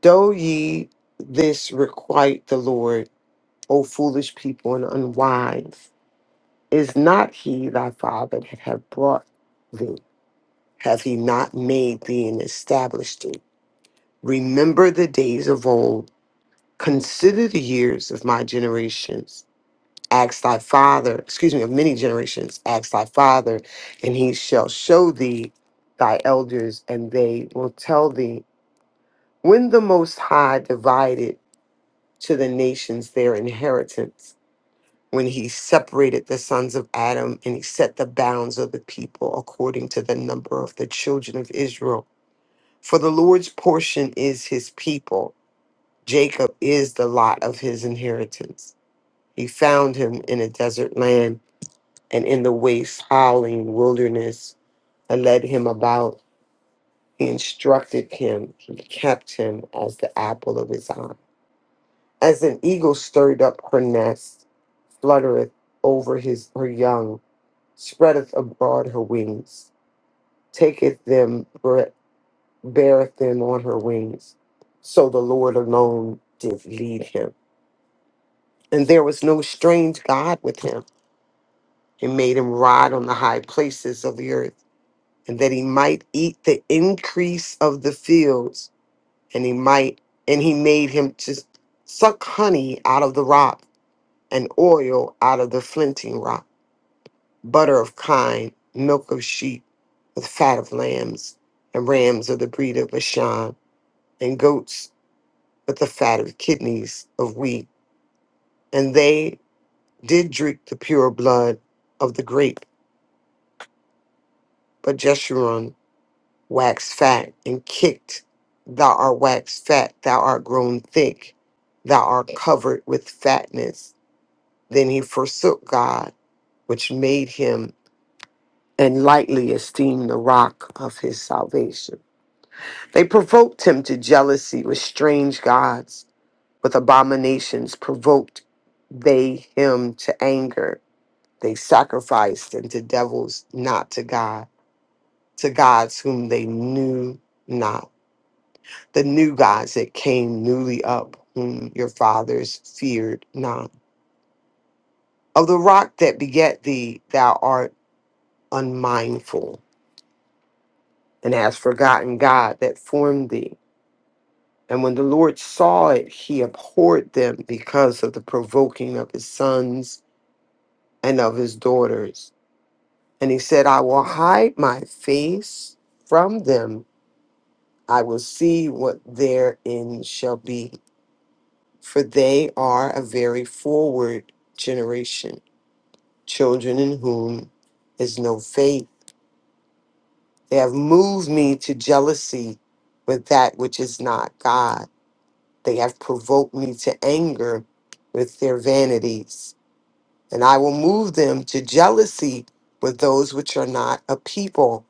Speaker 2: Do ye this requite the Lord, O foolish people and unwise? Is not he thy father that have brought thee? Have he not made thee and established thee? Remember the days of old Consider the years of my generations. Ask thy father, excuse me, of many generations. Ask thy father, and he shall show thee thy elders, and they will tell thee when the Most High divided to the nations their inheritance, when he separated the sons of Adam, and he set the bounds of the people according to the number of the children of Israel. For the Lord's portion is his people, Jacob is the lot of his inheritance. He found him in a desert land and in the waste, howling wilderness, and led him about. He instructed him, he kept him as the apple of his eye. As an eagle stirred up her nest, fluttereth over his her young, spreadeth abroad her wings, taketh them, bre- beareth them on her wings. So the Lord alone did lead him. And there was no strange God with him. He made him ride on the high places of the earth and that he might eat the increase of the fields, and he might, and he made him to suck honey out of the rock, and oil out of the flinting rock, butter of kine, milk of sheep, with fat of lambs, and rams of the breed of Bashan, and goats with the fat of kidneys of wheat. And they did drink the pure blood of the grape, but Jeshurun wax fat and kicked. Thou art waxed fat, thou art grown thick, thou art covered with fatness. Then he forsook God, which made him, and lightly esteemed the rock of his salvation. They provoked him to jealousy with strange gods, with abominations provoked they him to anger. They sacrificed unto devils, not to God, to gods whom they knew not the new gods that came newly up, whom your fathers feared not. Of the rock that beget thee, thou art unmindful, and hast forgotten God that formed thee. And when the Lord saw it, he abhorred them because of the provoking of his sons and of his daughters. And he said, I will hide my face from them. I will see what therein shall be, for they are a very forward generation. children in whom is no faith. They have moved me to jealousy with that which is not God. They have provoked me to anger with their vanities. And I will move them to jealousy with those which are not a people.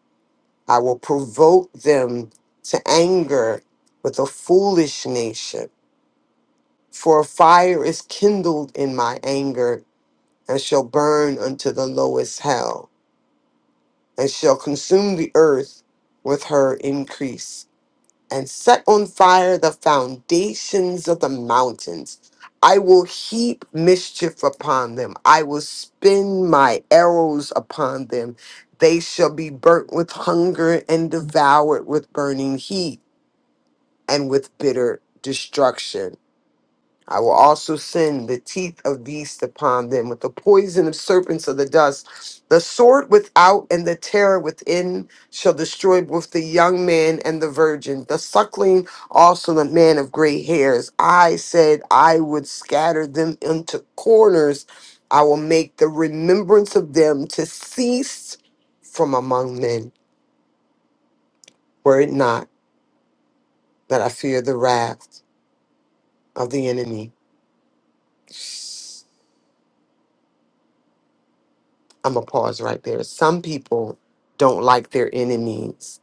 Speaker 2: I will provoke them to anger with a foolish nation. For a fire is kindled in my anger and shall burn unto the lowest hell. and shall consume the earth with her increase, and set on fire the foundations of the mountains. I will heap mischief upon them. I will spin my arrows upon them. They shall be burnt with hunger and devoured with burning heat and with bitter destruction. I will also send the teeth of beasts upon them, with the poison of serpents of the dust. The sword without and the terror within shall destroy both the young man and the virgin, the suckling also the man of gray hairs. I said I would scatter them into corners. I will make the remembrance of them to cease from among men, were it not that I fear the wrath of the enemy. I'm gonna pause right there. Some people don't like their enemies,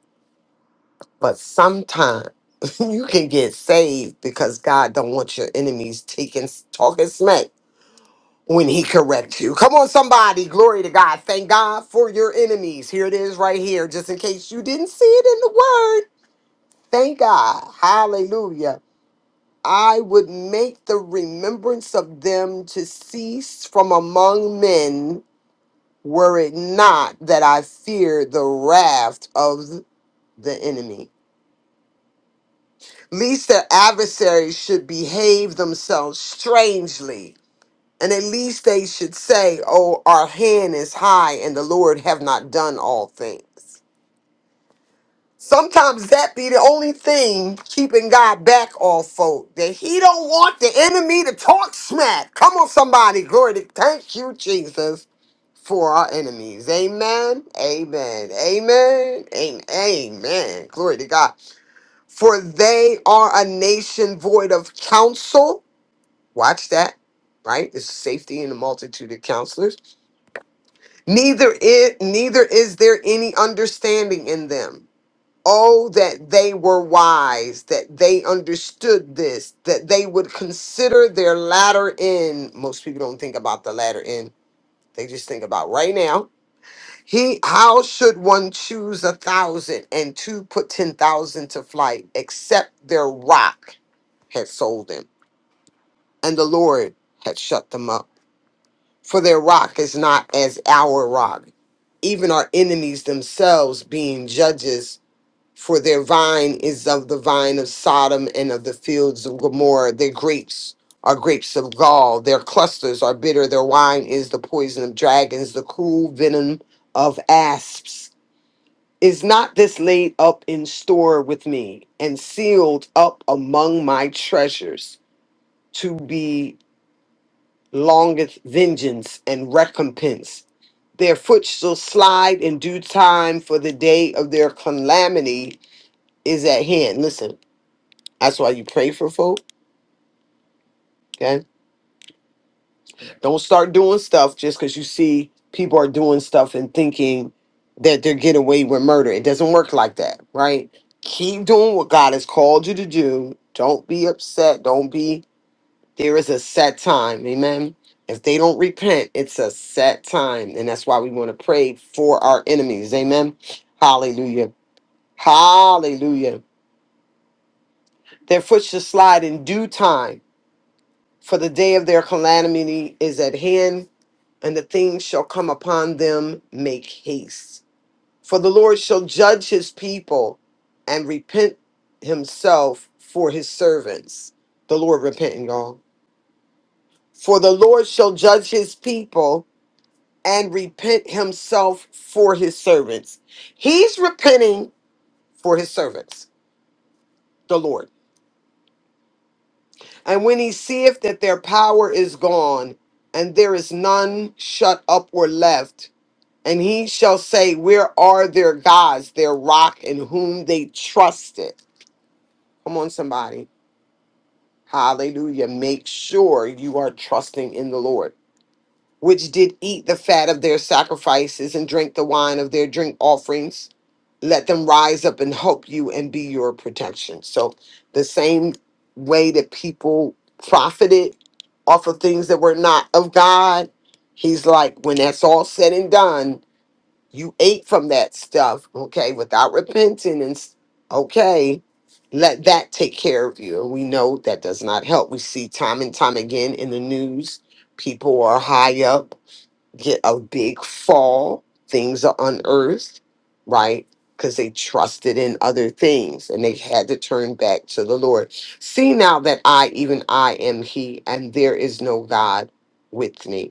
Speaker 2: but sometimes you can get saved because God don't want your enemies taking talking smack when He corrects you. Come on, somebody, glory to God. Thank God for your enemies. Here it is, right here, just in case you didn't see it in the Word. Thank God, Hallelujah. I would make the remembrance of them to cease from among men were it not that I feared the wrath of the enemy. Least their adversaries should behave themselves strangely, and at least they should say, Oh, our hand is high, and the Lord have not done all things. Sometimes that be the only thing keeping God back all folk. That he don't want the enemy to talk smack. Come on, somebody. Glory to thank you, Jesus for our enemies. Amen. Amen. Amen. Amen. Amen. Glory to God. For they are a nation void of counsel. Watch that. Right? It's safety in the multitude of counselors. Neither it neither is there any understanding in them. Oh, that they were wise, that they understood this, that they would consider their latter end. Most people don't think about the latter end. They just think about right now He how should one choose a thousand and two put ten thousand to flight, except their rock had sold them, and the Lord had shut them up. For their rock is not as our rock, even our enemies themselves being judges. For their vine is of the vine of Sodom and of the fields of Gomorrah. Their grapes are grapes of gall. Their clusters are bitter. Their wine is the poison of dragons, the cruel venom of asps. Is not this laid up in store with me and sealed up among my treasures to be longeth vengeance and recompense? Their foot shall slide in due time, for the day of their calamity is at hand. Listen, that's why you pray for folk. Okay. Don't start doing stuff just because you see people are doing stuff and thinking that they're getting away with murder. It doesn't work like that, right? Keep doing what God has called you to do. Don't be upset. Don't be, there is a set time. Amen. If they don't repent, it's a set time. And that's why we want to pray for our enemies. Amen. Hallelujah. Hallelujah. Their foot shall slide in due time, for the day of their calamity is at hand and the things shall come upon them make haste. For the Lord shall judge his people and repent himself for his servants. The Lord repenting, y'all. For the Lord shall judge his people and repent himself for his servants. He's repenting for his servants, the Lord. And when he seeth that their power is gone and there is none shut up or left, And he shall say, Where are their gods, their rock in whom they trusted? Come on, somebody. Hallelujah. Make sure you are trusting in the Lord, which did eat the fat of their sacrifices and drink the wine of their drink offerings. Let them rise up and help you and be your protection. So, the same way that people profited off of things that were not of God, he's like, when that's all said and done, You ate from that stuff, okay, without repenting and s- okay, let that take care of you. And we know that does not help. We see time and time again in the news, people are high up, get a big fall, things are unearthed, right? Because they trusted in other things and they had to turn back to the Lord. See now that I, even I, am He, and there is no God with me.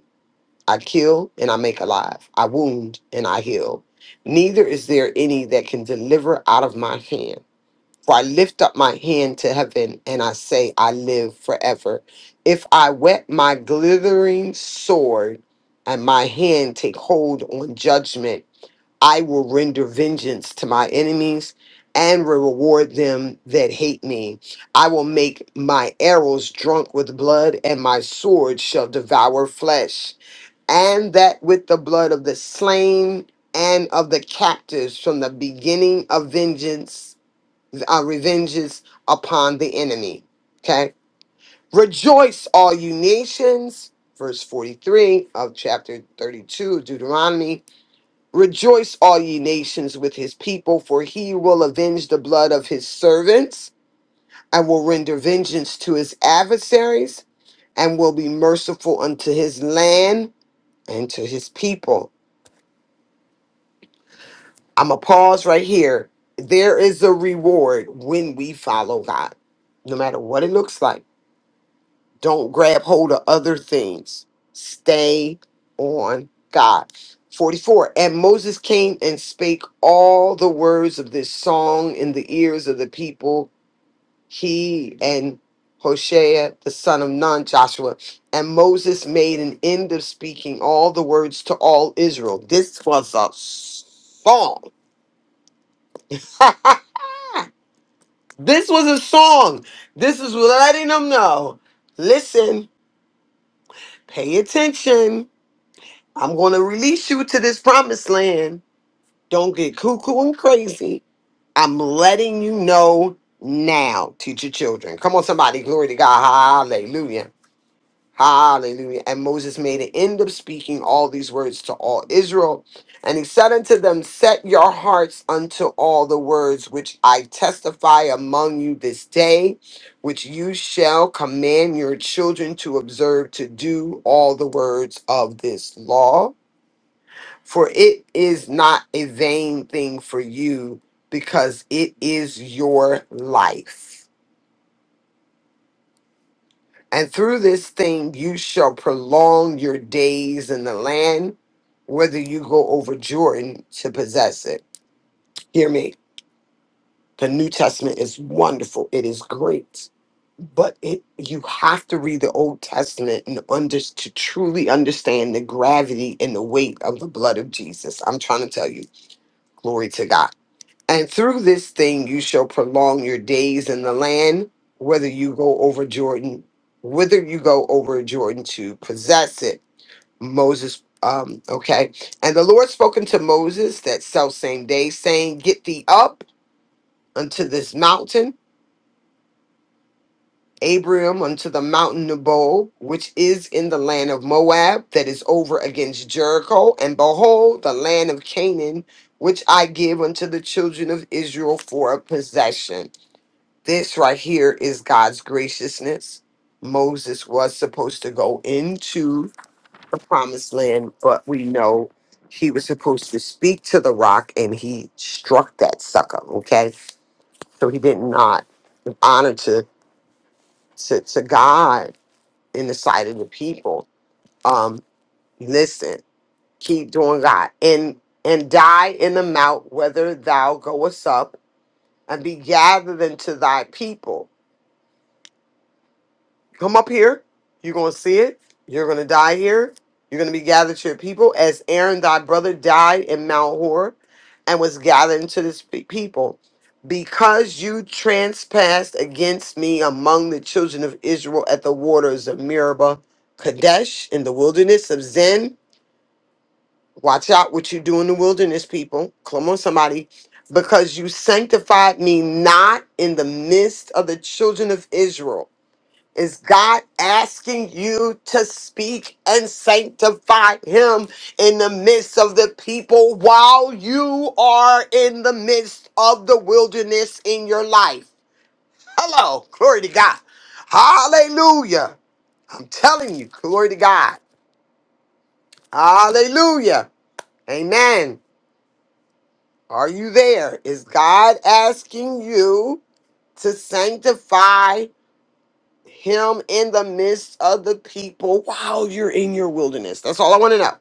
Speaker 2: I kill and I make alive. I wound and I heal. Neither is there any that can deliver out of my hand. For I lift up my hand to heaven and I say, I live forever. If I wet my glittering sword and my hand take hold on judgment, I will render vengeance to my enemies and reward them that hate me. I will make my arrows drunk with blood and my sword shall devour flesh and that with the blood of the slain and of the captives from the beginning of vengeance, uh, revenges upon the enemy. Okay. Rejoice, all you nations. Verse 43 of chapter 32 of Deuteronomy. Rejoice, all ye nations, with his people, for he will avenge the blood of his servants and will render vengeance to his adversaries and will be merciful unto his land and to his people. I'm going to pause right here. There is a reward when we follow God, no matter what it looks like. Don't grab hold of other things. Stay on God. 44. And Moses came and spake all the words of this song in the ears of the people, he and Hoshea, the son of Nun, Joshua. And Moses made an end of speaking all the words to all Israel. This was a song. This was a song. This is letting them know. Listen, pay attention. I'm going to release you to this promised land. Don't get cuckoo and crazy. I'm letting you know now. Teach your children. Come on, somebody. Glory to God. Hallelujah. Hallelujah. And Moses made an end of speaking all these words to all Israel. And he said unto them, Set your hearts unto all the words which I testify among you this day, which you shall command your children to observe to do all the words of this law. For it is not a vain thing for you, because it is your life. And through this thing you shall prolong your days in the land, whether you go over Jordan to possess it. Hear me. The New Testament is wonderful. It is great. But it you have to read the Old Testament and under, to truly understand the gravity and the weight of the blood of Jesus. I'm trying to tell you. Glory to God. And through this thing you shall prolong your days in the land, whether you go over Jordan, whither you go over Jordan to possess it. Moses, um, okay. And the Lord spoke unto Moses that self same day, saying, Get thee up unto this mountain, Abraham unto the mountain Nebo, which is in the land of Moab, that is over against Jericho, and behold, the land of Canaan, which I give unto the children of Israel for a possession. This right here is God's graciousness. Moses was supposed to go into the promised land, but we know he was supposed to speak to the rock and he struck that sucker, okay? So he did not honor to, to, to God in the sight of the people. Um, listen, keep doing God and and die in the mount whether thou goest up and be gathered into thy people. Come up here. You're going to see it. You're going to die here. You're going to be gathered to your people as Aaron, thy brother, died in Mount Hor and was gathered into this pe- people. Because you transpassed against me among the children of Israel at the waters of Meribah, Kadesh, in the wilderness of Zin. Watch out what you do in the wilderness, people. Come on, somebody. Because you sanctified me not in the midst of the children of Israel is God asking you to speak and sanctify Him in the midst of the people while you are in the midst of the wilderness in your life? Hello, glory to God. Hallelujah. I'm telling you, glory to God. Hallelujah. Amen. Are you there? Is God asking you to sanctify? him in the midst of the people while you're in your wilderness. That's all I want to know.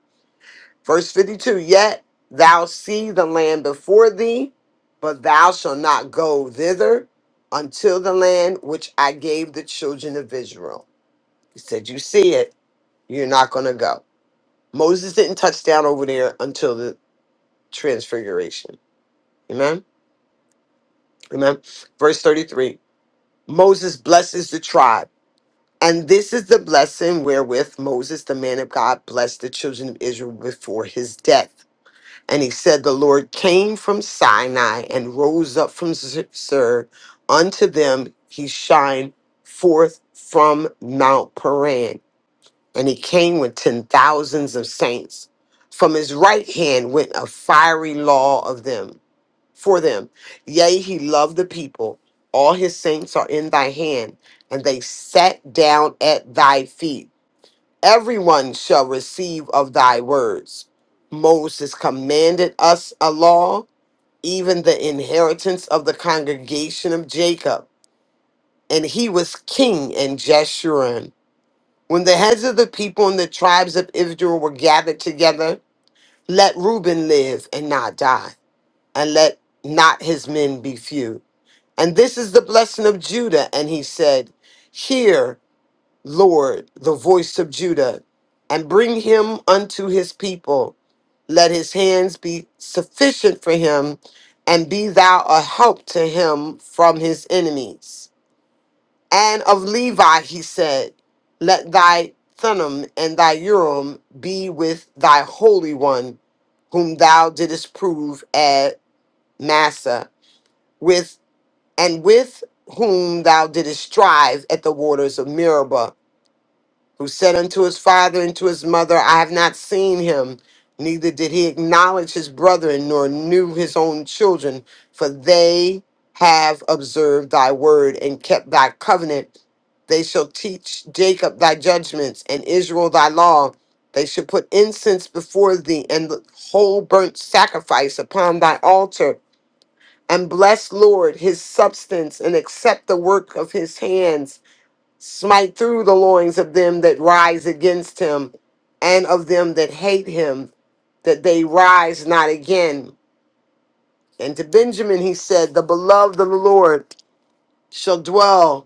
Speaker 2: Verse 52 Yet thou see the land before thee, but thou shalt not go thither until the land which I gave the children of Israel. He said, You see it, you're not going to go. Moses didn't touch down over there until the transfiguration. Amen. Amen. Verse 33 Moses blesses the tribe. And this is the blessing wherewith Moses, the man of God, blessed the children of Israel before his death. And he said, The Lord came from Sinai and rose up from Sir unto them. He shined forth from Mount Paran. And he came with ten thousands of saints. From his right hand went a fiery law of them for them. Yea, he loved the people. All his saints are in thy hand, and they sat down at thy feet. Everyone shall receive of thy words. Moses commanded us a law, even the inheritance of the congregation of Jacob. And he was king in Jeshurun. When the heads of the people and the tribes of Israel were gathered together, let Reuben live and not die, and let not his men be few And this is the blessing of Judah. And he said, Hear, Lord, the voice of Judah, and bring him unto his people. Let his hands be sufficient for him, and be thou a help to him from his enemies. And of Levi he said, Let thy Thummim and thy Urim be with thy Holy One, whom thou didst prove at Massa, with." and with whom thou didst strive at the waters of Meribah, who said unto his father and to his mother, I have not seen him, neither did he acknowledge his brethren, nor knew his own children, for they have observed thy word and kept thy covenant. They shall teach Jacob thy judgments and Israel thy law. They shall put incense before thee and the whole burnt sacrifice upon thy altar and bless Lord his substance and accept the work of his hands. Smite through the loins of them that rise against him and of them that hate him, that they rise not again. And to Benjamin he said, The beloved of the Lord shall dwell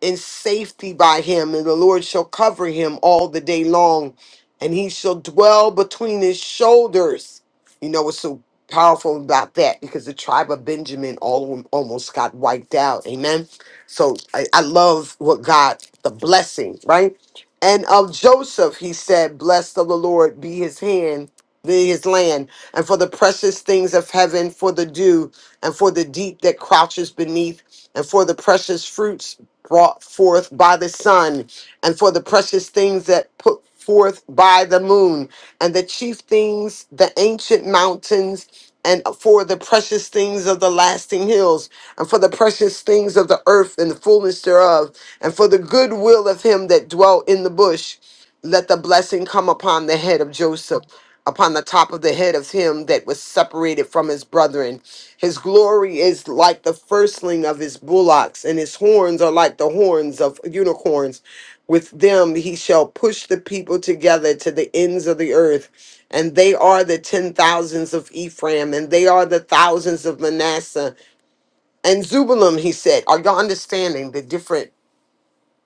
Speaker 2: in safety by him, and the Lord shall cover him all the day long, and he shall dwell between his shoulders. You know what's so powerful about that? Because the tribe of Benjamin all, almost got wiped out. Amen. So I, I love what God, the blessing, right? And of Joseph, he said, Blessed of the Lord be his hand, be his land and for the precious things of heaven, for the dew, and for the deep that crouches beneath, and for the precious fruits brought forth by the sun, and for the precious things that put forth by the moon, and the chief things, the ancient mountains, and for the precious things of the lasting hills, and for the precious things of the earth and the fullness thereof, and for the good will of him that dwelt in the bush. Let the blessing come upon the head of Joseph upon the top of the head of him that was separated from his brethren. His glory is like the firstling of his bullocks, and his horns are like the horns of unicorns. With them he shall push the people together to the ends of the earth, and they are the ten thousands of Ephraim, and they are the thousands of Manasseh. And Zubalim, he said, are y'all understanding the different?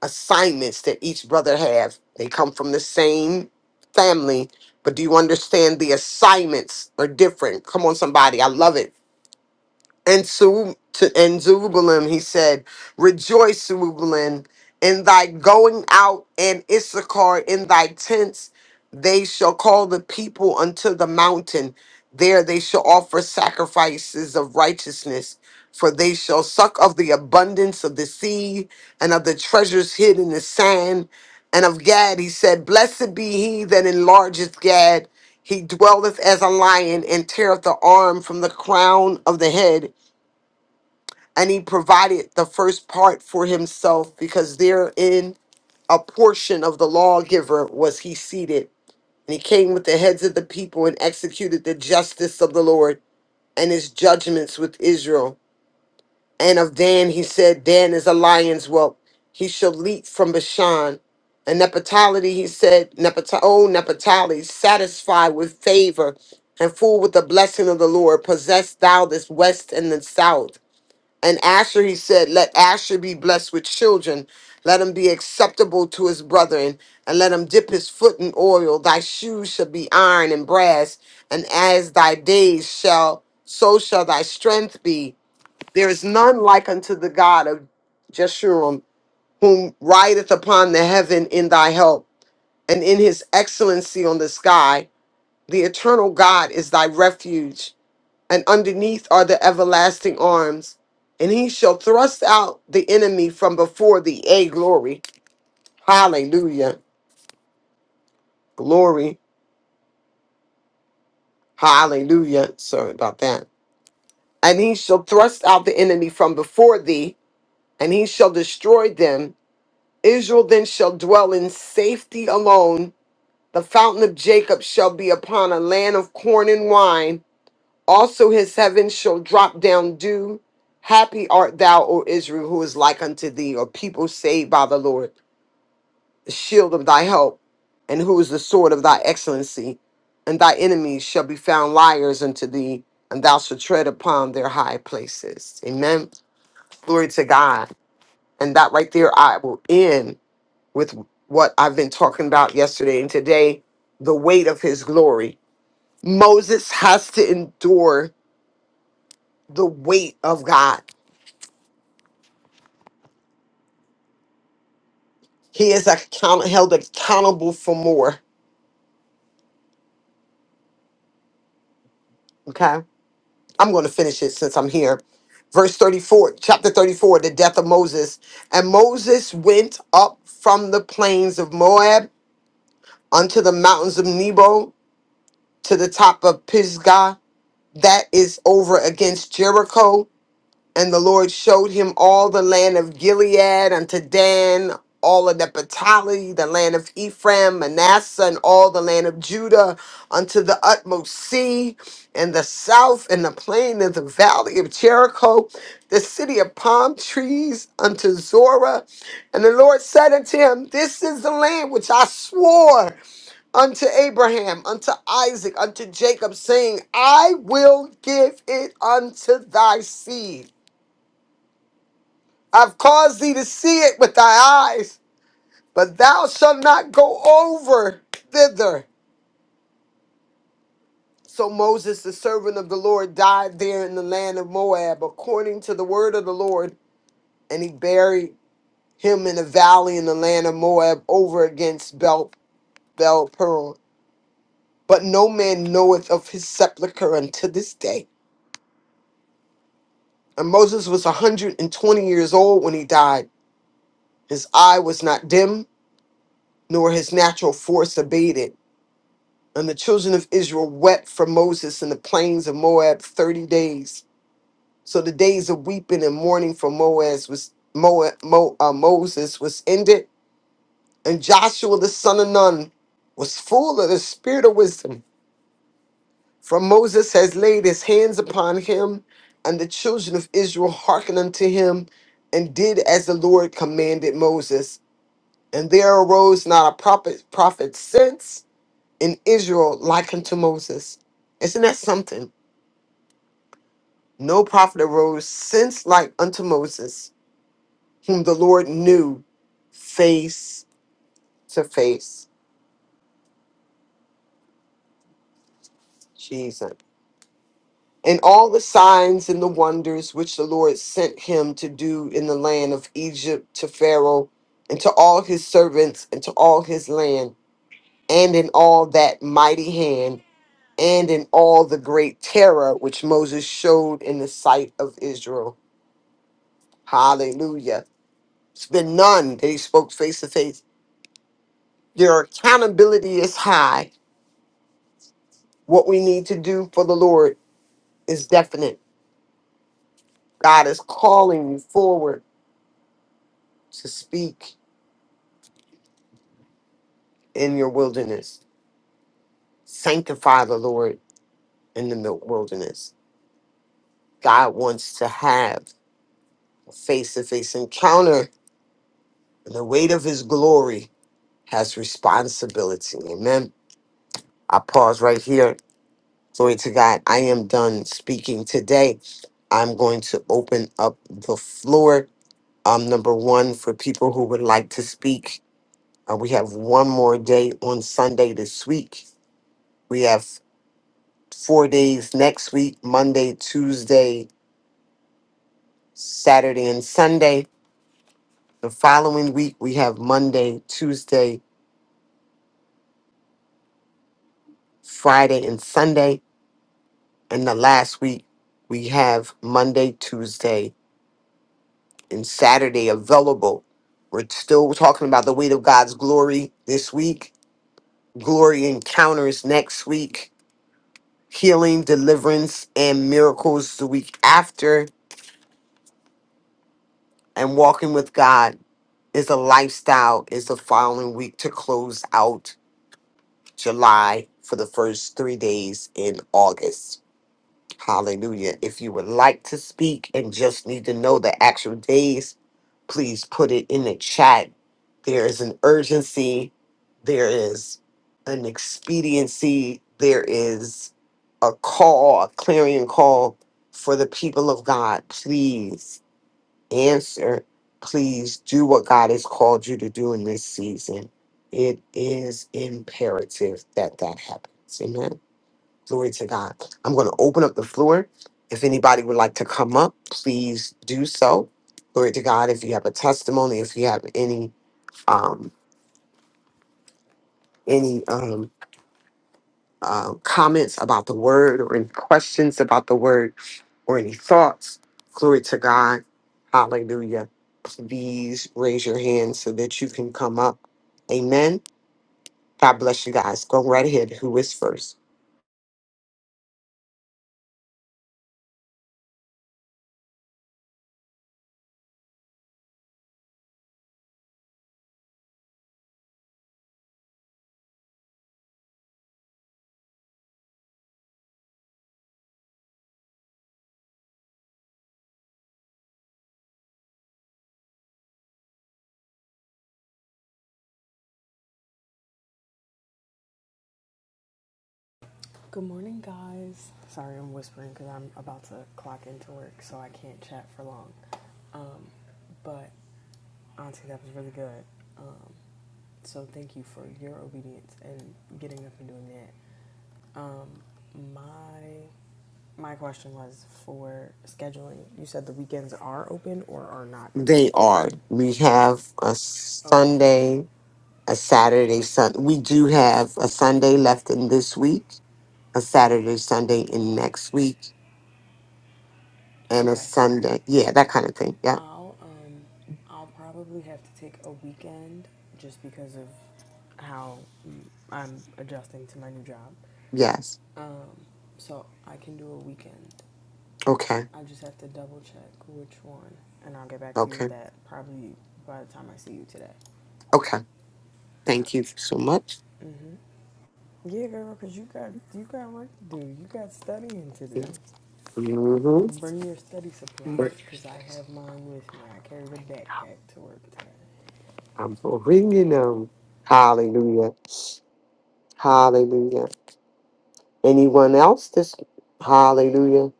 Speaker 2: assignments that each brother have. They come from the same family, but do you understand the assignments are different? Come on, somebody. I love it and Zeru- to and Zerubbabel, he said, Rejoice, Zerubbabel, in thy going out, and Issachar in thy tents. They shall call the people unto the mountain. There they shall offer sacrifices of righteousness, for they shall suck of the abundance of the sea and of the treasures hid in the sand. And of Gad, he said, Blessed be he that enlargeth Gad. He dwelleth as a lion and teareth the arm from the crown of the head and he provided the first part for himself because therein a portion of the lawgiver was he seated and he came with the heads of the people and executed the justice of the lord and his judgments with israel and of dan he said dan is a lion's whelp he shall leap from bashan and nephtali he said nephtali oh nephtali satisfy with favor and full with the blessing of the lord possess thou this west and the south and Asher, he said, Let Asher be blessed with children. Let him be acceptable to his brethren, and let him dip his foot in oil. Thy shoes shall be iron and brass, and as thy days shall, so shall thy strength be. There is none like unto the God of Jeshurun, whom rideth upon the heaven in thy help, and in his excellency on the sky. The eternal God is thy refuge and underneath are the everlasting arms. And he shall thrust out the enemy from before thee. A glory. Hallelujah. Glory. Hallelujah. Sorry about that. And he shall thrust out the enemy from before thee, and he shall destroy them. Israel then shall dwell in safety alone. The fountain of Jacob shall be upon a land of corn and wine Also his heavens shall drop down dew. Happy art thou, O Israel, who is like unto thee, or people saved by the Lord, the shield of thy help, and who is the sword of thy excellency. And thy enemies shall be found liars unto thee, and thou shalt tread upon their high places. Amen. Glory to God. And that right there, I will end with what I've been talking about yesterday and today the weight of his glory. Moses has to endure the weight of God He is account- held accountable for more. Okay. I'm going to finish it since I'm here. Verse 34, chapter 34, the death of Moses. And Moses went up from the plains of Moab unto the mountains of Nebo to the top of Pisgah, that is over against Jericho And the Lord showed him all the land of Gilead unto Dan, all of the Naphtali, the land of Ephraim, Manasseh, and all the land of Judah unto the utmost sea, and the south, and the plain of the valley of Jericho, the city of palm trees unto Zorah. And the Lord said unto him, This is the land which I swore unto Abraham, unto Isaac, unto Jacob, saying, I will give it unto thy seed. I've caused thee to see it with thy eyes, but thou shalt not go over thither. So Moses, the servant of the Lord, died there in the land of Moab, according to the word of the Lord, and he buried him in a valley in the land of Moab, over against Bel Bel Peor. But no man knoweth of his sepulchre unto this day. And Moses was a hundred and twenty years old when he died. His eye was not dim, nor his natural force abated And the children of Israel wept for Moses in the plains of Moab 30 days. So the days of weeping and mourning for Moab was, Moab, Mo, uh, Moses was ended. And Joshua the son of Nun was full of the spirit of wisdom. For Moses has laid his hands upon him, and the children of Israel hearkened unto him, and did as the Lord commanded Moses. And there arose not a prophet, prophet since in Israel like unto Moses. Isn't that something? No prophet arose since like unto Moses, whom the Lord knew face to face. Jesus. And all the signs and the wonders which the Lord sent him to do in the land of Egypt to Pharaoh and to all his servants and to all his land, and in all that mighty hand, and in all the great terror which Moses showed in the sight of Israel. Hallelujah. It's been none that he spoke face to face Your accountability is high. What we need to do for the Lord is definite. God is calling you forward to speak in your wilderness. Sanctify the Lord in the mil- wilderness. God wants to have a face to face encounter, and the weight of his glory has responsibility. Amen. I pause right here. Glory to God. I am done speaking today. I'm going to open up the floor um, number one, for people who would like to speak, uh, we have one more day on Sunday this week. We have four days next week Monday, Tuesday, Saturday, and Sunday. The following week, we have Monday, Tuesday, Friday, and Sunday. And the last week, we have Monday, Tuesday, and Saturday available. We're still talking about the weight of God's glory this week, glory encounters next week healing, deliverance, and miracles the week after, and walking with God is a lifestyle is the following week to close out July for the first three days in August. Hallelujah. If you would like to speak and just need to know the actual days, please put it in the chat. There is an urgency, there is an expediency, there is a call, a clarion call for the people of God. Please answer. Please do what God has called you to do in this season. It is imperative that that happens. Amen. Glory to God. I'm going to open up the floor. If anybody would like to come up, please do so. Glory to God. If you have a testimony, if you have any um, any um, uh, comments about the word, or any questions about the word, or any thoughts, glory to God. Hallelujah. Please raise your hand so that you can come up. Amen. God bless you guys. Go right ahead. Who is first?
Speaker 11: Good morning, guys. Sorry I'm whispering because I'm about to clock into work, so I can't chat for long. But Auntie, that was really good. Um, so thank you for your obedience and getting up and doing that. My my question was for scheduling. You said the weekends are open or are not open.
Speaker 2: They are. We have a
Speaker 11: Okay.
Speaker 2: Sunday. a Saturday, Sun. We do have a Sunday left in this week, a Saturday, Sunday in next week, and a
Speaker 11: Okay.
Speaker 2: Sunday. Yeah, that kind of thing. Yeah.
Speaker 11: I'll um I'll probably have to take a weekend just because of how mm, I'm adjusting to my new job.
Speaker 2: Yes.
Speaker 11: Um, so I can do a weekend.
Speaker 2: Okay.
Speaker 11: I just have to double check which one, and I'll get back to you with
Speaker 2: Okay.
Speaker 11: that probably by the time I see you today.
Speaker 2: Okay.
Speaker 11: Alright.
Speaker 2: Thank you so much.
Speaker 11: Yeah, girl, cause you got you got work to do. You got studying to do.
Speaker 2: Mm-hmm.
Speaker 11: Bring your study supplies, cause I have mine with me. I carried a backpack to work today.
Speaker 2: I'm bringing them. Hallelujah. Hallelujah. Anyone else? This. Hallelujah.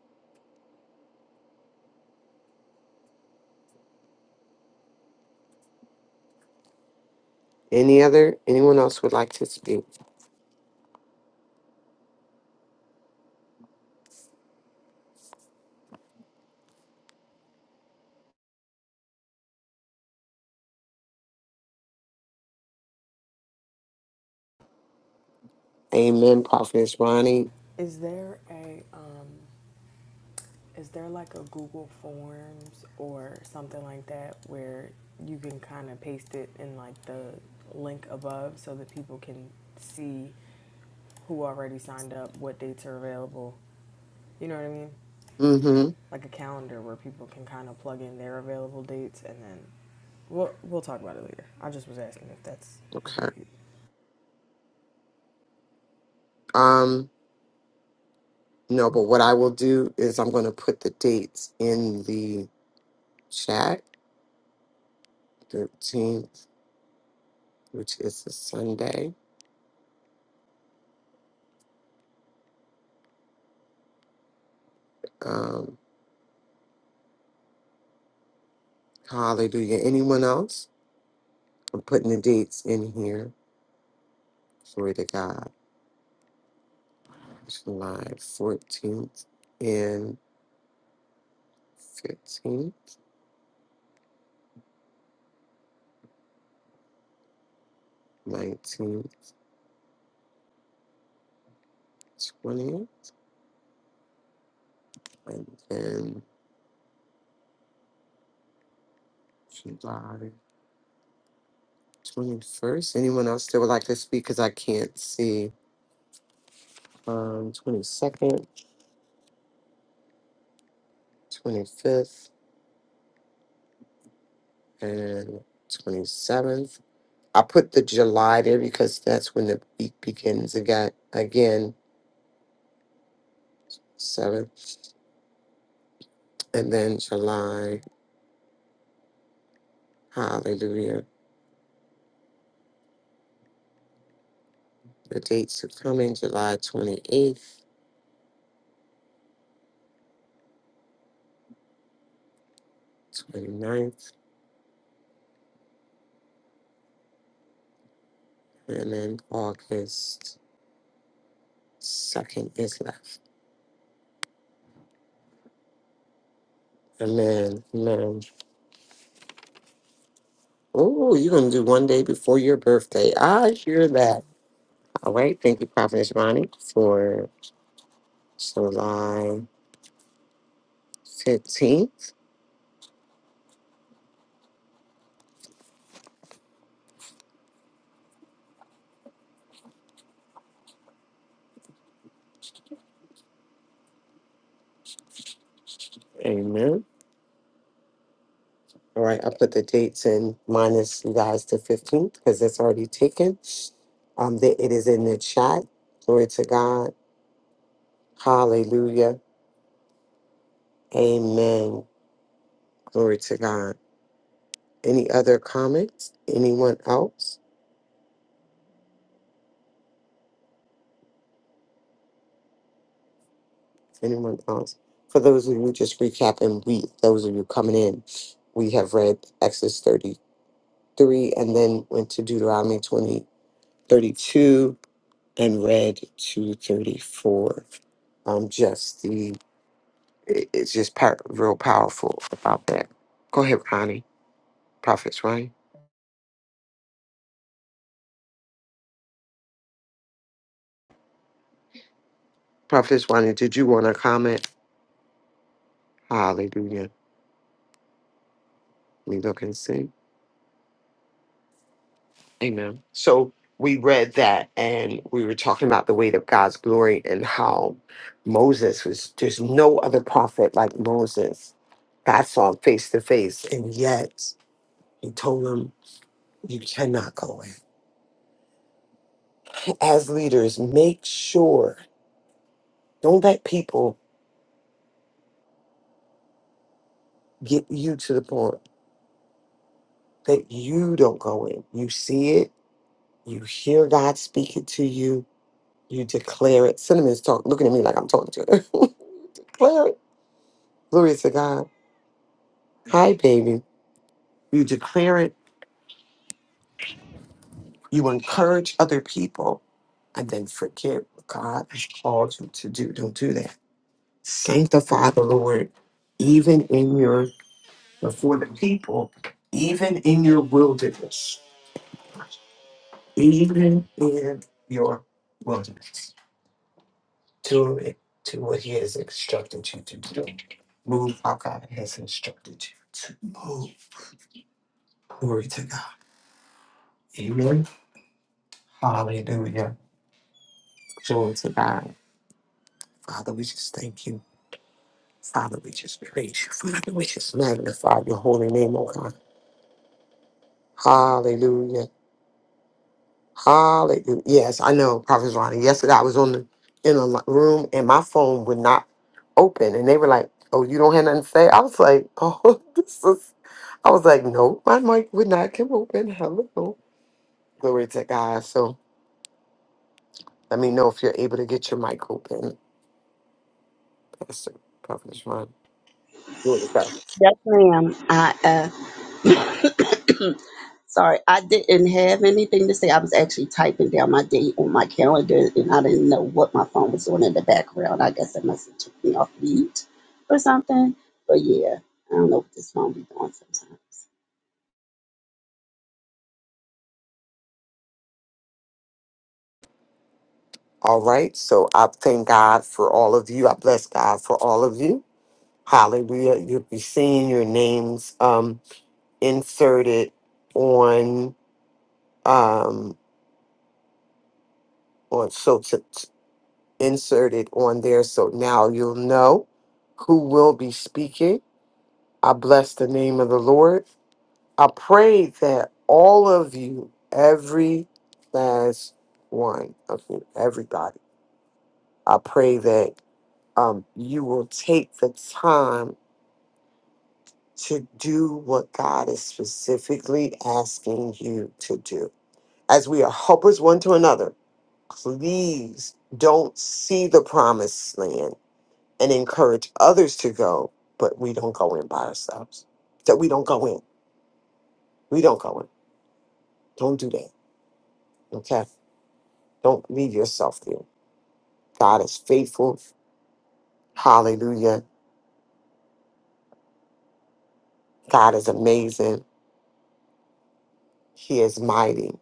Speaker 2: Any other? Anyone else would like to speak? Amen. Prophetess Ronnie.
Speaker 11: Is there a um, Is there like a Google Forms or something like that where you can kind of paste it in like the link above so that people can see who already signed up, what dates are available? You know what I mean?
Speaker 2: Mm-hmm.
Speaker 11: Like a calendar where people can kind of plug in their available dates and then we'll we'll talk about it later. I just was asking if that's if we
Speaker 2: Okay.
Speaker 11: could
Speaker 2: Um. No, but what I will do is I'm going to put the dates in the chat. 13th, which is a Sunday. Um, hallelujah. Anyone else? I'm putting the dates in here. Glory to God. July 14th and 15th, 19th, 20th, and then July 21st. Anyone else that would like to speak? Because I can't see. Um, 22nd, 25th. and 27th. I put the July there because that's when the week begins again, again, 7th, and then July, hallelujah. The dates are coming July 28th, eighth, twenty ninth, and then August 2nd is left. Amen. Amen. Oh, you're going to do one day before your birthday. I hear that. All right. Thank you, Prophet Bonnie, for July 15th. Amen. All right, I put the dates in minus you guys the 15th because that's already taken. Um, the, it is in the chat. Glory to God. Hallelujah. Amen. Glory to God. Any other comments? Anyone else? Anyone else? For those of you just recapping, we those of you coming in, we have read Exodus 33 and then went to Deuteronomy 20 32 and read 234. Um, just the It- It's just pow- real powerful about that. Go ahead, Ronnie. Prophetess Ronnie. Prophetess Ronnie, did you want to comment? Hallelujah. We look and see. Amen. So we read that and we were talking about the weight of God's glory and how Moses was, there's no other prophet like Moses. God saw him face to face, and yet he told him, You cannot go in. As leaders, make sure, don't let people get you to the point. that you don't go in. You see it, you hear God speaking to you, you declare it. Cinnamon's talking, looking at me like I'm talking to her. declare it. Glory to God. Hi, baby. You declare it, you encourage other people, and then forget what God has called you to do. Don't do that. Sanctify the Lord, even in your, before the people, even in your wilderness, even in your wilderness. to to what he has instructed you to do. Move how God has instructed you to move. Glory to God. Amen. Hallelujah. Glory to God. Father, we just thank you. Father, we just praise you. Father, we just magnify your holy name, oh God. Hallelujah. Hallelujah. Yes, I know, Prophet Ronnie. Yesterday I was on the in a li- room and my phone would not open, and they were like, "Oh, you don't have nothing to say." I was like, "Oh, this is." I was like, "No, my mic would not come open." Hello, glory to God. So let me know if you're able to get your mic open, Pastor Prophet Ronnie. Here we go.
Speaker 12: Yes, ma'am. I uh, sorry, I didn't have anything to say. I was actually typing down my date on my calendar, and I didn't know what my phone was doing in the background. I guess it must have took me off mute or something. But yeah, I don't know what this phone be doing sometimes.
Speaker 2: All right. So I thank God for all of you. I bless God for all of you. Hallelujah. You'll be seeing your names um, inserted on. um, or so to, to insert it on there. So now you'll know who will be speaking. I bless the name of the Lord. I pray that all of you, every last one of you, everybody, I pray that um, you will take the time to do what God is specifically asking you to do. As we are helpers one to another, please don't see the promised land and encourage others to go, but we don't go in by ourselves. That we don't go in. We don't go in. Don't do that. Okay. Don't leave yourself there. God is faithful. Hallelujah. God is amazing. He is mighty.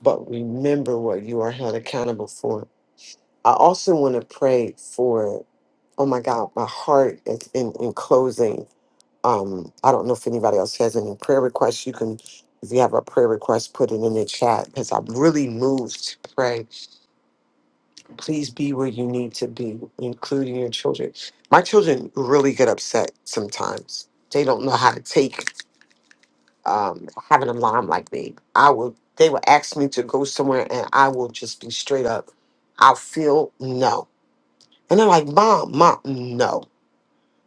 Speaker 2: But remember what you are held accountable for. I also want to pray for, oh my God, my heart is in, in closing Um, I don't know if anybody else has any prayer requests. You can, if you have a prayer request, put it in the chat because I'm really moved to pray. Please be where you need to be, including your children. My children really get upset sometimes. They don't know how to take um, having a mom like me. I will. They will ask me to go somewhere, and I will just be straight up. I'll feel no, and they're like, "Mom, mom, no."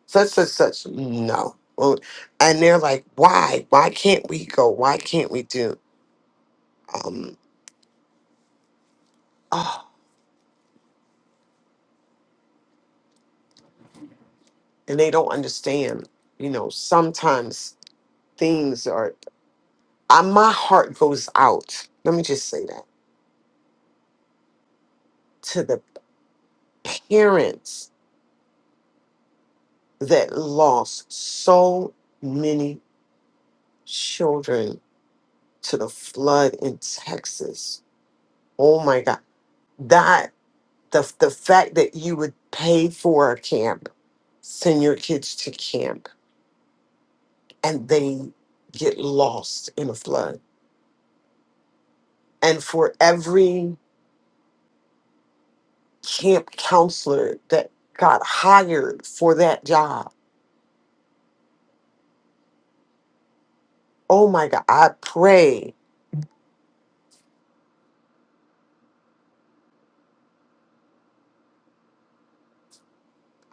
Speaker 2: such such such no Well, and they're like why why can't we go why can't we do um oh, and they don't understand you know sometimes things are I, my heart goes out let me just say that to the parents that lost so many children to the flood in texas oh my god that the, the fact that you would pay for a camp send your kids to camp and they get lost in a flood. And for every camp counselor that got hired for that job, oh my God, I pray,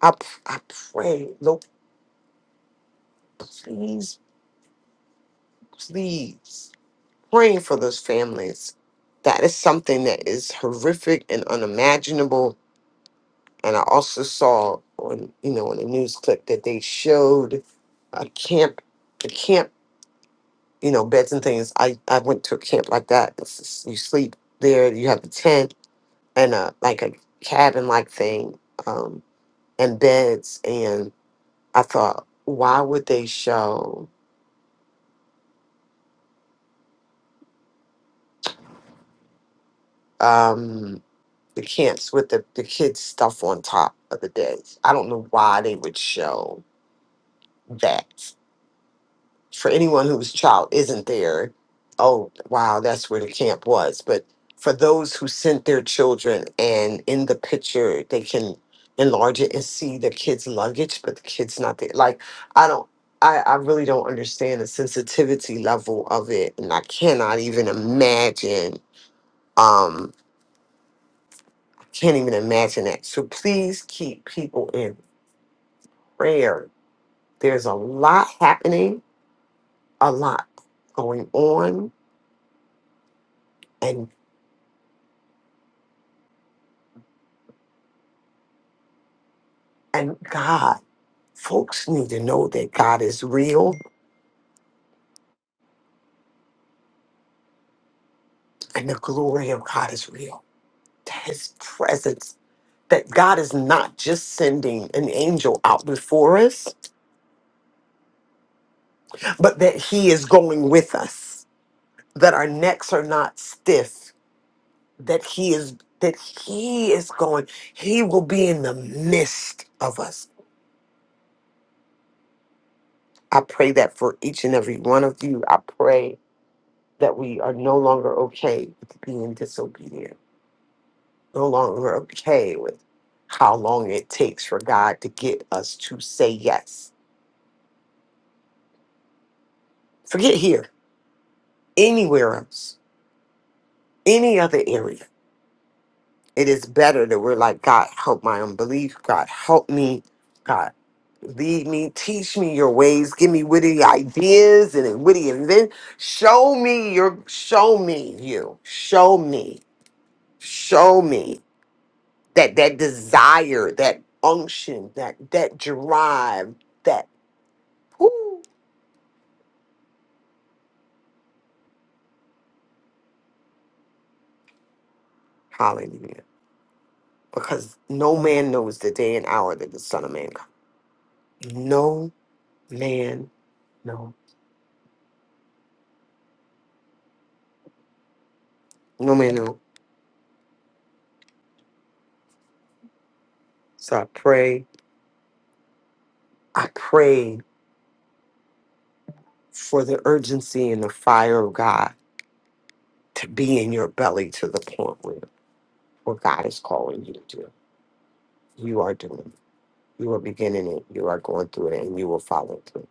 Speaker 2: I, p- I pray, Lord, please, please, praying for those families. That is something that is horrific and unimaginable. And I also saw on, you know, on a news clip that they showed a camp the camp you know, beds and things. I, I went to a camp like that. It's just- you sleep there, you have a tent and a like a cabin like thing, um, and beds and I thought, why would they show um the camps with the, the kids' stuff on top of the beds? I don't know why they would show that. for anyone whose child isn't there, oh wow, that's where the camp was. But for those who sent their children and in the picture they can enlarge it and see the kid's luggage, but the kid's not there. Like I don't I, I really don't understand the sensitivity level of it and I cannot even imagine um I can't even imagine that. So please keep people in prayer. There's a lot happening, a lot going on and. And God, folks need to know that God is real and the glory of God is real. That His presence, that God is not just sending an angel out before us, but that He is going with us, that our necks are not stiff, that He is. That he is going, he will be in the midst of us. I pray that for each and every one of you. I pray that we are no longer okay with being disobedient no longer okay with how long it takes for God to get us to say yes. Forget here, anywhere else, any other area. It is better that we're like, God, help my unbelief. God, help me. God, lead me, teach me your ways, give me witty ideas and witty invent. Show me your, show me you, show me, show me that that desire, that unction, that that drive, that. Woo. Hallelujah. Because no man knows the day and hour that the Son of Man comes. No man know. No man know. So I pray. I pray for the urgency and the fire of God to be in your belly to the point where what God is calling you to do. You are doing it. You are beginning it. You are going through it and you will follow through.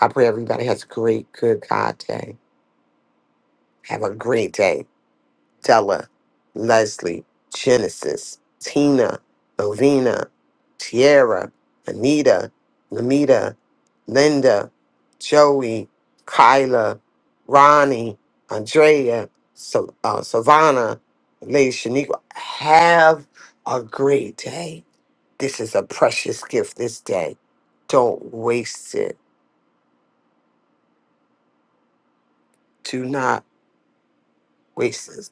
Speaker 2: I pray everybody has a great, good God day. Have a great day. Stella, Leslie, Genesis, Tina, Melvina, Tierra, Anita, Lamita, Linda, Joey, Kyla, Ronnie, Andrea, so, uh, Savannah, Lady Shaniqua. Have a great day. This is a precious gift this day. Don't waste it. Do not waste it.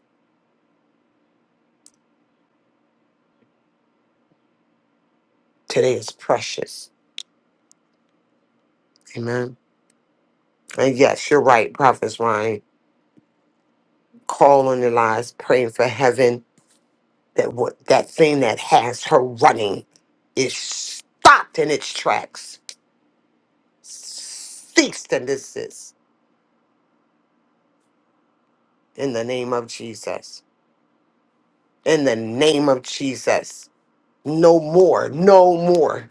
Speaker 2: Today is precious. Amen. And yes, you're right, Prophet Ryan call on the lives, praying for heaven that what that thing that has her running is stopped in its tracks, ceased and desist in the name of Jesus. In the name of Jesus, no more, no more,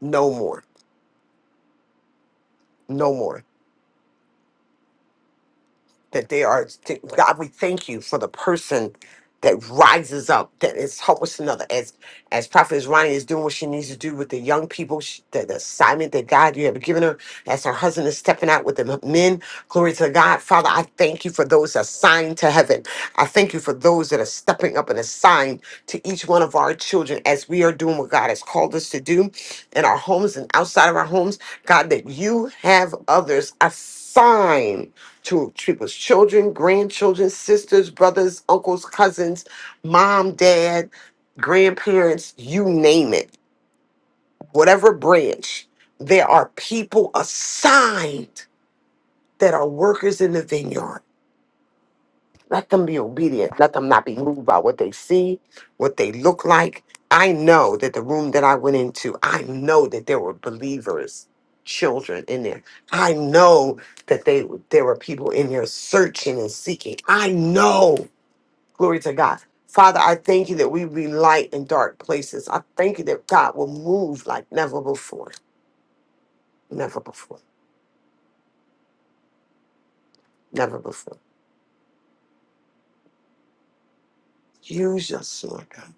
Speaker 2: no more, no more. that they are God, we thank you for the person that rises up, that is helping another. As as Prophet Ronnie is doing what she needs to do with the young people, she, the, the assignment that God you have given her, as her husband is stepping out with the men. Glory to God, Father. I thank you for those assigned to heaven. I thank you for those that are stepping up and assigned to each one of our children as we are doing what God has called us to do in our homes and outside of our homes. God, that you have others assigned to people's children, grandchildren, sisters, brothers, uncles, cousins, mom, dad, grandparents, you name it, whatever branch, there are people assigned that are workers in the vineyard. Let them be obedient. Let them not be moved by what they see, what they look like. I know that the room that I went into, I know that there were believers, children in there. I know that they there were people in there searching and seeking. I know. Glory to God. Father, I thank you that we be light in dark places. I thank you that God will move like never before. Never before. Never before. Use us, Lord God.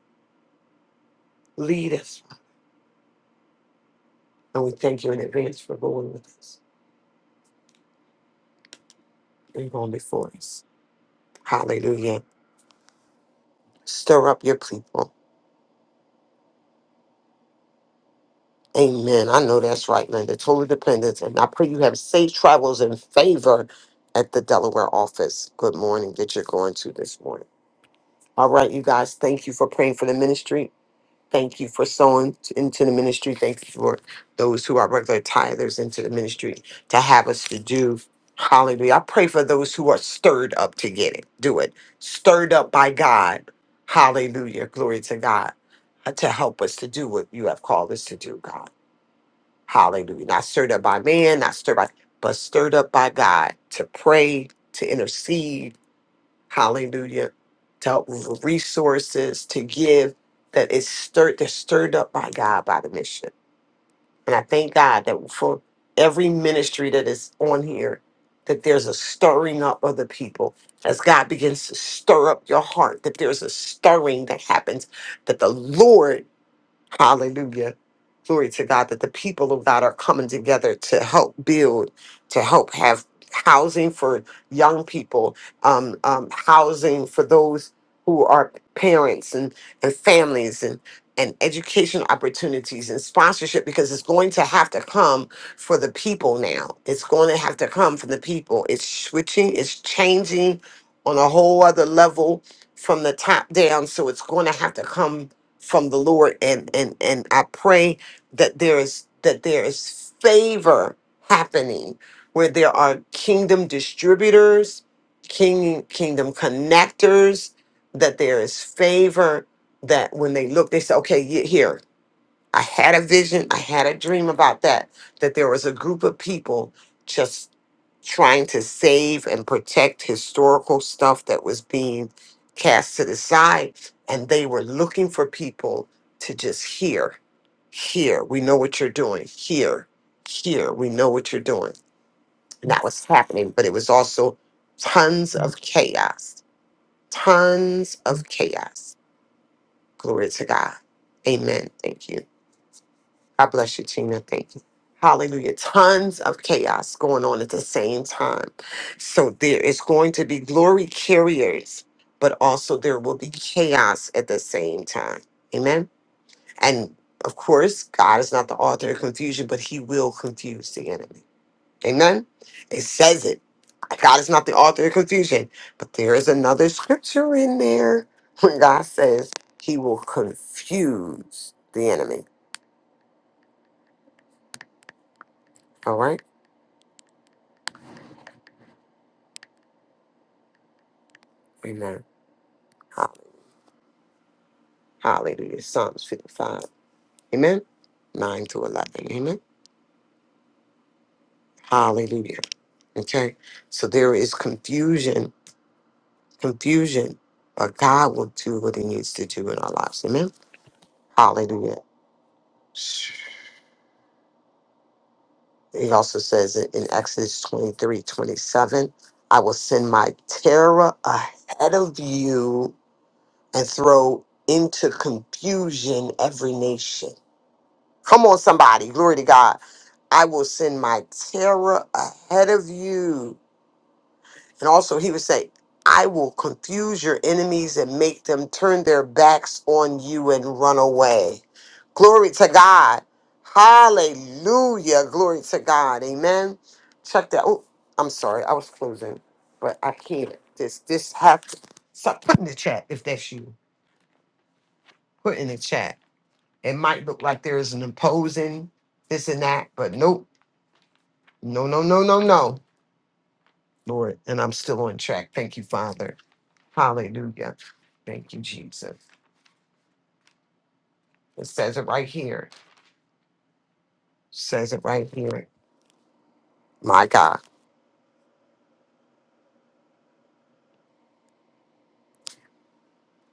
Speaker 2: Lead us. And we thank you in advance for going with us. We're going before us. Hallelujah. Stir up your people. Amen. I know that's right, Linda. Total dependence. And I pray you have safe travels and favor at the Delaware office. Good morning that you're going to this morning. All right, you guys, thank you for praying for the ministry. Thank you for sowing t- into the ministry. Thank you for those who are regular tithers into the ministry to have us to do. Hallelujah. I pray for those who are stirred up to get it. Do it. Stirred up by God. Hallelujah. Glory to God. uh, To help us to do what you have called us to do, God. Hallelujah. Not stirred up by man, not stirred by, but stirred up by God to pray, to intercede, hallelujah, to resources to give that is stirred that's stirred up by God by the mission. And I thank God that for every ministry that is on here, that there's a stirring up of the people. As God begins to stir up your heart, that there's a stirring that happens, that the Lord Hallelujah. Glory to God that the people of God are coming together to help build, to help have housing for young people, um, um, housing for those who are parents and, and families and and education opportunities and sponsorship because it's going to have to come for the people now. It's going to have to come from the people. It's switching, it's changing on a whole other level from the top down. So it's going to have to come from the Lord and and and I pray that there is that there is favor happening where there are kingdom distributors, king kingdom connectors, that there is favor that when they look, they say, okay, ye- here, I had a vision, I had a dream about that, that there was a group of people just trying to save and protect historical stuff that was being cast to the side. And they were looking for people to just hear, hear, we know what you're doing, hear, hear, we know what you're doing. And that was happening, but it was also tons of chaos, tons of chaos. Glory to God. Amen. Thank you. God bless you, Tina. Thank you. Hallelujah. Tons of chaos going on at the same time. So there is going to be glory carriers, but also there will be chaos at the same time. Amen. And of course, God is not the author of confusion, but he will confuse the enemy. Amen. It says it. God is not the author of confusion, but there is another scripture in there when God says he will confuse the enemy. All right. Amen. Hallelujah. Psalms 55. Amen. 9 to 11. Amen. Hallelujah. Okay. So there is confusion, confusion, but God will do what he needs to do in our lives. Amen. Hallelujah. He also says it in Exodus 23, 27. I will send my terror ahead of you and throw into confusion every nation. Come on, somebody. Glory to God. I will send my terror ahead of you. And also, he would say, I will confuse your enemies and make them turn their backs on you and run away. Glory to God. Hallelujah. Glory to God. Amen. Check that. Oh, I'm sorry. I was closing, but I can't. This, this have to stop. Put in the chat if that's you. Put in the chat. It might look like there is an imposing this and that, but nope. No, no, no, no, no, Lord. And I'm still on track. Thank you, Father. Hallelujah. Thank you, Jesus. It says it right here. Says it right here. My God.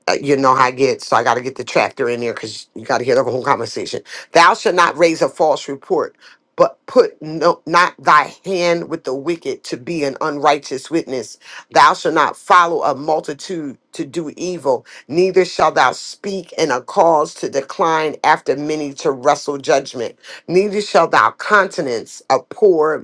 Speaker 2: uh, you know how I get, so I got to get the chapter in there because you got to hear the whole conversation. Thou shalt not raise a false report, but put no, not thy hand with the wicked to be an unrighteous witness. Thou shalt not follow a multitude to do evil, neither shalt thou speak in a cause to decline after many to wrestle judgment. Neither shalt thou countenance a poor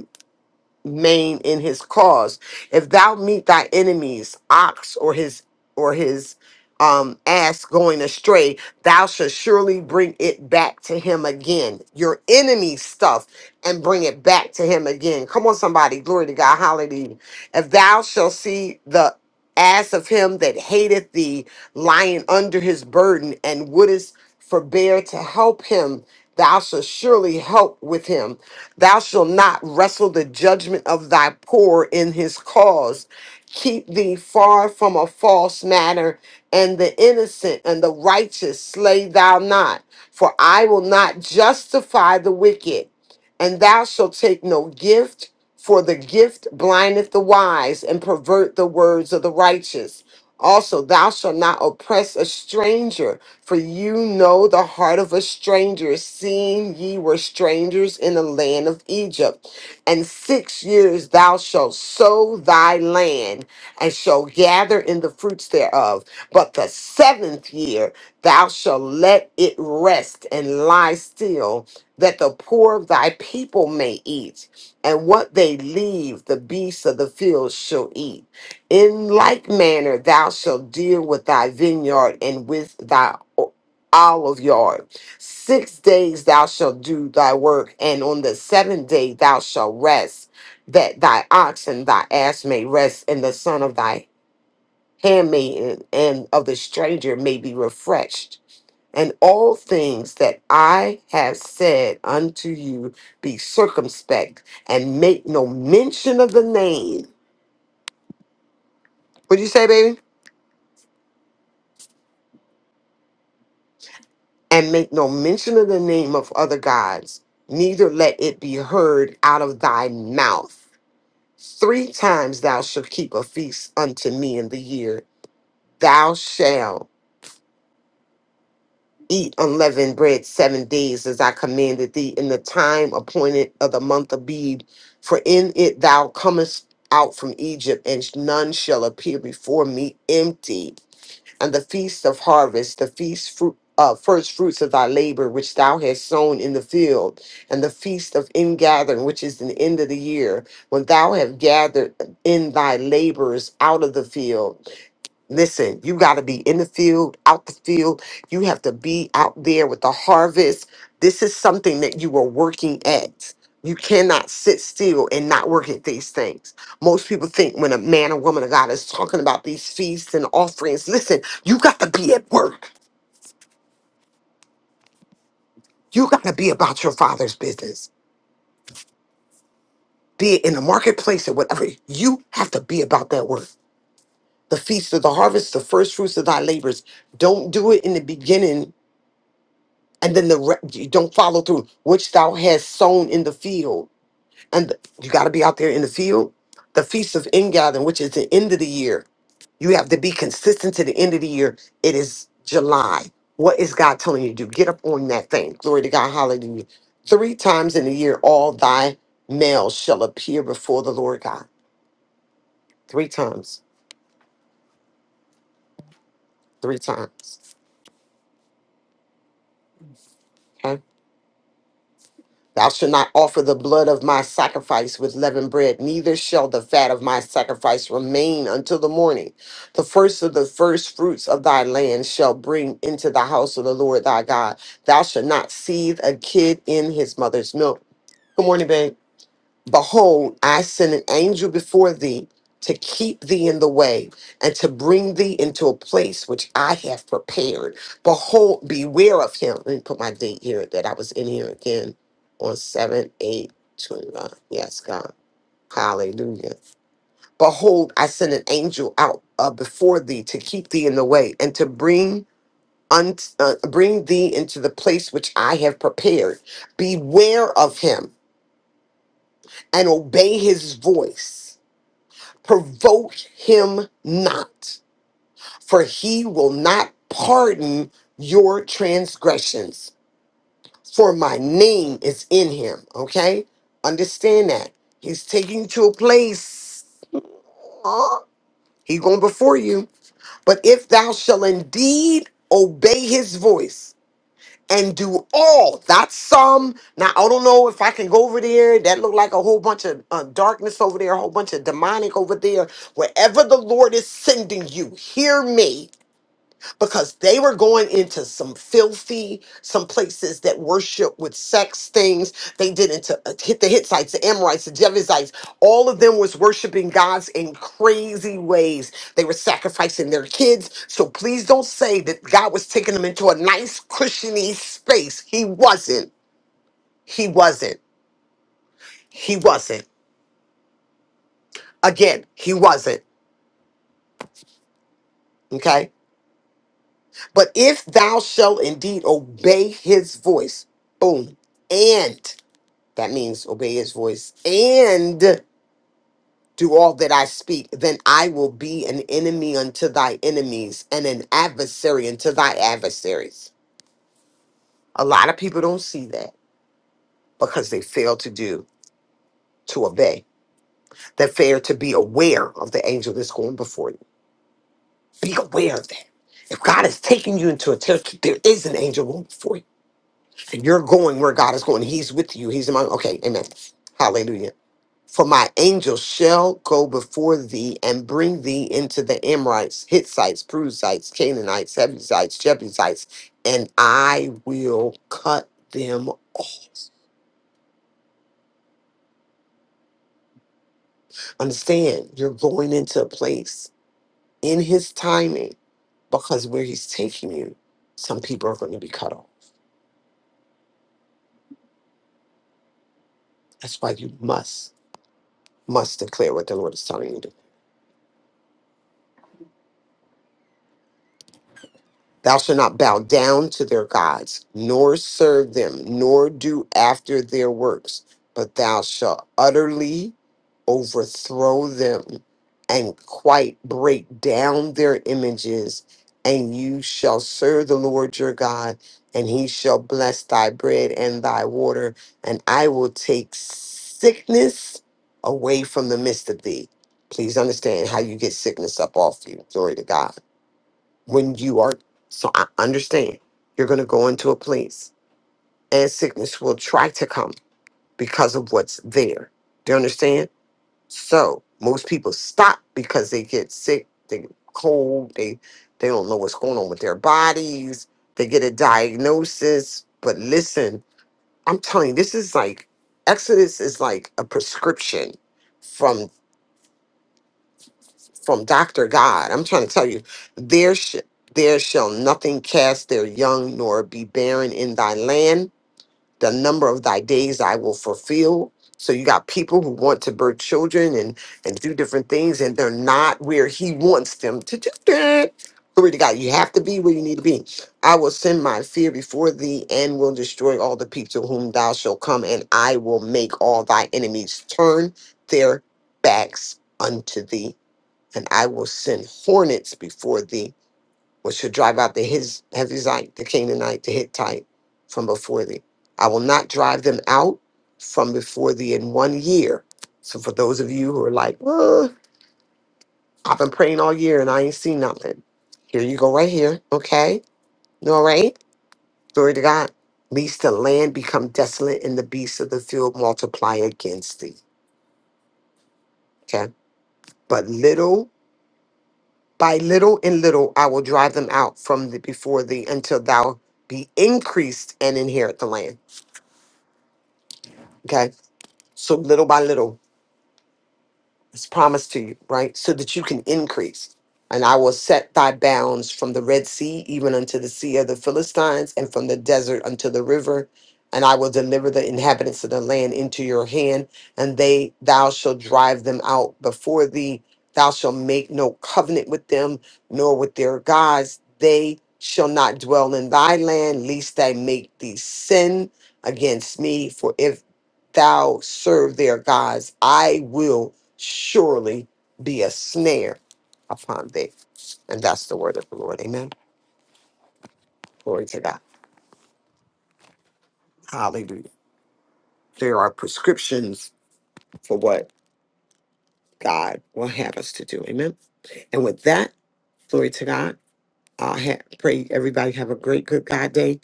Speaker 2: main in his cause. If thou meet thy enemy's ox or his or his um ass going astray, thou shalt surely bring it back to him again. Your enemy stuff and bring it back to him again. Come on, somebody, glory to God, hallelujah. If thou shalt see the ass of him that hateth thee lying under his burden and wouldest forbear to help him thou shalt surely help with him thou shalt not wrestle the judgment of thy poor in his cause keep thee far from a false matter and the innocent and the righteous slay thou not for i will not justify the wicked and thou shalt take no gift, for the gift blindeth the wise and pervert the words of the righteous. Also, thou shalt not oppress a stranger, for you know the heart of a stranger, seeing ye were strangers in the land of Egypt. And six years thou shalt sow thy land, and shalt gather in the fruits thereof. But the seventh year thou shalt let it rest and lie still that the poor of thy people may eat, and what they leave, the beasts of the field shall eat. In like manner, thou shalt deal with thy vineyard and with thy o- olive yard. Six days thou shalt do thy work, and on the seventh day thou shalt rest, that thy ox and thy ass may rest, and the son of thy handmaiden and of the stranger may be refreshed. And all things that I have said unto you, be circumspect and make no mention of the name. What do you say, baby? And make no mention of the name of other gods, neither let it be heard out of thy mouth. Three times thou shalt keep a feast unto me in the year. Thou shalt. eat unleavened bread seven days as I commanded thee in the time appointed of the month of Abib, For in it thou comest out from Egypt, and none shall appear before me empty. And the feast of harvest, the feast fruit. Uh, first fruits of thy labor which thou hast sown in the field, and the feast of ingathering, which is the end of the year, when thou have gathered in thy laborers out of the field, Listen, you got to be in the field, out the field. You have to be out there with the harvest. This is something that you are working at. You cannot sit still and not work at these things. Most people think when a man or woman of God is talking about these feasts and offerings, listen, you got to be at work. You got to be about your father's business, be it in the marketplace or whatever. You have to be about that work. The feast of the harvest, the first fruits of thy labors. Don't do it in the beginning and then the re- you don't follow through, which thou hast sown in the field. And th- you got to be out there in the field. The feast of ingathering, which is the end of the year, you have to be consistent to the end of the year. It is July. What is God telling you to do? Get up on that thing. Glory to God. Hallelujah. Three times in the year, all thy males shall appear before the Lord God. Three times. Three times. Okay. Thou shalt not offer the blood of my sacrifice with leavened bread, neither shall the fat of my sacrifice remain until the morning. The first of the first fruits of thy land shall bring into the house of the Lord thy God. Thou shalt not seethe a kid in his mother's milk. Good morning, babe. Behold, I send an angel before thee to keep thee in the way and to bring thee into a place which I have prepared. Behold, beware of him. Let me put my date here that I was in here again on 7 8 twenty-nine. Yes, God. Hallelujah. Behold, I send an angel out uh, before thee to keep thee in the way and to bring. unt uh, bring thee into the place which I have prepared. Beware of him and obey his voice provoke him not, for he will not pardon your transgressions, for my name is in him. Okay? Understand that. He's taking you to a place. Uh, He going before you. But if thou shall indeed obey his voice, and do all that's some now i don't know if i can go over there that look like a whole bunch of uh, darkness over there a whole bunch of demonic over there wherever the lord is sending you hear me because they were going into some filthy, some places that worship with sex things. They did into uh, hit the Hittites, the Amorites, the Jebusites. All of them was worshiping gods in crazy ways. They were sacrificing their kids. So please don't say that God was taking them into a nice cushiony space. He wasn't. He wasn't. He wasn't. Again, he wasn't. Okay. But if thou shalt indeed obey his voice, boom, and That means obey his voice and do all that I speak. Then I will be an enemy unto thy enemies and an adversary unto thy adversaries. A lot of people don't see that because they fail to do, to obey. They fail to be aware of the angel that's going before you. Be aware of that. If God is taking you into a territory, there is an angel going before you. You're going where God is going. He's with you. He's among. Okay, amen. Hallelujah. For my angels shall go before thee and bring thee into the Amorites, Hittites, Perizzites, Canaanites, Hebrizites, Jebusites, and I will cut them off. Understand, you're going into a place in his timing because where he's taking you, some people are going to be cut off. That's why you must, must declare what the Lord is telling you to Thou shalt not bow down to their gods, nor serve them, nor do after their works, but thou shalt utterly overthrow them and quite break down their images. And you shall serve the Lord your God, and he shall bless thy bread and thy water, and I will take sickness away from the midst of thee. Please understand how you get sickness up off you. Glory to God when you are so i understand you're going to go into a place and sickness will try to come because of what's there do you understand so most people stop because they get sick they get cold they they don't know what's going on with their bodies they get a diagnosis but listen i'm telling you this is like exodus is like a prescription from Dr. God. I'm trying to tell you, there, sh- there shall nothing cast their young nor be barren in thy land. The number of thy days I will fulfill. So you got people who want to birth children and and do different things, and they're not where he wants them to do that. Glory to God. You have to be where you need to be. I will send my fear before thee and will destroy all the people whom thou shalt come, and I will make all thy enemies turn their backs unto thee and I will send hornets before thee, which shall drive out the his Hevizite, the Canaanite, the Hittite from before thee. I will not drive them out from before thee in one year. So for those of you who are like, "Well, I've been praying all year and I ain't seen nothing. Here you go right here. Okay. No, All right. Glory to God. Least the land become desolate and the beasts of the field multiply against thee. Okay. But little By little and little I will drive them out from the, before thee until thou be increased and inherit the land. Okay. So little by little. Is promised to you, right? So that you can increase. And I will set thy bounds from the Red Sea, even unto the sea of the Philistines, and from the desert unto the river. And I will deliver the inhabitants of the land into your hand, and they thou shalt drive them out before thee. Thou shalt make no covenant with them, nor with their gods. They shall not dwell in thy land, lest they make thee sin against me. For if thou serve their gods, I will surely be a snare upon thee. And that's the word of the Lord. Amen. Glory to God. Hallelujah. There are prescriptions for what God will have us to do. Amen. And with that, glory to God. I ha- pray everybody have a great, good God day.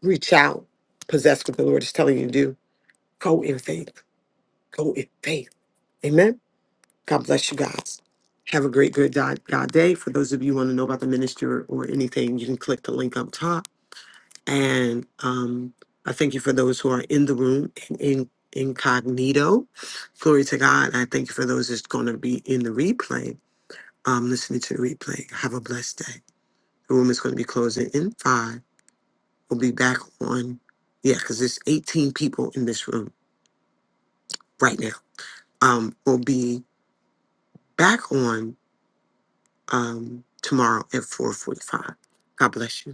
Speaker 2: Reach out, possess what the Lord is telling you to do. Go in faith. Go in faith. Amen. God bless you guys. Have a great, good God God day. For those of you who want to know about the ministry or, or anything, you can click the link up top And um, I thank you for those who are in the room in, in incognito. Glory to God. And I thank you for those that's going to be in the replay, um, listening to the replay. Have a blessed day. The room is going to be closing in five. We'll be back on, yeah, because there's 18 people in this room right now. Um, we'll be back on um, tomorrow at 4:45. God bless you.